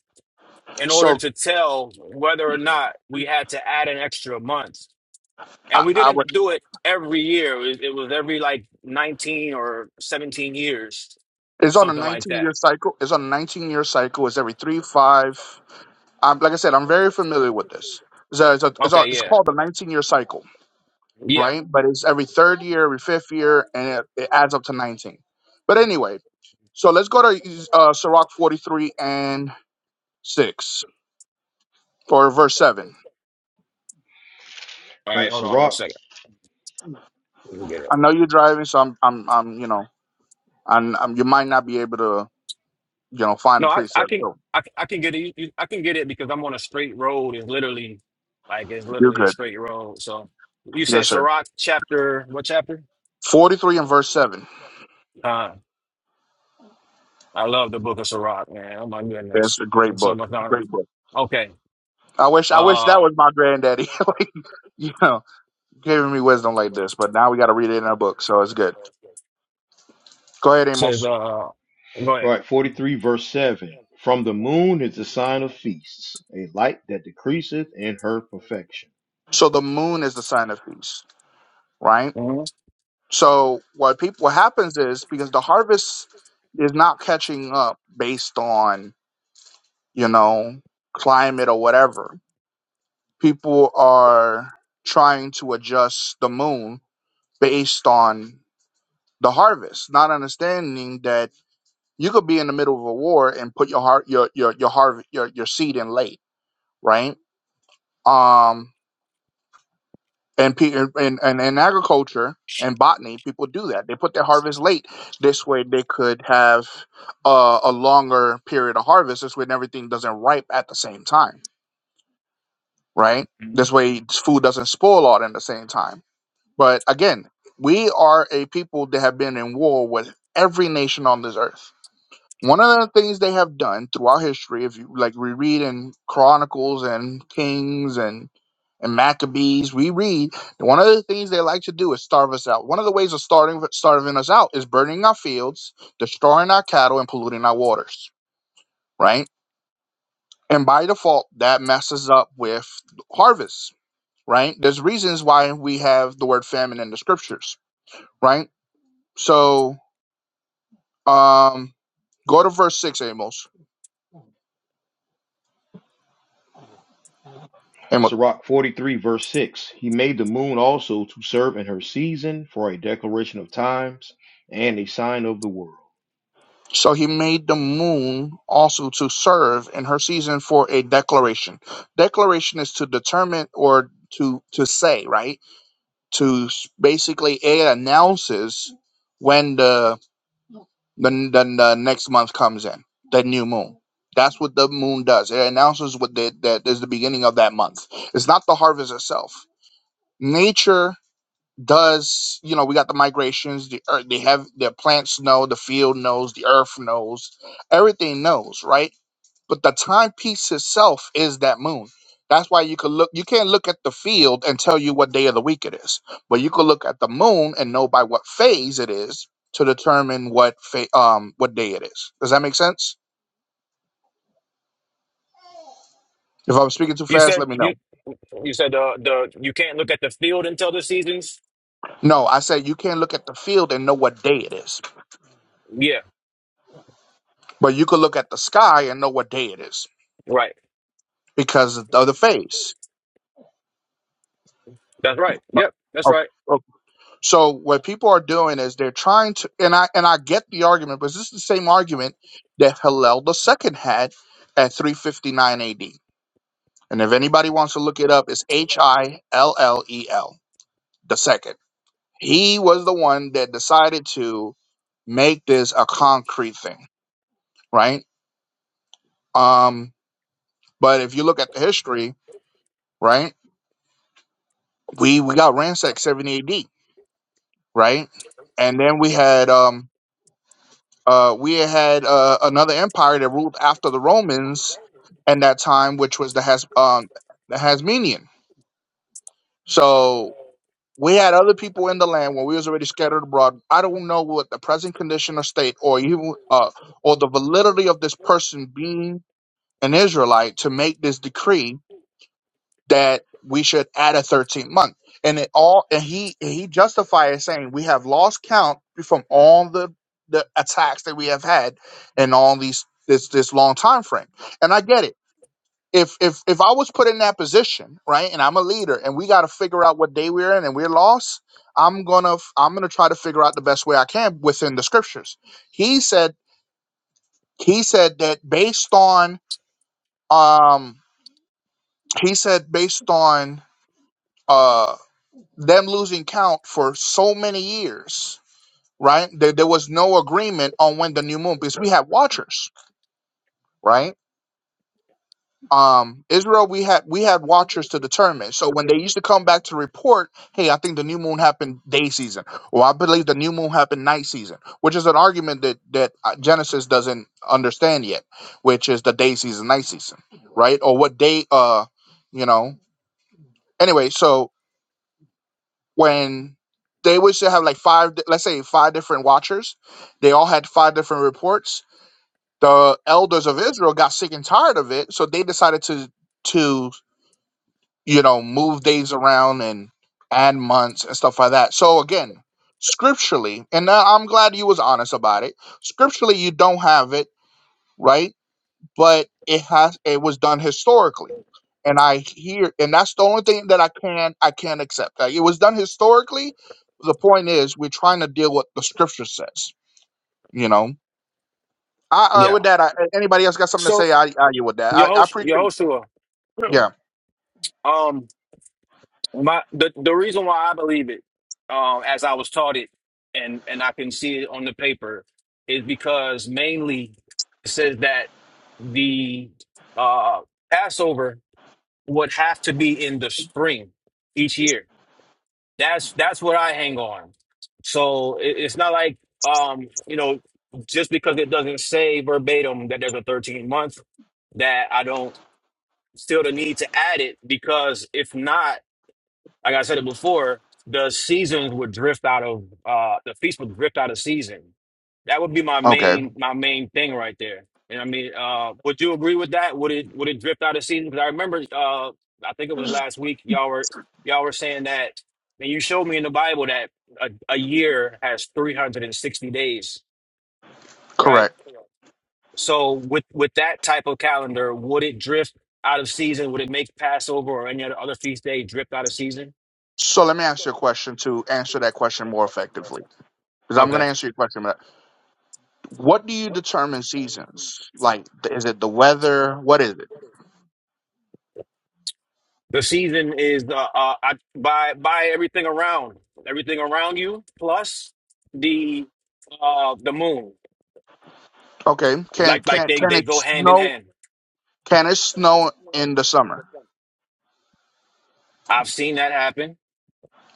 S5: in order
S2: So
S5: to tell whether or not we had to add an extra month. And
S2: I,
S5: we
S2: I
S5: didn't
S2: would,
S5: do it every year. It, it was every like nineteen or seventeen years,
S2: it's on a
S5: something like
S2: 19
S5: that.
S2: year cycle. It's on a 19 year cycle. It's every three, five. Um, like I said, I'm very familiar with this. It's, a, it's, a, it's,
S5: Okay,
S2: a, it's
S5: yeah.
S2: called the 19 year cycle.
S5: Yeah.
S2: right? But it's every third year, every fifth year, and it, it adds up to 19. But anyway, so let's go to uh, Sirach 43 and 6 for verse 7.
S5: All
S1: All right,
S5: right. Hold on one
S1: Sirach,
S5: second. Let me get it.
S2: I know you're driving, so I'm, I'm, I'm you know, I'm, I'm, you might not be able to, you know, find the
S5: No, I, I
S2: precept.
S5: can
S2: So
S5: I, can- I can get it. You- I can get it because I'm on a straight road. It's literally like it's
S2: you're
S5: literally a
S2: good.
S5: straight road. So you said
S2: Yes, sir.
S5: Sirach chapter what chapter?
S2: 43 and verse 7.
S5: Uh, I love the book of Sirach, man. Oh my
S2: That's
S5: goodness,
S2: a great
S5: it's so
S2: book.
S5: much knowledge.
S2: Great book.
S5: Okay.
S2: I wish, I wish that
S5: Uh,
S2: was my granddaddy, like, you know, giving me wisdom like this. But now we got to read it in a book, so it's good. Go ahead, Amos.
S5: says uh, go
S1: all
S5: ahead.
S1: right, 43 verse 7. From the moon is the sign of feasts, a light that decreaseth in her perfection.
S2: So the moon is the sign of peace, right?
S5: Mhm.
S2: So what people what happens is because the harvest is not catching up based on, you know, climate or whatever. People are trying to adjust the moon based on the harvest, not understanding that you could be in the middle of a war and put your heart your your your harvest your, your seed in late, right? Um and pe- and and, and and agriculture and botany people do that they put their harvest late this way they could have uh, a longer period of harvest this way everything doesn't ripe at the same time right this way food doesn't spoil all at the same time but again we are a people that have been in war with every nation on this earth one of the things they have done throughout history, if you like we read in Chronicles and Kings and and Maccabees, we read that one of the things they like to do is starve us out. One of the ways of starving starving us out is burning our fields, destroying our cattle, and polluting our waters. Right, and by default, that messes up with harvests. Right, there's reasons why we have the word famine in the scriptures. Right, so um, go to verse six, Amos. Amos.
S1: Sirach 43, verse 6 He made the moon also to serve in her season for a declaration of times and a sign of the world.
S2: So he made the moon also to serve in her season for a declaration. Declaration is to determine or to to say, right? To s- basically it announces when the the, the, the next month comes in, the new moon. That's what the moon does. It announces what the, that is the beginning of that month. It's not the harvest itself. Nature does you know we got the migrations the earth they have the plants know the field knows the earth knows everything knows right but the timepiece itself is that moon that's why you could look you can't look at the field and tell you what day of the week it is but you could look at the moon and know by what phase it is to determine what fa- um what day it is does that make sense if i'm speaking too
S5: You
S2: fast let
S5: said
S2: me know
S5: you you said uh, the you can't look at the field until the seasons.
S2: no i said you can't look at the field and know what day it is
S5: Yeah.
S2: but you could look at the sky and know what day it is
S5: Right.
S2: because of the face.
S5: That's right. Yep. That's
S2: Okay.
S5: right.
S2: okay. So what people are doing is they're trying to, and I and I get the argument, but this is the same argument that Hillel the second had at 359 A.D. And if anybody wants to look it up, it's H I L L E L the second. He was the one that decided to make this a concrete thing, right? Um, but if you look at the history, right, we we got ransacked 70 A.D. right, and then we had um Uh, we had uh, another empire that ruled after the Romans in that time, which was the Has um, the Hasmonean. So we had other people in the land when we was already scattered abroad. I don't know what the present condition or state, or even uh, or the validity of this person being an Israelite to make this decree that we should add a 13th month. And it all and he he justified it saying we have lost count from all the the attacks that we have had in all these this this long time frame. And I get it. If if if I was put in that position, right, and I'm a leader and we gotta figure out what day we're in and we're lost, I'm gonna f- I'm gonna try to figure out the best way I can within the scriptures. He said he said that based on um he said based on uh, them losing count for so many years, right? There, there was no agreement on when the new moon because we had watchers, right? Um, Israel, we had we had watchers to determine. So when they used to come back to report, hey, I think the new moon happened day season, or I believe the new moon happened night season, which is an argument that that uh, Genesis doesn't understand yet, which is the day season, night season, right? Or what day? Uh, you know. Anyway, so when they would still have like five, di- let's say five different watchers. They all had five different reports. The elders of Israel got sick and tired of it, so they decided to to you know move days around and add months and stuff like that. So again, scripturally, and I- I'm glad you was honest about it. Scripturally, you don't have it right but it has it was done historically and I hear, and that's the only thing that I can I can accept. Like, it was done historically. The point is, we're trying to deal with the scripture says. You know, I, I
S5: Yeah.
S2: with that. I, anybody else got something to
S5: So
S2: say? I, I you with that.
S5: your
S2: I, I
S5: host, your
S2: appreciate.
S5: host,
S2: Yeah.
S5: Um, my the the reason why I believe it, um, as I was taught it, and and I can see it on the paper, is because mainly it says that the uh Passover would have to be in the spring each year. That's that's what I hang on. So it, it's not like um you know just because it doesn't say verbatim that there's a 13 month that I don't feel the need to add it because if not Like I said it before, the seasons would drift out of uh the feast would drift out of season. That would be my
S2: Okay.
S5: main my main thing right there. You know what I mean? Uh would you agree with that? Would it would it drift out of season? Because I remember uh I think it was last week y'all were y'all were saying that and you showed me in the Bible that a, a year has 360 days, right?
S2: Correct.
S5: So with with that type of calendar, would it drift out of season? Would it make Passover or any other other feast day drift out of season?
S2: So let me ask you a question to answer that question more effectively, because I'm going
S5: Okay.
S2: to answer your question. But what do you determine seasons? Like, th- is it the weather? What is it?
S5: The season is uh uh, I, by by everything around everything around you plus the uh the moon
S2: Okay. Can
S5: like like
S2: can
S5: they
S2: can
S5: they
S2: it
S5: go hand in
S2: snow?
S5: hand.
S2: Can it snow in the summer?
S5: I've seen that happen.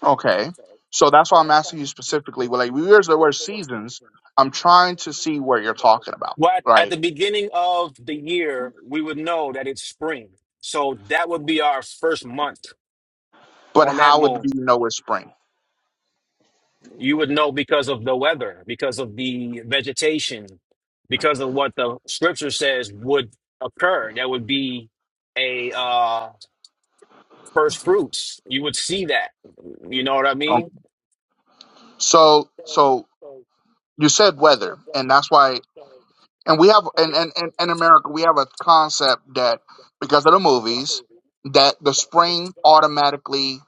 S2: Okay. So that's why I'm asking you specifically. Well, like, we use the word seasons. I'm trying to see what you're talking about,
S5: What at
S2: right?
S5: the beginning of the year we would know that it's spring, so that would be our first month
S2: But
S5: on that
S2: how would
S5: moon.
S2: we know it's spring?
S5: You would know because of the weather, because of the vegetation, because of what the scripture says would occur. That would be a uh first fruits, you would see that. You know what I mean?
S2: Okay. So, so you said weather, and that's why. And we have, and and and in America, we have a concept that because of the movies, that the spring automatically,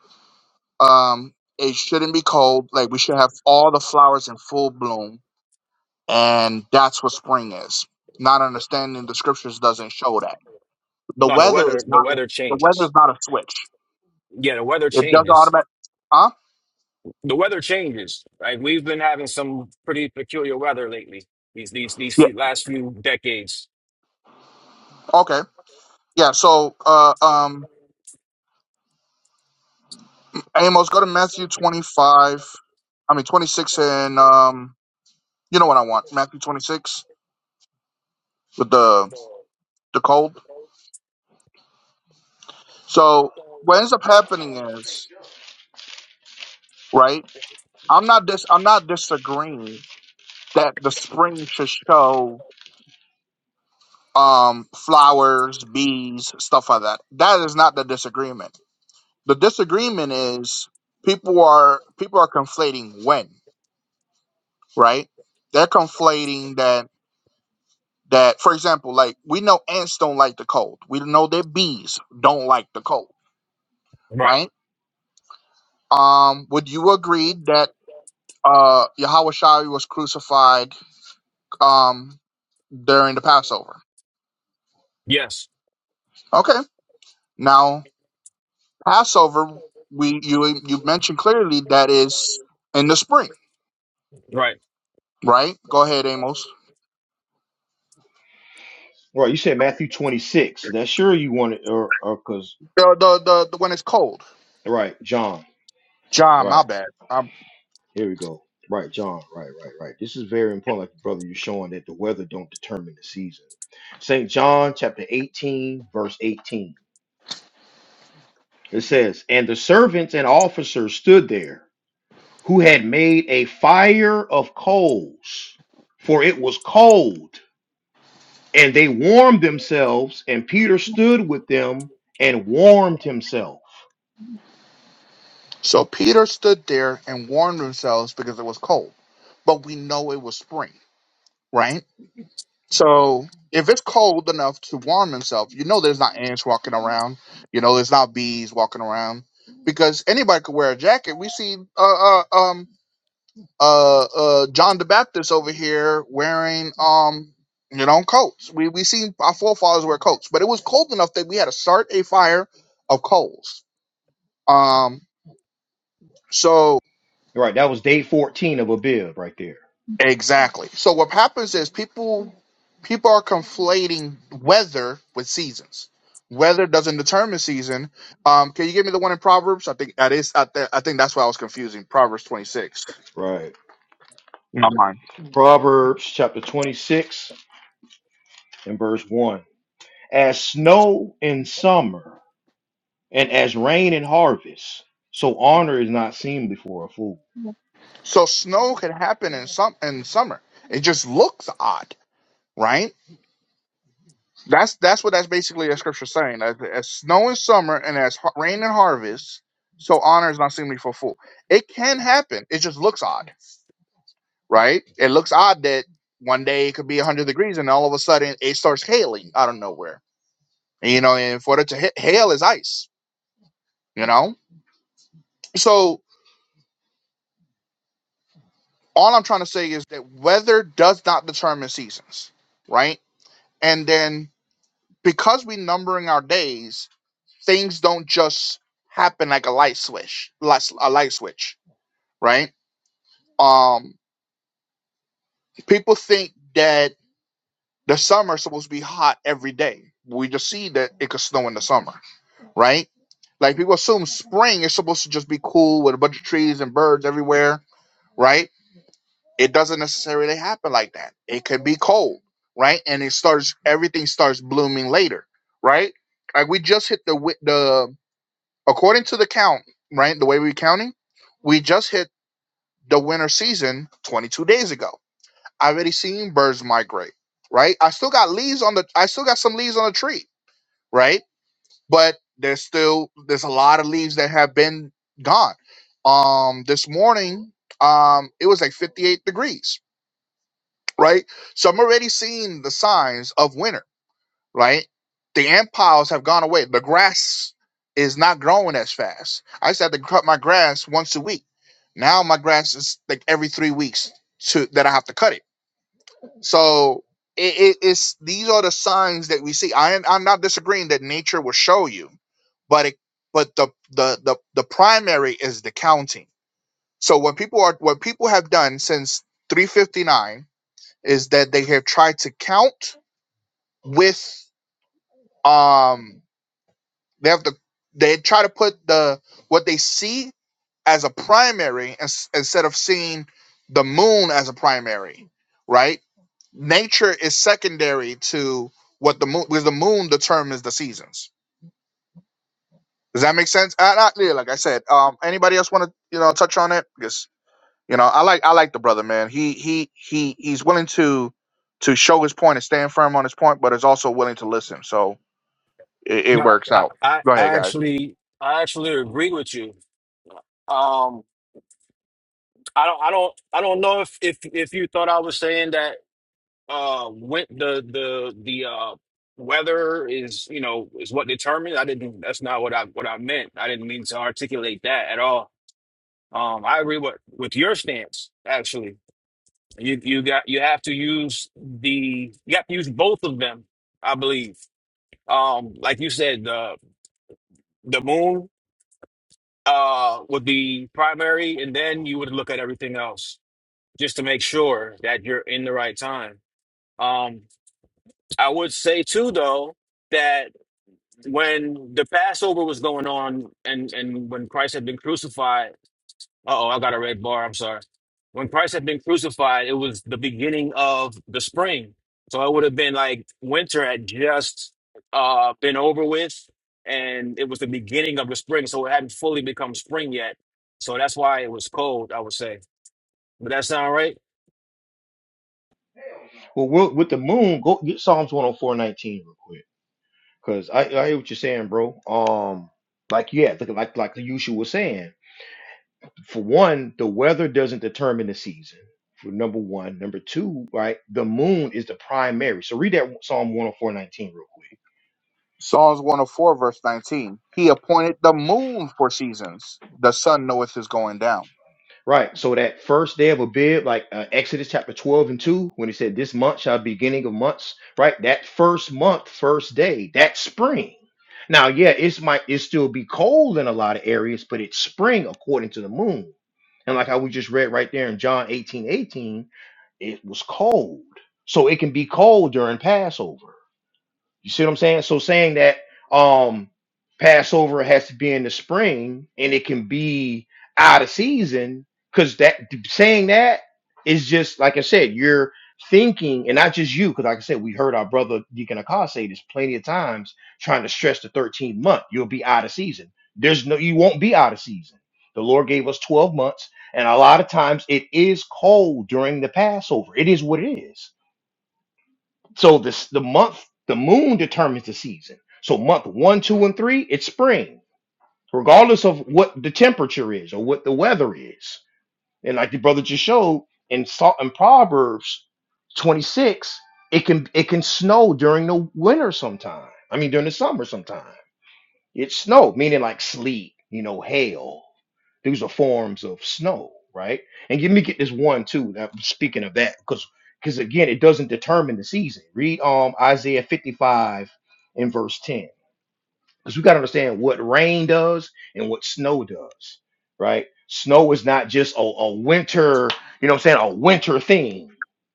S2: um, it shouldn't be cold. Like we should have all the flowers in full bloom and that's what spring is. Not understanding the scriptures doesn't show that. The
S5: No, the
S2: weather is
S5: weather, the
S2: not like
S5: weather
S2: the weather
S5: changes.
S2: is not a switch.
S5: Yeah, the weather
S2: It does
S5: changes.
S2: automatic. Huh?
S5: The weather changes. Like we've been having some pretty peculiar weather lately. These these these
S2: Yeah.
S5: few, last few decades.
S2: Okay. Yeah. So, uh, um, Amos, go to Matthew twenty five. I mean twenty six, and um, you know what I want? Matthew twenty six with the the cold. So what ends up happening is right. I'm not dis. I'm not disagreeing that the spring should show um, flowers, bees, stuff like that. That is not the disagreement. The disagreement is people are people are conflating when, right? They're conflating that that for example, like we know ants don't like the cold. We know that bees don't like the cold,
S5: Right.
S2: right? Um, would you agree that uh Yahweh Shai was crucified um during the Passover?
S5: Yes.
S2: Okay. Now Passover, we you you mentioned clearly that is in the spring,
S5: Right.
S2: right? Go ahead, Amos.
S1: All right, you said Matthew 26. That's sure you want it, or because,
S2: The the the, the when it's cold.
S1: right, John,
S2: John,
S1: right.
S2: my bad. Um,
S1: Here we go. Right, John. Right, right, right. This is very important, like brother, you're showing that the weather don't determine the season. St. John chapter 18, verse 18. It says, And the servants and officers stood there, who had made a fire of coals, for it was cold, and they warmed themselves, and Peter stood with them and warmed himself.
S2: so Peter stood there and warmed themselves because it was cold, but we know it was spring, right? So if it's cold enough to warm himself, you know there's not ants walking around, you know there's not bees walking around, because anybody could wear a jacket. We see uh, uh um uh uh John the Baptist over here wearing um you know coats. We we seen our forefathers wear coats, but it was cold enough that we had to start a fire of coals. Um so
S1: Right, that was day 14 of Abib right there.
S2: exactly. So what happens is people people are conflating weather with seasons. Weather doesn't determine season. Um, can you give me the one in Proverbs? I think that is. I, th- I think that's why I was confusing Proverbs twenty six.
S1: Right.
S2: Not mine.
S1: Proverbs chapter 26 and verse 1. as snow in summer and as rain in harvest. So honor is not seen before a fool.
S2: So snow can happen in some in summer. It just looks odd right? That's that's what that's basically a scripture saying. As, as snow and summer and as har- rain and harvest, so honor is not seemly for a fool. It can happen. It just looks odd, right? It looks odd that one day it could be 100 degrees and all of a sudden it starts hailing out of nowhere. You know, and for it to hit, hail is ice, you know? So all I'm trying to say is that weather does not determine seasons, right? And then because we numbering our days, things don't just happen like a light switch, lights- a light switch, right? Um, people think that the summer is supposed to be hot every day. We just see that it could snow in the summer, right? Like people assume spring is supposed to just be cool with a bunch of trees and birds everywhere, right? It doesn't necessarily happen like that. It can be cold, right? And it starts everything starts blooming later, right? Like we just hit the wi- the According to the count, right, the way we're counting, we just hit the winter season 22 days ago. I already seen birds migrate, right? I still got leaves on the I still got some leaves on the tree, right? But there's still there's a lot of leaves that have been gone. Um this morning, um it was like 58 degrees, right? So I'm already seeing the signs of winter right? The empires have gone away. The grass is not growing as fast. I used to have to cut my grass once a week. Now my grass is like every three weeks to that I have to cut it. So it, it- it's these are the signs that we see. I am, I'm not disagreeing that nature will show you, but it but the the the, the primary is the counting. So what people are what people have done since 359 is that they have tried to count with um They have to they try to put the what they see as a primary ins- instead of seeing the moon as a primary, right? Nature is secondary to what the moon because the moon determines the seasons. Does that make sense? Uh, not really, like I said. Um, anybody else want to you know touch on it? Because you know I like I like the brother man. He he he he's willing to to show his point and stand firm on his point, but is also willing to listen. So it, it
S5: No,
S2: works
S5: I,
S2: out.
S5: I
S2: Go ahead,
S5: I
S2: guys.
S5: actually I actually agree with you. Um, I don't I don't I don't know if if if you thought I was saying that uh when the the the uh weather is you know is what determines i didn't that's not what i what i meant i didn't mean to articulate that at all um i agree with with your stance actually you you got you have to use the you have to use both of them i believe um like you said the the moon uh would be primary and then you would look at everything else just to make sure that you're in the right time um i would say too though that when the Passover was going on and and when Christ had been crucified, uh oh, I got a red bar, I'm sorry. When Christ had been crucified, it was the beginning of the spring. So it would have been like winter had just uh been over with and it was the beginning of the spring. So it hadn't fully become spring yet. So that's why it was cold, I would say. But that sound right?
S1: Well, with, with the moon, go get Psalms 104 19 real quick. Cause I, I hear what you're saying, bro. Um, like yeah, like like like the usual was saying. For one, the weather doesn't determine the season. For number one, number two, right? The moon is the primary. So read that Psalm 104 19 real quick.
S2: Psalms 104, verse 19. He appointed the moon for seasons. The sun knoweth his going down.
S1: Right. So that first day of Abib, like uh, Exodus chapter 12 and 2, when he said, This month shall be beginning of months, right? That first month, first day, that's spring. Now, yeah, it's might it still be cold in a lot of areas, but it's spring according to the moon. And like how we just read right there in John 18 18, it was cold. So it can be cold during Passover. You see what I'm saying? So saying that um Passover has to be in the spring and it can be out of season, because that saying that is just like I said, you're thinking, and not just you, because like I said, we heard our brother Deacon Akash say this plenty of times, trying to stress the 13th month. You'll be out of season. There's no you won't be out of season. The Lord gave us 12 months, and a lot of times it is cold during the Passover. It is what it is so this the month, the moon determines the season. So month one, two, and three, it's spring, regardless of what the temperature is or what the weather is. And like the brother just showed in Salt in Proverbs 26, it can it can snow during the winter sometime. I mean during the summer sometime. It's snow, meaning like sleet, you know, hail. These are forms of snow, right? And let me get this one too. Now, speaking of that, because because again, it doesn't determine the season. Read um Isaiah 55 and verse 10. Because we got to understand what rain does and what snow does, right? Snow is not just a, a winter, you know what I'm saying, a winter thing,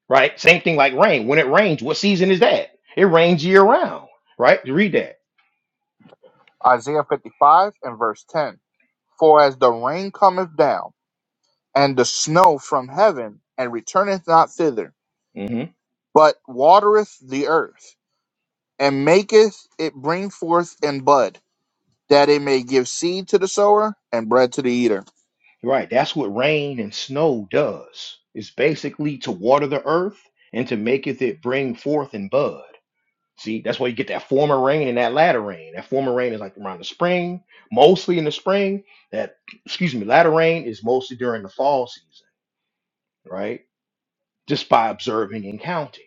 S1: right? Same thing like rain. When it rains, what season is that? It rains year round, right? Read that.
S2: Isaiah 55 and verse 10. For as the rain cometh down, and the snow from heaven, and returneth not thither,
S1: Mm-hmm.
S2: but watereth the earth, and maketh it bring forth and bud, that it may give seed to the sower and bread to the eater.
S1: Right. That's what rain and snow does. It's basically to water the earth and to maketh it bring forth and bud. See, that's why you get that former rain and that latter rain. That former rain is like around the spring, mostly in the spring. That excuse me, latter rain is mostly during the fall season, right? Just by observing and counting,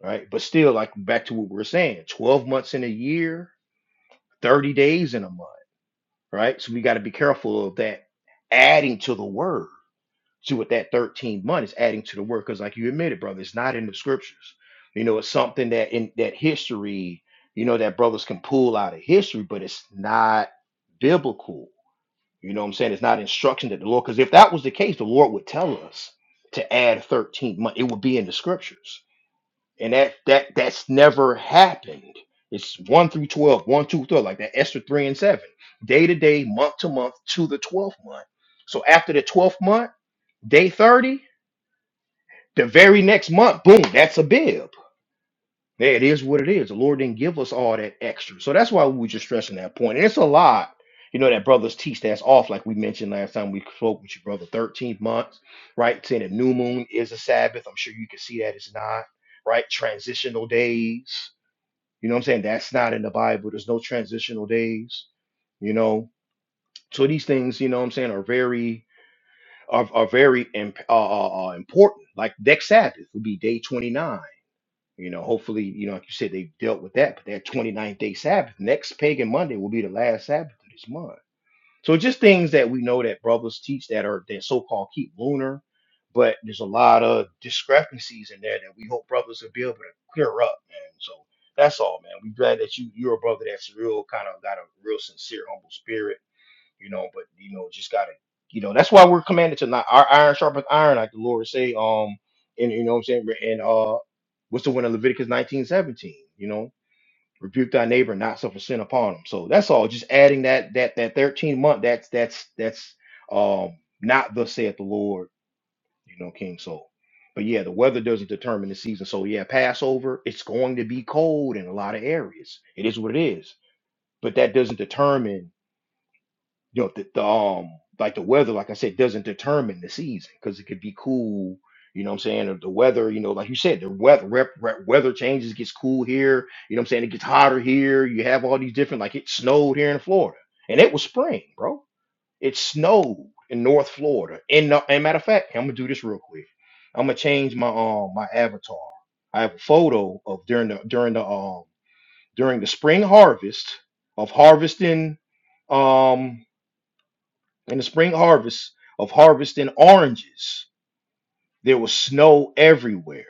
S1: right? But still, like back to what we were saying, 12 months in a year, 30 days in a month, right? So we got to be careful of that adding to the word To with that 13 months adding to the work, because like you admitted, brother, it's not in the scriptures. You know, it's something that in that history, you know, that brothers can pull out of history, but it's not biblical. You know what I'm saying? It's not instruction that the Lord, because if that was the case, the Lord would tell us to add 13 months. It would be in the scriptures. And that that that's never happened. It's one through twelve, one two three, like that Esther 3 and 7. Day to day, month to month, to the 12th month. So after the 12th month, day 30, the very next month, boom, that's a bib. Yeah, It is what it is. The Lord didn't give us all that extra. So that's why we were just stressing that point. And it's a lot, you know, that brothers teach that's off, like we mentioned last time we spoke with you, brother. 13th month, right? Saying that new moon is a Sabbath. I'm sure you can see that it's not, right? Transitional days. You know what I'm saying? That's not in the Bible. There's no transitional days you know so these things you know what i'm saying are very are, are very imp- uh, uh, uh, important like next sabbath would be day 29 you know, hopefully, you know, like you said, they dealt with that. But that twenty ninth day Sabbath, next pagan Monday will be the last Sabbath of this month. So just things that we know that brothers teach that are that so-called keep lunar, but there's a lot of discrepancies in there that we hope brothers will be able to clear up, man. So that's all, man. we glad that you you're a brother that's real kind of got a real sincere, humble spirit you know. But you know, just gotta, you know, that's why we're commanded to not our iron sharpens iron, like the Lord say, um, and you know what I'm saying, and uh, what's the one in Leviticus 19:17? you know, rebuke thy neighbor, not suffer sin upon him. So that's all. Just adding that that that 13 month. That's that's that's um not thus saith the Lord, you know, King. Soul. But yeah, the weather doesn't determine the season. So yeah, Passover, it's going to be cold in a lot of areas. It is what it is. But that doesn't determine you know, the, the um like the weather, like I said, doesn't determine the season because it could be cool. You know what I'm saying? Or the weather, you know, like you said, the weather rep, rep, weather changes, gets cool here. You know what I'm saying? It gets hotter here. You have all these different, like it snowed here in Florida, and it was spring, bro. It snowed in North Florida. And, no- and matter of fact, I'm gonna do this real quick. I'm gonna change my um my avatar. I have a photo of during the during the um during the spring harvest of harvesting. um. In the spring harvest of harvesting oranges, there was snow everywhere.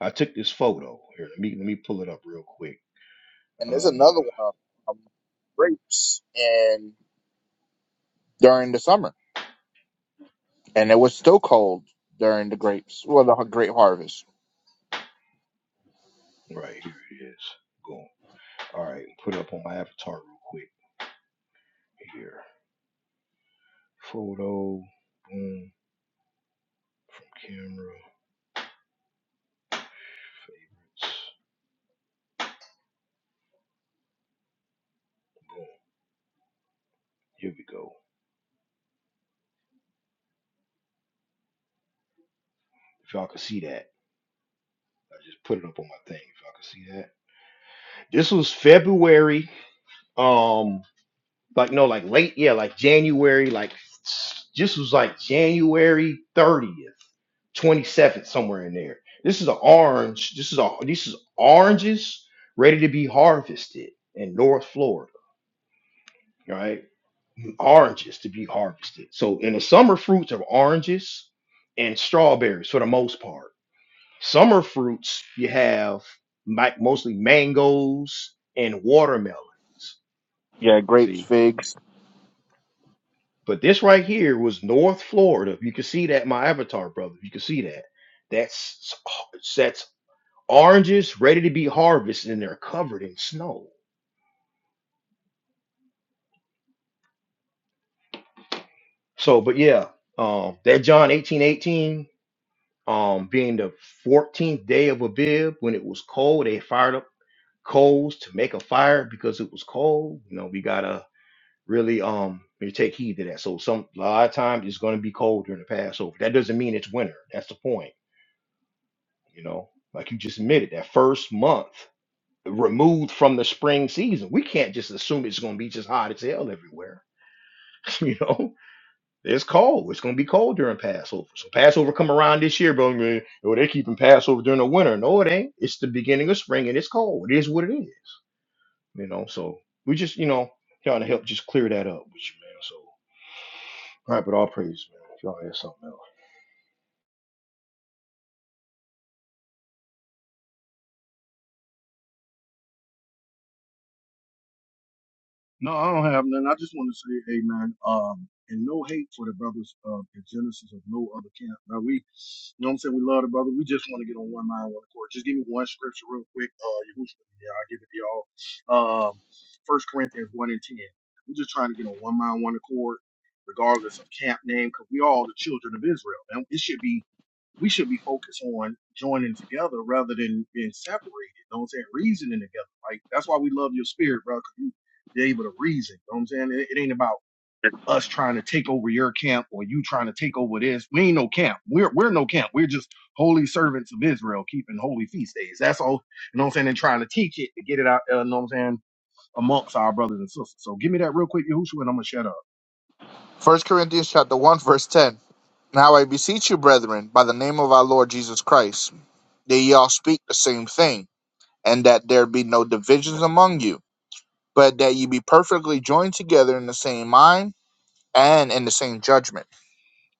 S1: I took this photo. Here, let me let me pull it up real quick.
S2: And there's another
S1: Uh,
S2: one of of grapes and during the summer. and it was still cold during the grapes, well, the great harvest.
S1: right here it is. Boom. All right, put it up on my avatar real quick. Here, photo. Boom from camera. Here we go. If y'all can see that, I just put it up on my thing. If y'all can see that, this was February. Um. like no, like late, yeah, like January, like this was like January 30th, 27th, somewhere in there. This is an orange. This is a this is oranges ready to be harvested in North Florida, right? Oranges to be harvested. So in the summer fruits are oranges and strawberries for the most part. Summer fruits you have mi- mostly mangoes and watermelons.
S2: Yeah, grapes,
S1: See,
S2: figs.
S1: But this right here was North Florida. You can see that in my avatar, brother. You can see that. That's that's oranges ready to be harvested, and they're covered in snow. So, but yeah, um, that John eighteen eighteen, um, being the fourteenth day of Abib, when it was cold, they fired up coals to make a fire because it was cold. You know, we gotta really um we take heed to that. So, some a lot of times it's gonna be cold during the Passover. That doesn't mean it's winter. That's the point you know, like you just admitted, that first month removed from the spring season. We can't just assume it's going to be just hot as hell everywhere. you know, it's cold. It's going to be cold during Passover. So Passover come around this year, bro. man, Oh, they keeping Passover during the winter. No, it ain't. It's the beginning of spring and it's cold. It is what it is. You know, so we just, you know, trying to help just clear that up with you, man. So, all right, but all praise, man. If y'all had something else.
S3: No, I don't have none. I just want to say, hey man, um, and no hate for the brothers of the Genesis of no other camp. Now we, you know what I'm saying, we love the brother. We just want to get on one mind, one accord. Just give me one scripture real quick. Uh, Yahushua, yeah, I'll give it to y'all. Um, First Corinthians one and ten. We're just trying to get on one mind, one accord, regardless of camp name, because we all the children of Israel, and it should be we should be focused on joining together rather than being separated. You know what I'm saying? Reasoning together. Like that's why we love your spirit, brother. because you're able to reason. You know what I'm saying? It, it ain't about us trying to take over your camp or you trying to take over this. We ain't no camp. We're we're no camp. We're just holy servants of Israel keeping holy feast days. That's all. You know what I'm saying? And trying to teach it to get it out, uh, you know what I'm saying, amongst our brothers and sisters. So give me that real quick, Yahushua, and I'm gonna shut up.
S2: First Corinthians chapter one, verse ten. Now I beseech you, brethren, by the name of our Lord Jesus Christ, that ye all speak the same thing, and that there be no divisions among you, but that ye be perfectly joined together in the same mind and in the same judgment.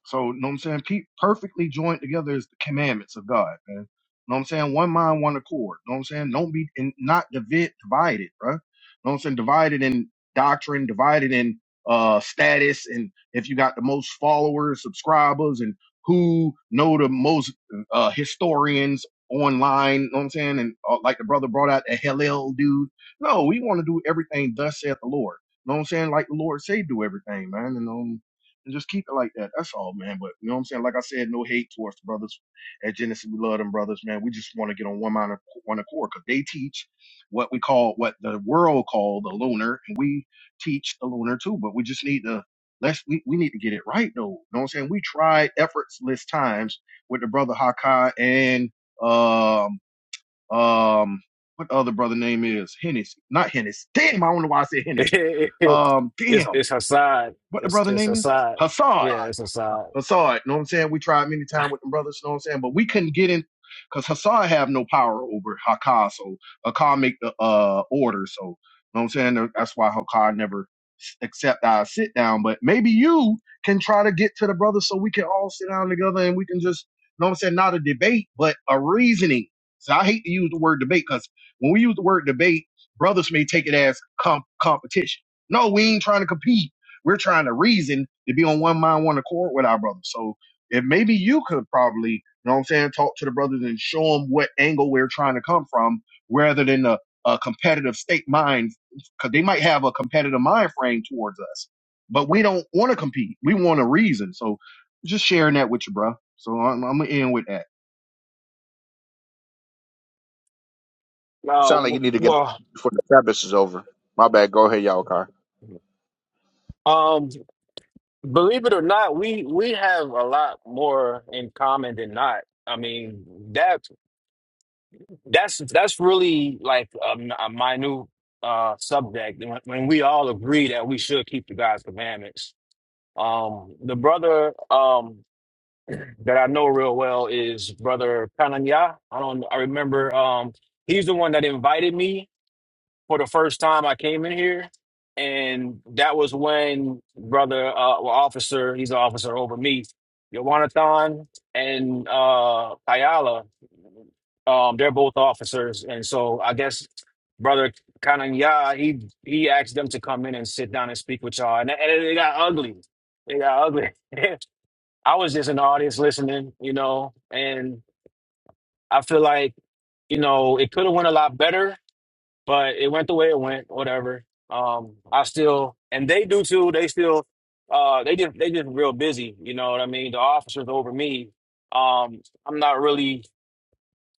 S3: So, know what I'm saying? Pe- perfectly joined together is the commandments of God, man. Know what I'm saying? One mind, one accord. Know what I'm saying? Don't be and not divid, divided, bro. Know what I'm saying? Divided in doctrine, divided in uh status, and if you got the most followers, subscribers, and who know the most uh historians online, know what I'm saying? And uh, like the brother brought out the Hillel dude. No, we want to do everything thus saith the Lord. Know what I'm saying? Like the Lord say, do everything, man. and um, and just keep it like that. That's all, man. But you know what I'm saying? Like I said, no hate towards the brothers at Genesis. We love them brothers, man. We just want to get on one mind, and one accord, because they teach what we call what the world call the lunar, and we teach the lunar too. But we just need to let's we, we need to get it right though. You know what I'm saying? We tried effortless times with the brother Hakai and um um what other brother name is Hennessy, not Hennessy. Damn, I don't know why I said Hennessy.
S5: it's
S3: Um, damn,
S5: it's Hassad.
S3: what the
S5: It's
S3: brother
S5: it's
S3: name is?
S5: Hassad.
S3: Hassan.
S5: Yeah, it's Hassad.
S3: Hassad, you know what I'm saying? We tried many times with them brothers, you know what I'm saying? But we couldn't get in because Hassad have no power over Hakkar. So Hakkar make the uh order. So you know what I'm saying? That's why Hakkar never s- accept our sit down. But maybe you can try to get to the brothers so we can all sit down together and we can just, you know what I'm saying, not a debate, but a reasoning. So I hate to use the word debate because when we use the word debate, brothers may take it as comp- competition. No, we ain't trying to compete. We're trying to reason to be on one mind, one accord with our brothers. So if maybe you could probably, you know what I'm saying, talk to the brothers and show them what angle we're trying to come from rather than a, a competitive state mind, because they might have a competitive mind frame towards us. But we don't want to compete. We want to reason. So just sharing that with you, bro. So I'm, I'm going to end with that.
S5: Uh,
S2: Sound like
S5: w-
S2: you need to get
S5: well,
S2: before the Sabbath is over. My bad. Go ahead, y'all, car.
S5: um, Believe it or not, we we have a lot more in common than not. I mean, that that's that's really like a, m- a minute uh subject when, when we all agree that we should keep the God's commandments. Um, the brother um that I know real well is brother Kananya. I don't I remember um he's the one that invited me for the first time I came in here, and that was when brother, uh, well, officer, he's an officer over me, Yawanathan and uh, Ayala, um, they're both officers, and so I guess brother Kananya, he he asked them to come in and sit down and speak with y'all, and, and it, it got ugly. It got ugly. I was just in the audience listening, you know, and I feel like you know it could have went a lot better but it went the way it went. Whatever. Um, I still and they do too. They still, uh, they just they just real busy. You know what I mean? The officers over me. Um, I'm not really.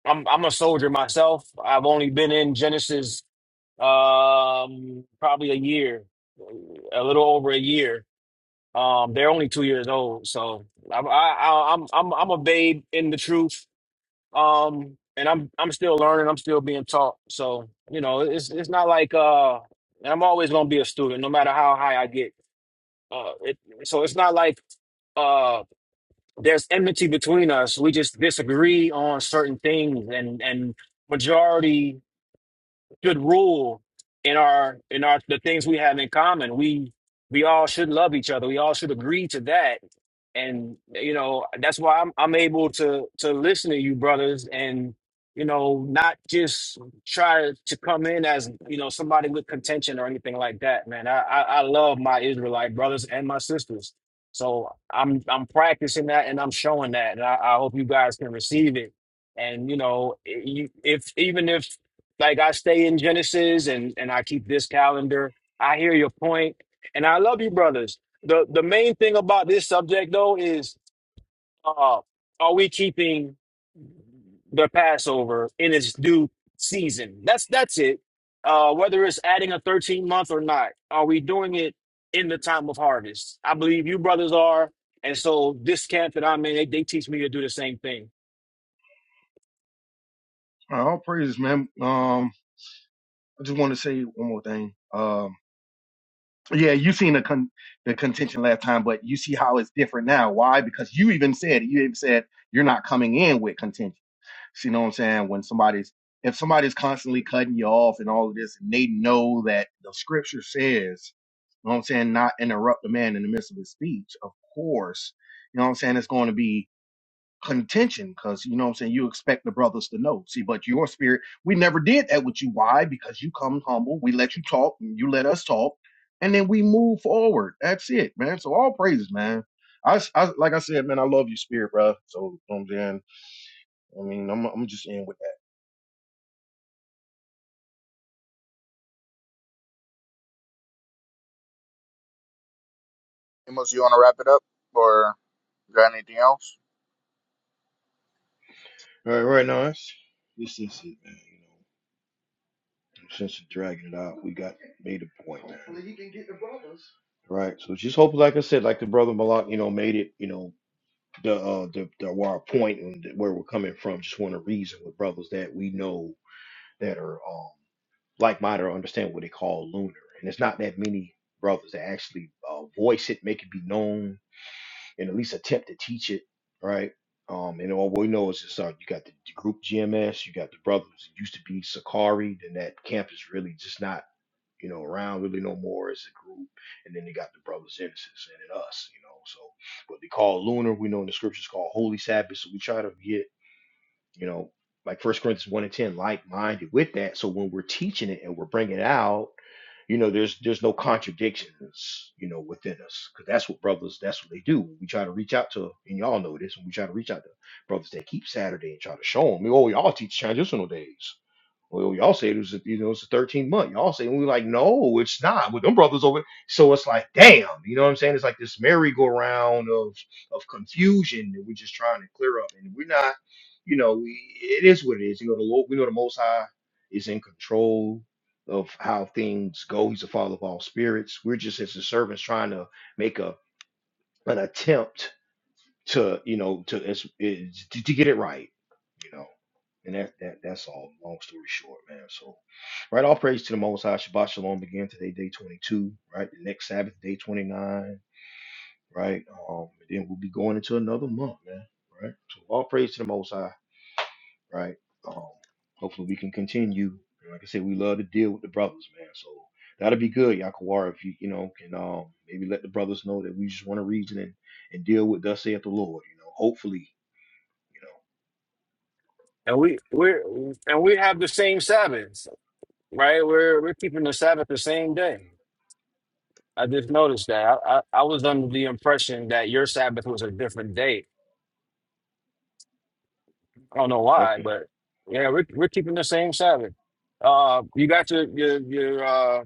S5: I'm I'm a soldier myself. I've only been in Genesis um probably a year a little over a year um they're only two years old so i i I- i'm i'm i'm a babe in the truth um and i'm i'm still learning i'm still being taught so you know it's it's not like uh and i'm always going to be a student no matter how high i get uh it, so it's not like uh there's enmity between us we just disagree on certain things and and majority should rule in our in our the things we have in common. We we all should love each other. We all should agree to that. And you know, that's why I'm I'm able to to listen to you brothers and you know, not just try to come in as, you know, somebody with contention or anything like that, man. I I, I love my Israelite brothers and my sisters. So I'm I'm practicing that and I'm showing that. And I, I hope you guys can receive it and you know you, if even if like I stay in Genesis and and I keep this calendar. I hear your point, and I love you, brothers. the The main thing about this subject, though, is uh, are we keeping the Passover in its due season? That's that's it. Uh, whether it's adding a 13 month or not, are we doing it in the time of harvest? I believe you brothers are. And so this camp that I'm in, they, they teach me to do the same thing.
S3: All praises, man. Um, I just want to say one more thing. Um, Yeah, you seen the con- the contention last time, but you see how it's different now. Why? Because you even said you even said you're not coming in with contention. So you know what I'm saying? When somebody's if somebody's constantly cutting you off and all of this, and they know that the scripture says, you know what I'm saying, not interrupt the man in the midst of his speech. Of course, you know what I'm saying. It's going to be contention because you know what I'm saying you expect the brothers to know. See, but your spirit, we never did that with you. Why? Because you come humble, we let you talk, and you let us talk, and then we move forward. That's it, man. So all praises, man. I, s- I- like I said, man, I love you, spirit, bro. So you know what I'm saying, I mean, I'm I'm just in with that.
S2: Amos, you want to wrap it up or got anything else?
S1: All right, right now, that's, this is it, man. You know. Since dragging it out, we got made a point. Hopefully he can get the brothers. Right. So just hope, like I said, like the brother Malak, you know, made it, you know, the uh the, the our point and where we're coming from. Just want to reason with brothers that we know that are um like minded or understand what they call lunar. And it's not that many brothers that actually uh, voice it, make it be known, and at least attempt to teach it, right? Um, and all we know is this, uh, you got the, the group GMS, you got the brothers. It used to be Sakari, then that camp is really just not you know, around really no more as a group. And then they got the brothers Genesis and then us, you know. So what they call lunar, we know in the scriptures called holy Sabbath. So we try to get, you know, like First Corinthians one and ten, like minded with that. So when we're teaching it and we're bringing it out, you know, there's there's no contradictions, you know, within us, because that's what brothers, that's what they do. We try to reach out to, and y'all know this, when we try to reach out to brothers that keep Saturday and try to show them, oh, y'all teach transitional days. Well, y'all say it was, a, you know, it's a 13 month. Y'all say, and we're like, no, it's not. With them brothers over. So it's like, damn, you know what I'm saying? It's like this merry-go-round of of confusion that we're just trying to clear up, and we're not, you know, we, it is what it is. You know, the Lord, we know the Most High is in control of how things go. He's the Father of all spirits. We're just as the servants trying to make a an attempt to you know to it's, it's, to, to get it right, you know. And that, that that's all. Long story short, man. So, right, all praise to the Most High. Shabbat Shalom. Begin today, day twenty two. Right, the next Sabbath, day twenty nine. Right, um, and then we'll be going into another month, man. Right, so all praise to the Most High. Right, um, hopefully we can continue. And like I said, we love to deal with the brothers, man. So that'll be good, Yakawara. If you you know can um maybe let the brothers know that we just want to reason and, and deal with thus saith the Lord. You know, hopefully you
S5: And we we're and we have the same Sabbaths, right? We're we're keeping the Sabbath the same day. I just noticed that. I, I, I was under the impression that your Sabbath was a different day. I don't know
S1: know.
S5: why,
S1: Okay.
S5: but yeah, we're we're keeping the same Sabbath. Uh, you got your your your uh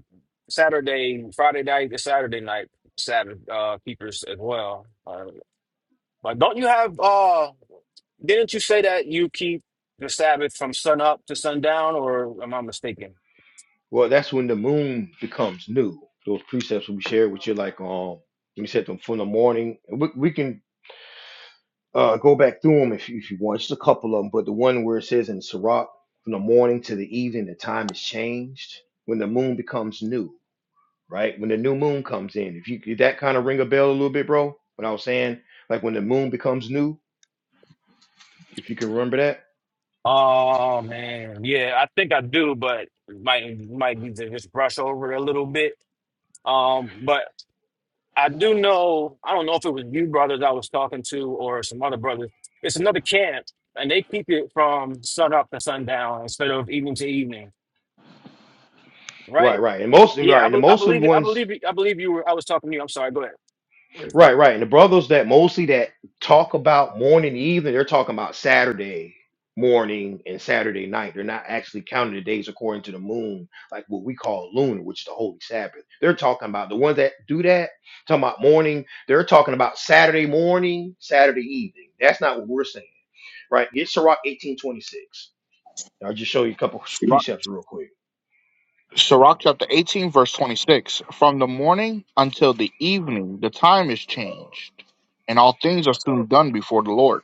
S5: Saturday, Friday night to Saturday night Sabbath uh keepers as well. Uh, but don't you have uh? Didn't you say that you keep the Sabbath from sun up to sundown, or am I mistaken?
S1: Well, that's when the moon becomes new. Those precepts will be shared with you, like um, when you said them from the morning. We, we can uh go back through them if you, if you want. Just a couple of them, but the one where it says in Sirach, from the morning to the evening, the time is changed when the moon becomes new. Right when the new moon comes in. If you did that kind of ring a bell a little bit, bro. When I was saying like when the moon becomes new, if you can remember that.
S5: Oh man, yeah, I think I do, but might might need to just brush over it a little bit. Um, but I do know, I don't know if it was you brothers I was talking to or some other brothers. It's another camp, and they keep it from sun up to sundown instead of evening to evening,
S1: Right,
S5: right?
S1: right. And most right,
S5: Yeah, I,
S1: and the
S5: be, I
S1: most of the
S5: believe it. I
S1: ones
S5: believe it. I believe you were. I was talking to you. I'm sorry. Go ahead.
S1: Right, right. And the brothers that mostly that talk about morning and evening, they're talking about Saturday morning and Saturday night. They're not actually counting the days according to the moon, like what we call lunar, which is the holy Sabbath. They're talking about the ones that do that, talking about morning, they're talking about Saturday morning, Saturday evening. That's not what we're saying. Right? Get Sirach 1826. I'll just show you a couple
S2: Sirach
S1: precepts real quick.
S2: Sirach chapter 18, verse 26. From the morning until the evening, the time is changed, and all things are soon done before the Lord.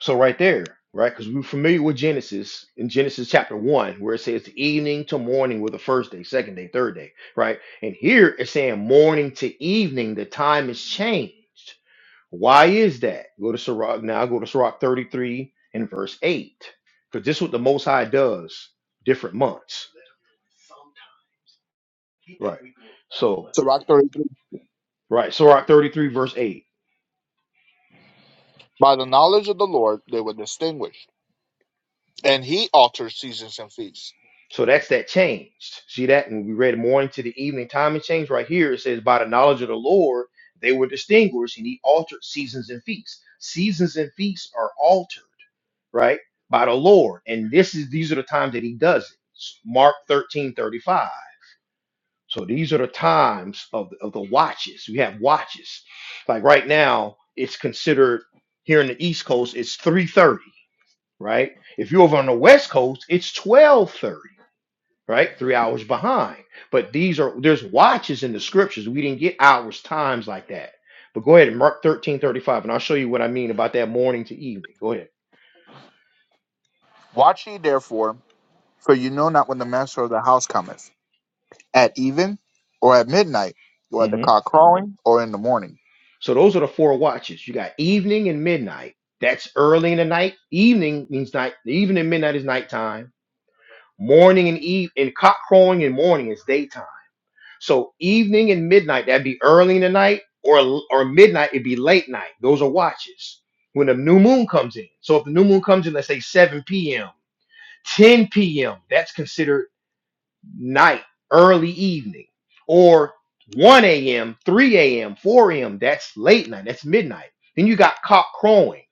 S1: So right there, right? Because we're familiar with Genesis in Genesis chapter one, where it says the evening to morning were the first day, second day, third day, right? And here it's saying morning to evening, the time is changed. Why is that? Go to Sirach now, go to Sirach 33 and verse 8. Because this is what the most high does, different months. Right. So
S2: Sirach 33.
S1: right, Sirach 33, verse 8.
S2: By the knowledge of the Lord, they were distinguished. and he alters seasons and feasts.
S1: So that's that changed. See that? And we read morning to the evening time and change right here, it says, By the knowledge of the Lord, they were distinguished, and he altered seasons and feasts. Seasons and feasts are altered, right? By the Lord. And this is these are the times that he does it. Mark 13 35. So these are the times of the, of the watches. We have watches. Like right now, it's considered here in the East Coast, it's 3:30, right? If you're over on the West Coast, it's 12:30 right? Three hours behind. But these are there's watches in the scriptures. We didn't get hours, times like that. But go ahead and Mark 13 35, and I'll show you what I mean about that morning to evening. Go ahead.
S2: Watch ye therefore, for you know not when the master of the house cometh, at even, or at midnight, or at the
S1: hmm
S2: cock crowing, or in the morning.
S1: So those are the four watches. You got evening and midnight. That's early in the night. Evening means night. Evening and midnight is nighttime. Morning and eve and cock crowing and morning is daytime. So evening and midnight, that'd be early in the night, or or midnight, it'd be late night. Those are watches when the new moon comes in. So if the new moon comes in, let's say 7 p.m., 10 p.m., that's considered night, early evening, or 1 a.m., 3 a.m., 4 a.m., that's late night, that's midnight. Then you got cock crowing.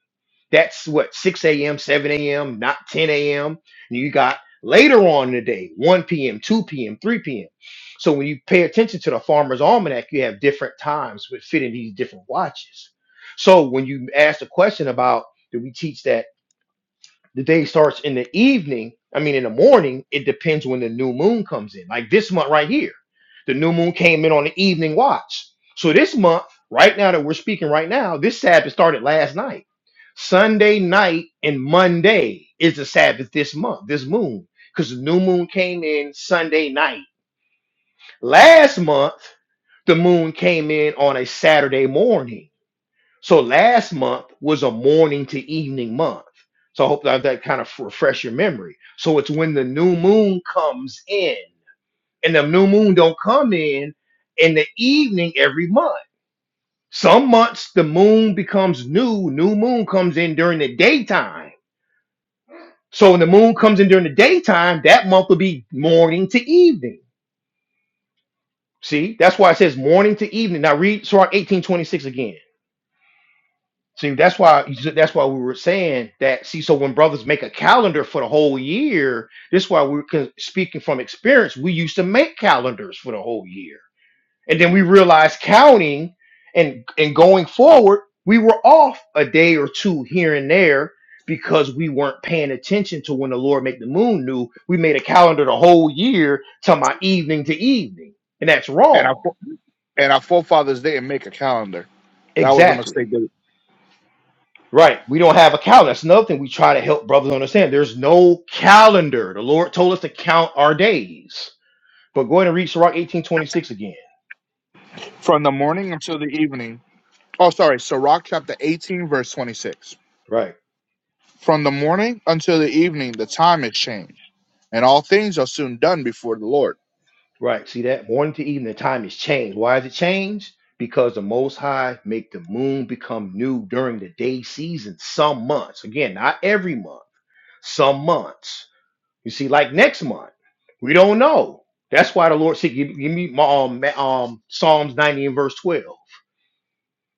S1: That's what 6 a.m., 7 a.m., not 10 a.m. And you got later on in the day, 1 p.m., 2 p.m., 3 p.m. So when you pay attention to the farmer's almanac, you have different times with fitting these different watches. So when you ask the question about do we teach that? the day starts in the evening. I mean, in the morning, it depends when the new moon comes in. Like this month right here, the new moon came in on the evening watch. So this month, right now that we're speaking right now, this Sabbath started last night. Sunday night and Monday is the Sabbath this month, this moon, because the new moon came in Sunday night. Last month, the moon came in on a Saturday morning. So last month was a morning to evening month. So I hope that that kind of refresh your memory. So it's when the new moon comes in, and the new moon don't come in in the evening every month. Some months the moon becomes new. New moon comes in during the daytime. So when the moon comes in during the daytime, that month will be morning to evening. See, that's why it says morning to evening. Now read Sirach eighteen twenty six again. See, that's why that's why we were saying that. See, so when brothers make a calendar for the whole year, this is why we're con- speaking from experience. We used to make calendars for the whole year, and then we realized counting and and going forward, we were off a day or two here and there because we weren't paying attention to when the Lord make the moon new. We made a calendar the whole year, to my evening to evening, and that's
S2: And our
S1: wrong.
S2: fo- and our forefathers didn't make a calendar. That was a
S1: Exactly.
S2: mistake. They-
S1: Right. We don't have a calendar. That's another thing we try to help brothers understand. There's no calendar. The Lord told us to count our days. But go ahead and read Sirach 1826 again.
S2: From the morning until the evening. Oh, sorry, Sirach chapter eighteen, verse twenty-six.
S1: Right.
S2: From the morning until the evening, the time is changed. and all things are soon done before the Lord.
S1: Right. See that? Morning to evening, the time is changed. Why is it changed? Because the Most High make the moon become new during the day season, some months. Again, not every month, some months. You see, like next month, we don't know. That's why the Lord, see, give, give me my, um, ma- um, Psalms 90 and verse 12.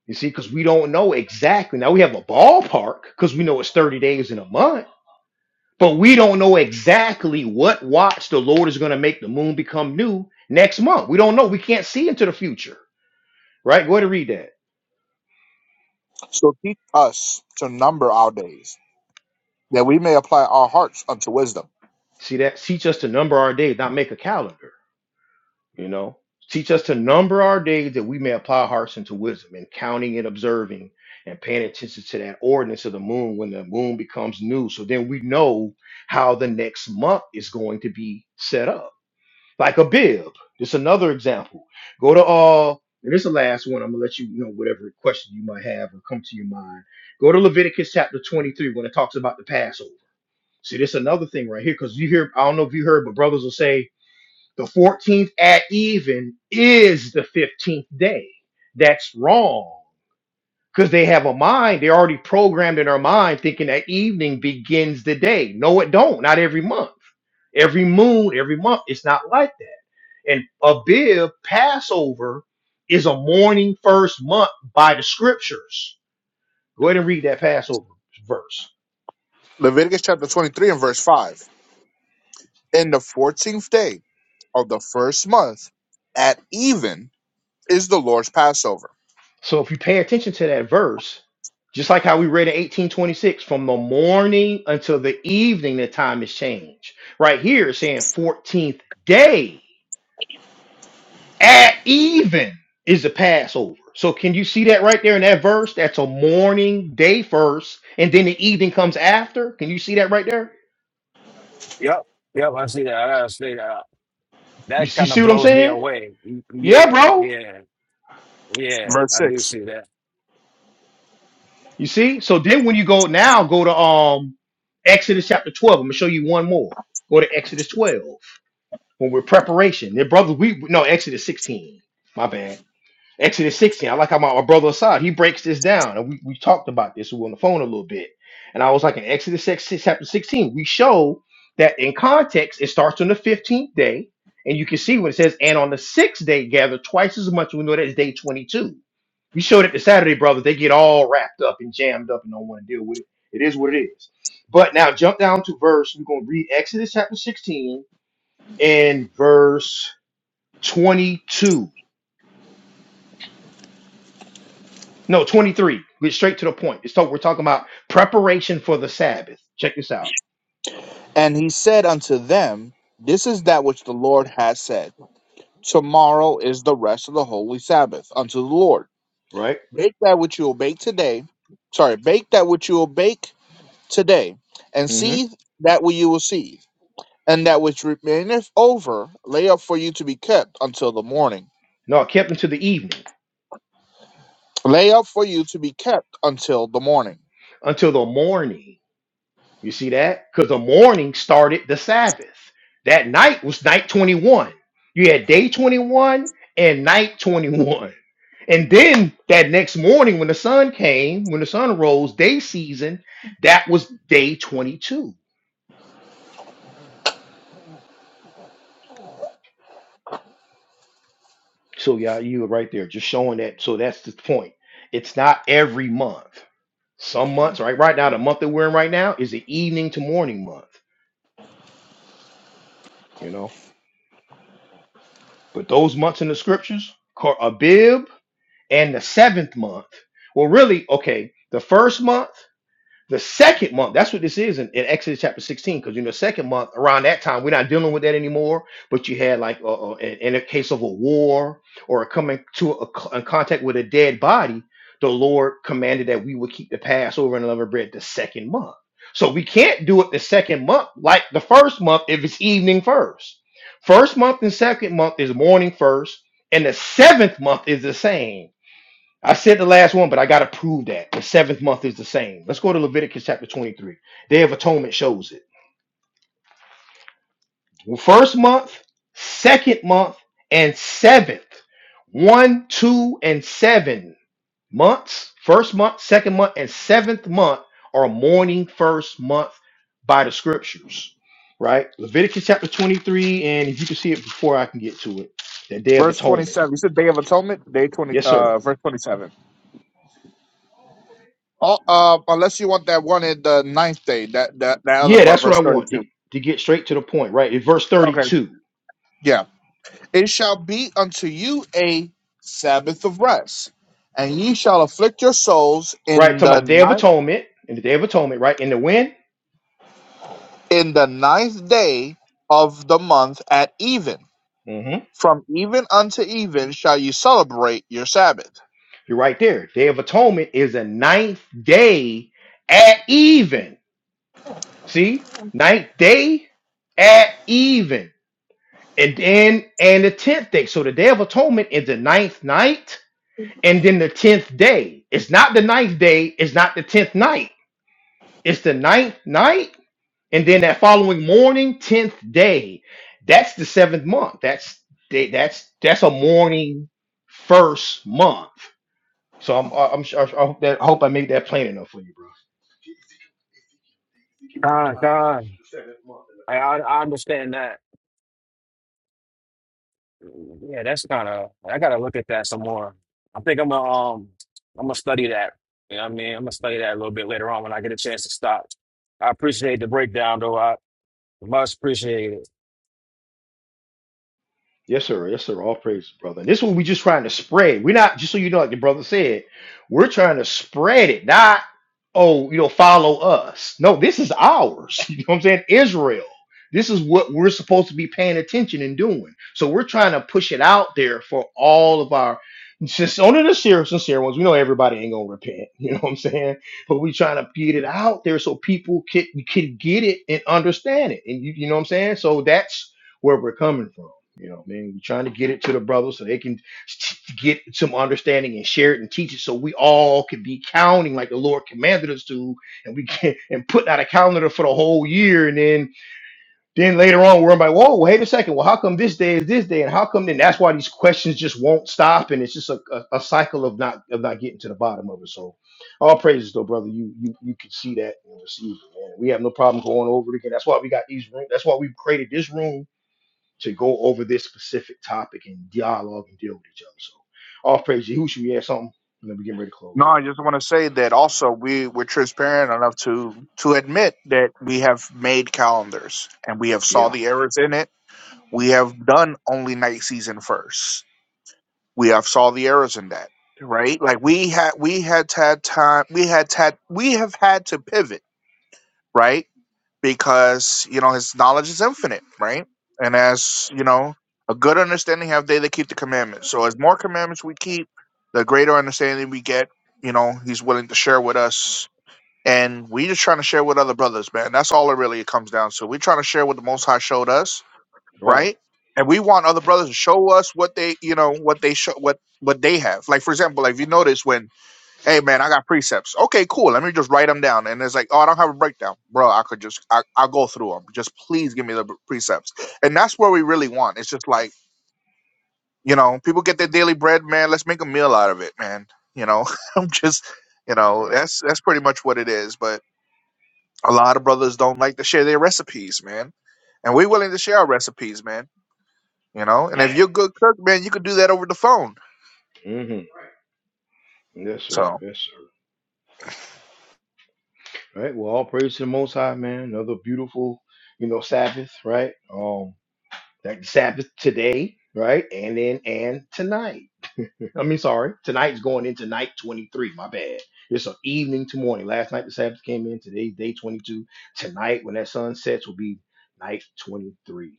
S1: You see, because we don't know exactly. Now we have a ballpark because we know it's 30 days in a month, but we don't know exactly what watch the Lord is going to make the moon become new next month. We don't know. We can't see into the future, right? Go ahead and read that.
S2: So teach us to number our days, that we may apply our hearts unto wisdom.
S1: See that? Teach us to number our days, not make a calendar, you know? Teach us to number our days that we may apply our hearts into wisdom and counting and observing and paying attention to that ordinance of the moon when the moon becomes new. So then we know how the next month is going to be set up like a bib. This is another example. Go to all, and this is the last one. I'm gonna let you you know whatever question you might have or come to your mind. Go to Leviticus chapter 23 when it talks about the Passover. See, this is another thing right here because you hear. I don't know if you heard, but brothers will say the 14th at even is the 15th day. That's wrong because they have a mind. They're already programmed in their mind thinking that evening begins the day. No, it don't. Not every month. Every moon, every month, it's not like that. And Abib, Passover, is a morning first month by the scriptures. Go ahead and read that Passover verse.
S2: Leviticus chapter 23 and verse 5. In the 14th day of the first month at even is the Lord's Passover.
S1: So if you pay attention to that verse, just like how we read in 1826, from the morning until the evening, the time is changed. Right here, it's saying 14th day At even is the Passover. So can you see that right there in that verse? That's a morning day first, and then the evening comes after. Can you see that right there?
S5: Yep. Yep. I see that. I see that.
S1: You,
S5: That
S1: see-
S5: kind
S1: see
S5: of
S1: what I'm
S5: blows me
S1: saying?
S5: away.
S1: Yeah,
S5: Yeah.
S1: bro.
S5: Yeah. Yeah.
S2: Verse
S5: I do
S2: 6.
S5: see that.
S1: You see? So then when you go now, go to um Exodus chapter 12. I'm gonna show you one more. Go to Exodus 12 when we're preparation. Yeah, brother, we no Exodus 16. My bad. Exodus 16. I like how my, my brother Assad, he breaks this down. And we, we talked about this. We were on the phone a little bit. And I was like, in Exodus 6, chapter 16, we show that in context, it starts on the 15th day. And you can see when it says, and on the sixth day, gather twice as much. We know that's day 22. We showed it the Saturday brothers. They get all wrapped up and jammed up and don't want to deal with it. It is what it is. But now jump down to verse. We're going to read Exodus chapter 16 and verse 22. No, 23. Get straight to the point. It's talk, we're talking about preparation for the Sabbath. Check this out,
S2: And he said unto them, This is that which the Lord has said. Tomorrow is the rest of the holy Sabbath unto the Lord.
S1: right?
S2: Bake that which you will bake today. Sorry, bake that which you will bake today, and
S1: hmm
S2: see that which you will see, and that which remaineth over, lay up for you to be kept until the morning.
S1: No, it kept until the evening,
S2: Lay up for you to be kept until the morning.
S1: until the morning. You see that? Because the morning started the Sabbath. That night was night 21. You had day 21 and night 21. And then that next morning, when the sun came, when the sun rose, day season, that was day 22. So, yeah, you were right there, just showing that. So, that's the point. It's not every month. Some months, right, right now, the month that we're in right now is the evening to morning month, you know. But those months in the scriptures, Kor- Abib and the seventh month, well, really, okay, the first month. The second month, that's what this is in, in Exodus chapter 16, because you know, second month around that time, we're not dealing with that anymore. But you had like uh, uh, in, in a case of a war or coming to a, co- in contact with a dead body, the Lord commanded that we would keep the Passover and unleavened bread the second month. So we can't do it the second month like the first month if it's evening first. First month and second month is morning first, and the seventh month is the same. I said the last one, but I got to prove that the seventh month is the same. Let's go to Leviticus chapter 23. Day of Atonement shows it. Well, First month, second month, and seventh. One, two, and seven months. First month, second month, and seventh month are mourning first month by the scriptures, right? Leviticus chapter 23. And if you can see it before I can get to it, the Day of
S2: Verse
S1: Atonement.
S2: twenty-seven. You said Day of Atonement, day twenty,
S1: Yes, sir.
S2: uh, verse twenty-seven. Oh, uh, unless you want that one in the ninth day, that that that other
S1: Yeah,
S2: part,
S1: that's what I
S2: verse
S1: want to,
S2: thirty-two.
S1: to get straight to the point, right? In verse
S2: Okay,
S1: 32.
S2: yeah. It shall be unto you a Sabbath of rest, and ye shall afflict your souls
S1: Right,
S2: in
S1: talking
S2: the
S1: about Day of
S2: ninth.
S1: Atonement and the Day of Atonement, right? In the wind,
S2: in the ninth day of the month at even.
S1: hmm
S2: From even unto even shall you celebrate your Sabbath.
S1: you're right there. Day of Atonement is the ninth day at even. See, ninth day at even, and then and the tenth day. So the Day of Atonement is the ninth night, and then the tenth day. It's not the ninth day. It's not the tenth night. It's the ninth night And then that following morning, 10th day, that's the seventh month. That's they- that's that's a morning first month. So I'm I'm sure I hope that I hope I made that plain enough for you,
S5: Con,
S1: bro.
S5: con. I I, I understand that. Yeah, that's kind of. I gotta look at that some more. I think I'm gonna um I'm gonna study that. You know what I mean? I'm gonna study that a little bit later on when I get a chance to stop. I appreciate the breakdown though. I much appreciate it.
S1: Yes, sir. Yes, sir. All praise, brother. And this one we just trying to spread. We're not just so you know, like the brother said, we're trying to spread it, not oh, you know, follow us. No, this is ours. You know what I'm saying? Israel. This is what we're supposed to be paying attention and doing. So we're trying to push it out there for all of our since only the sincere, sincere ones. We know everybody ain't gonna repent. You know what I'm saying? But we're trying to get it out there so people can can get it and understand it. And you, you know what I'm saying? So that's where we're coming from. You know, what I mean, we're trying to get it to the brothers so they can t- get some understanding and share it and teach it, so we all can be counting like the Lord commanded us to, and we can and put out a calendar for the whole year, and then then later on we're like, whoa, wait a second, well, how come this day is this day, and how come then? That's why these questions just won't stop, and it's just a, a, a cycle of not of not getting to the bottom of it. So, all praises though, brother, you you you can see that and receive it, man. We have no problem going over it again. That's why we got these rooms. That's why we created this room to go over this specific topic and dialogue and deal with each other. So off page Yahushua, you had something? And then we getting ready to
S2: No,
S1: close up.
S2: I just want to say that also we were transparent enough to to admit that we have made calendars and we have saw
S1: Yeah.
S2: the errors in it. We have done only night season first. We have saw the errors in that, right? Like we had we had had time. We had had we have had to pivot, right? because you know his knowledge is infinite, right? And as you know, a good understanding have they that keep the commandments. So as more commandments we keep, the greater understanding we get. You know, he's willing to share with us, and we just trying to share with other brothers, man. That's all it really comes down to. We trying to share what the Most High showed us,
S1: Right.
S2: right? And we want other brothers to show us what they, you know, what they show, what what they have. Like for example, like if you notice when Hey man, I got precepts. Okay, cool. Let me just write them down. And it's like, oh, I don't have a breakdown, bro. I could just, I, I'll go through them. Just please give me the b- precepts. And that's where we really want. It's just like, you know, people get their daily bread, man. Let's make a meal out of it, man. You know, I'm just, you know,
S1: Right.
S2: that's that's pretty much what it is. But a lot of brothers don't like to share their recipes, man. And we're willing to share our recipes, man. You know, and
S1: Yeah.
S2: if you're a good cook, man, you could do that over the phone.
S1: hmm Yes, sir.
S2: So.
S1: Yes, sir. Right. Well, all praise to the Most High, man. Another beautiful, you know, Sabbath, right? Um, that Sabbath today, right? And then and tonight. I mean, sorry, tonight's going into night 23. My bad. It's an evening to morning. Last night the Sabbath came in. Today's day 22. Tonight, when that sun sets, will be night 23.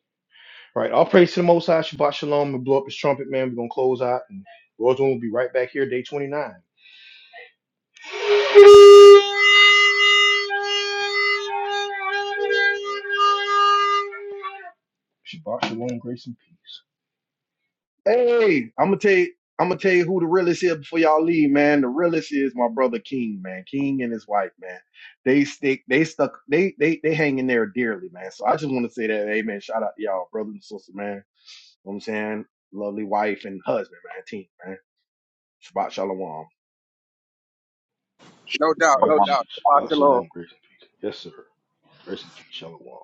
S1: All right, all praise to the Most High, Shabbat Shalom, and blow up his trumpet, man. We're gonna close out, and Lord's will be right back here, day 29. Shabbat Shalom, grace and peace.
S3: Hey, I'm gonna tell you, I'm gonna tell you who the realest is before y'all leave, man. The realest is my brother King, man. King and his wife, man. They stick, they stuck, they they they hang in there dearly, man. So I just want to say that, hey, man. Shout out to y'all, brothers and sisters, man. You know what I'm saying, lovely wife and husband, man. Team, man. Shabbat shalom.
S4: No doubt,
S1: All right,
S4: no doubt.
S1: Shabbat Shalom, grace and peace. Yes, sir. Grace and peace, Shalom.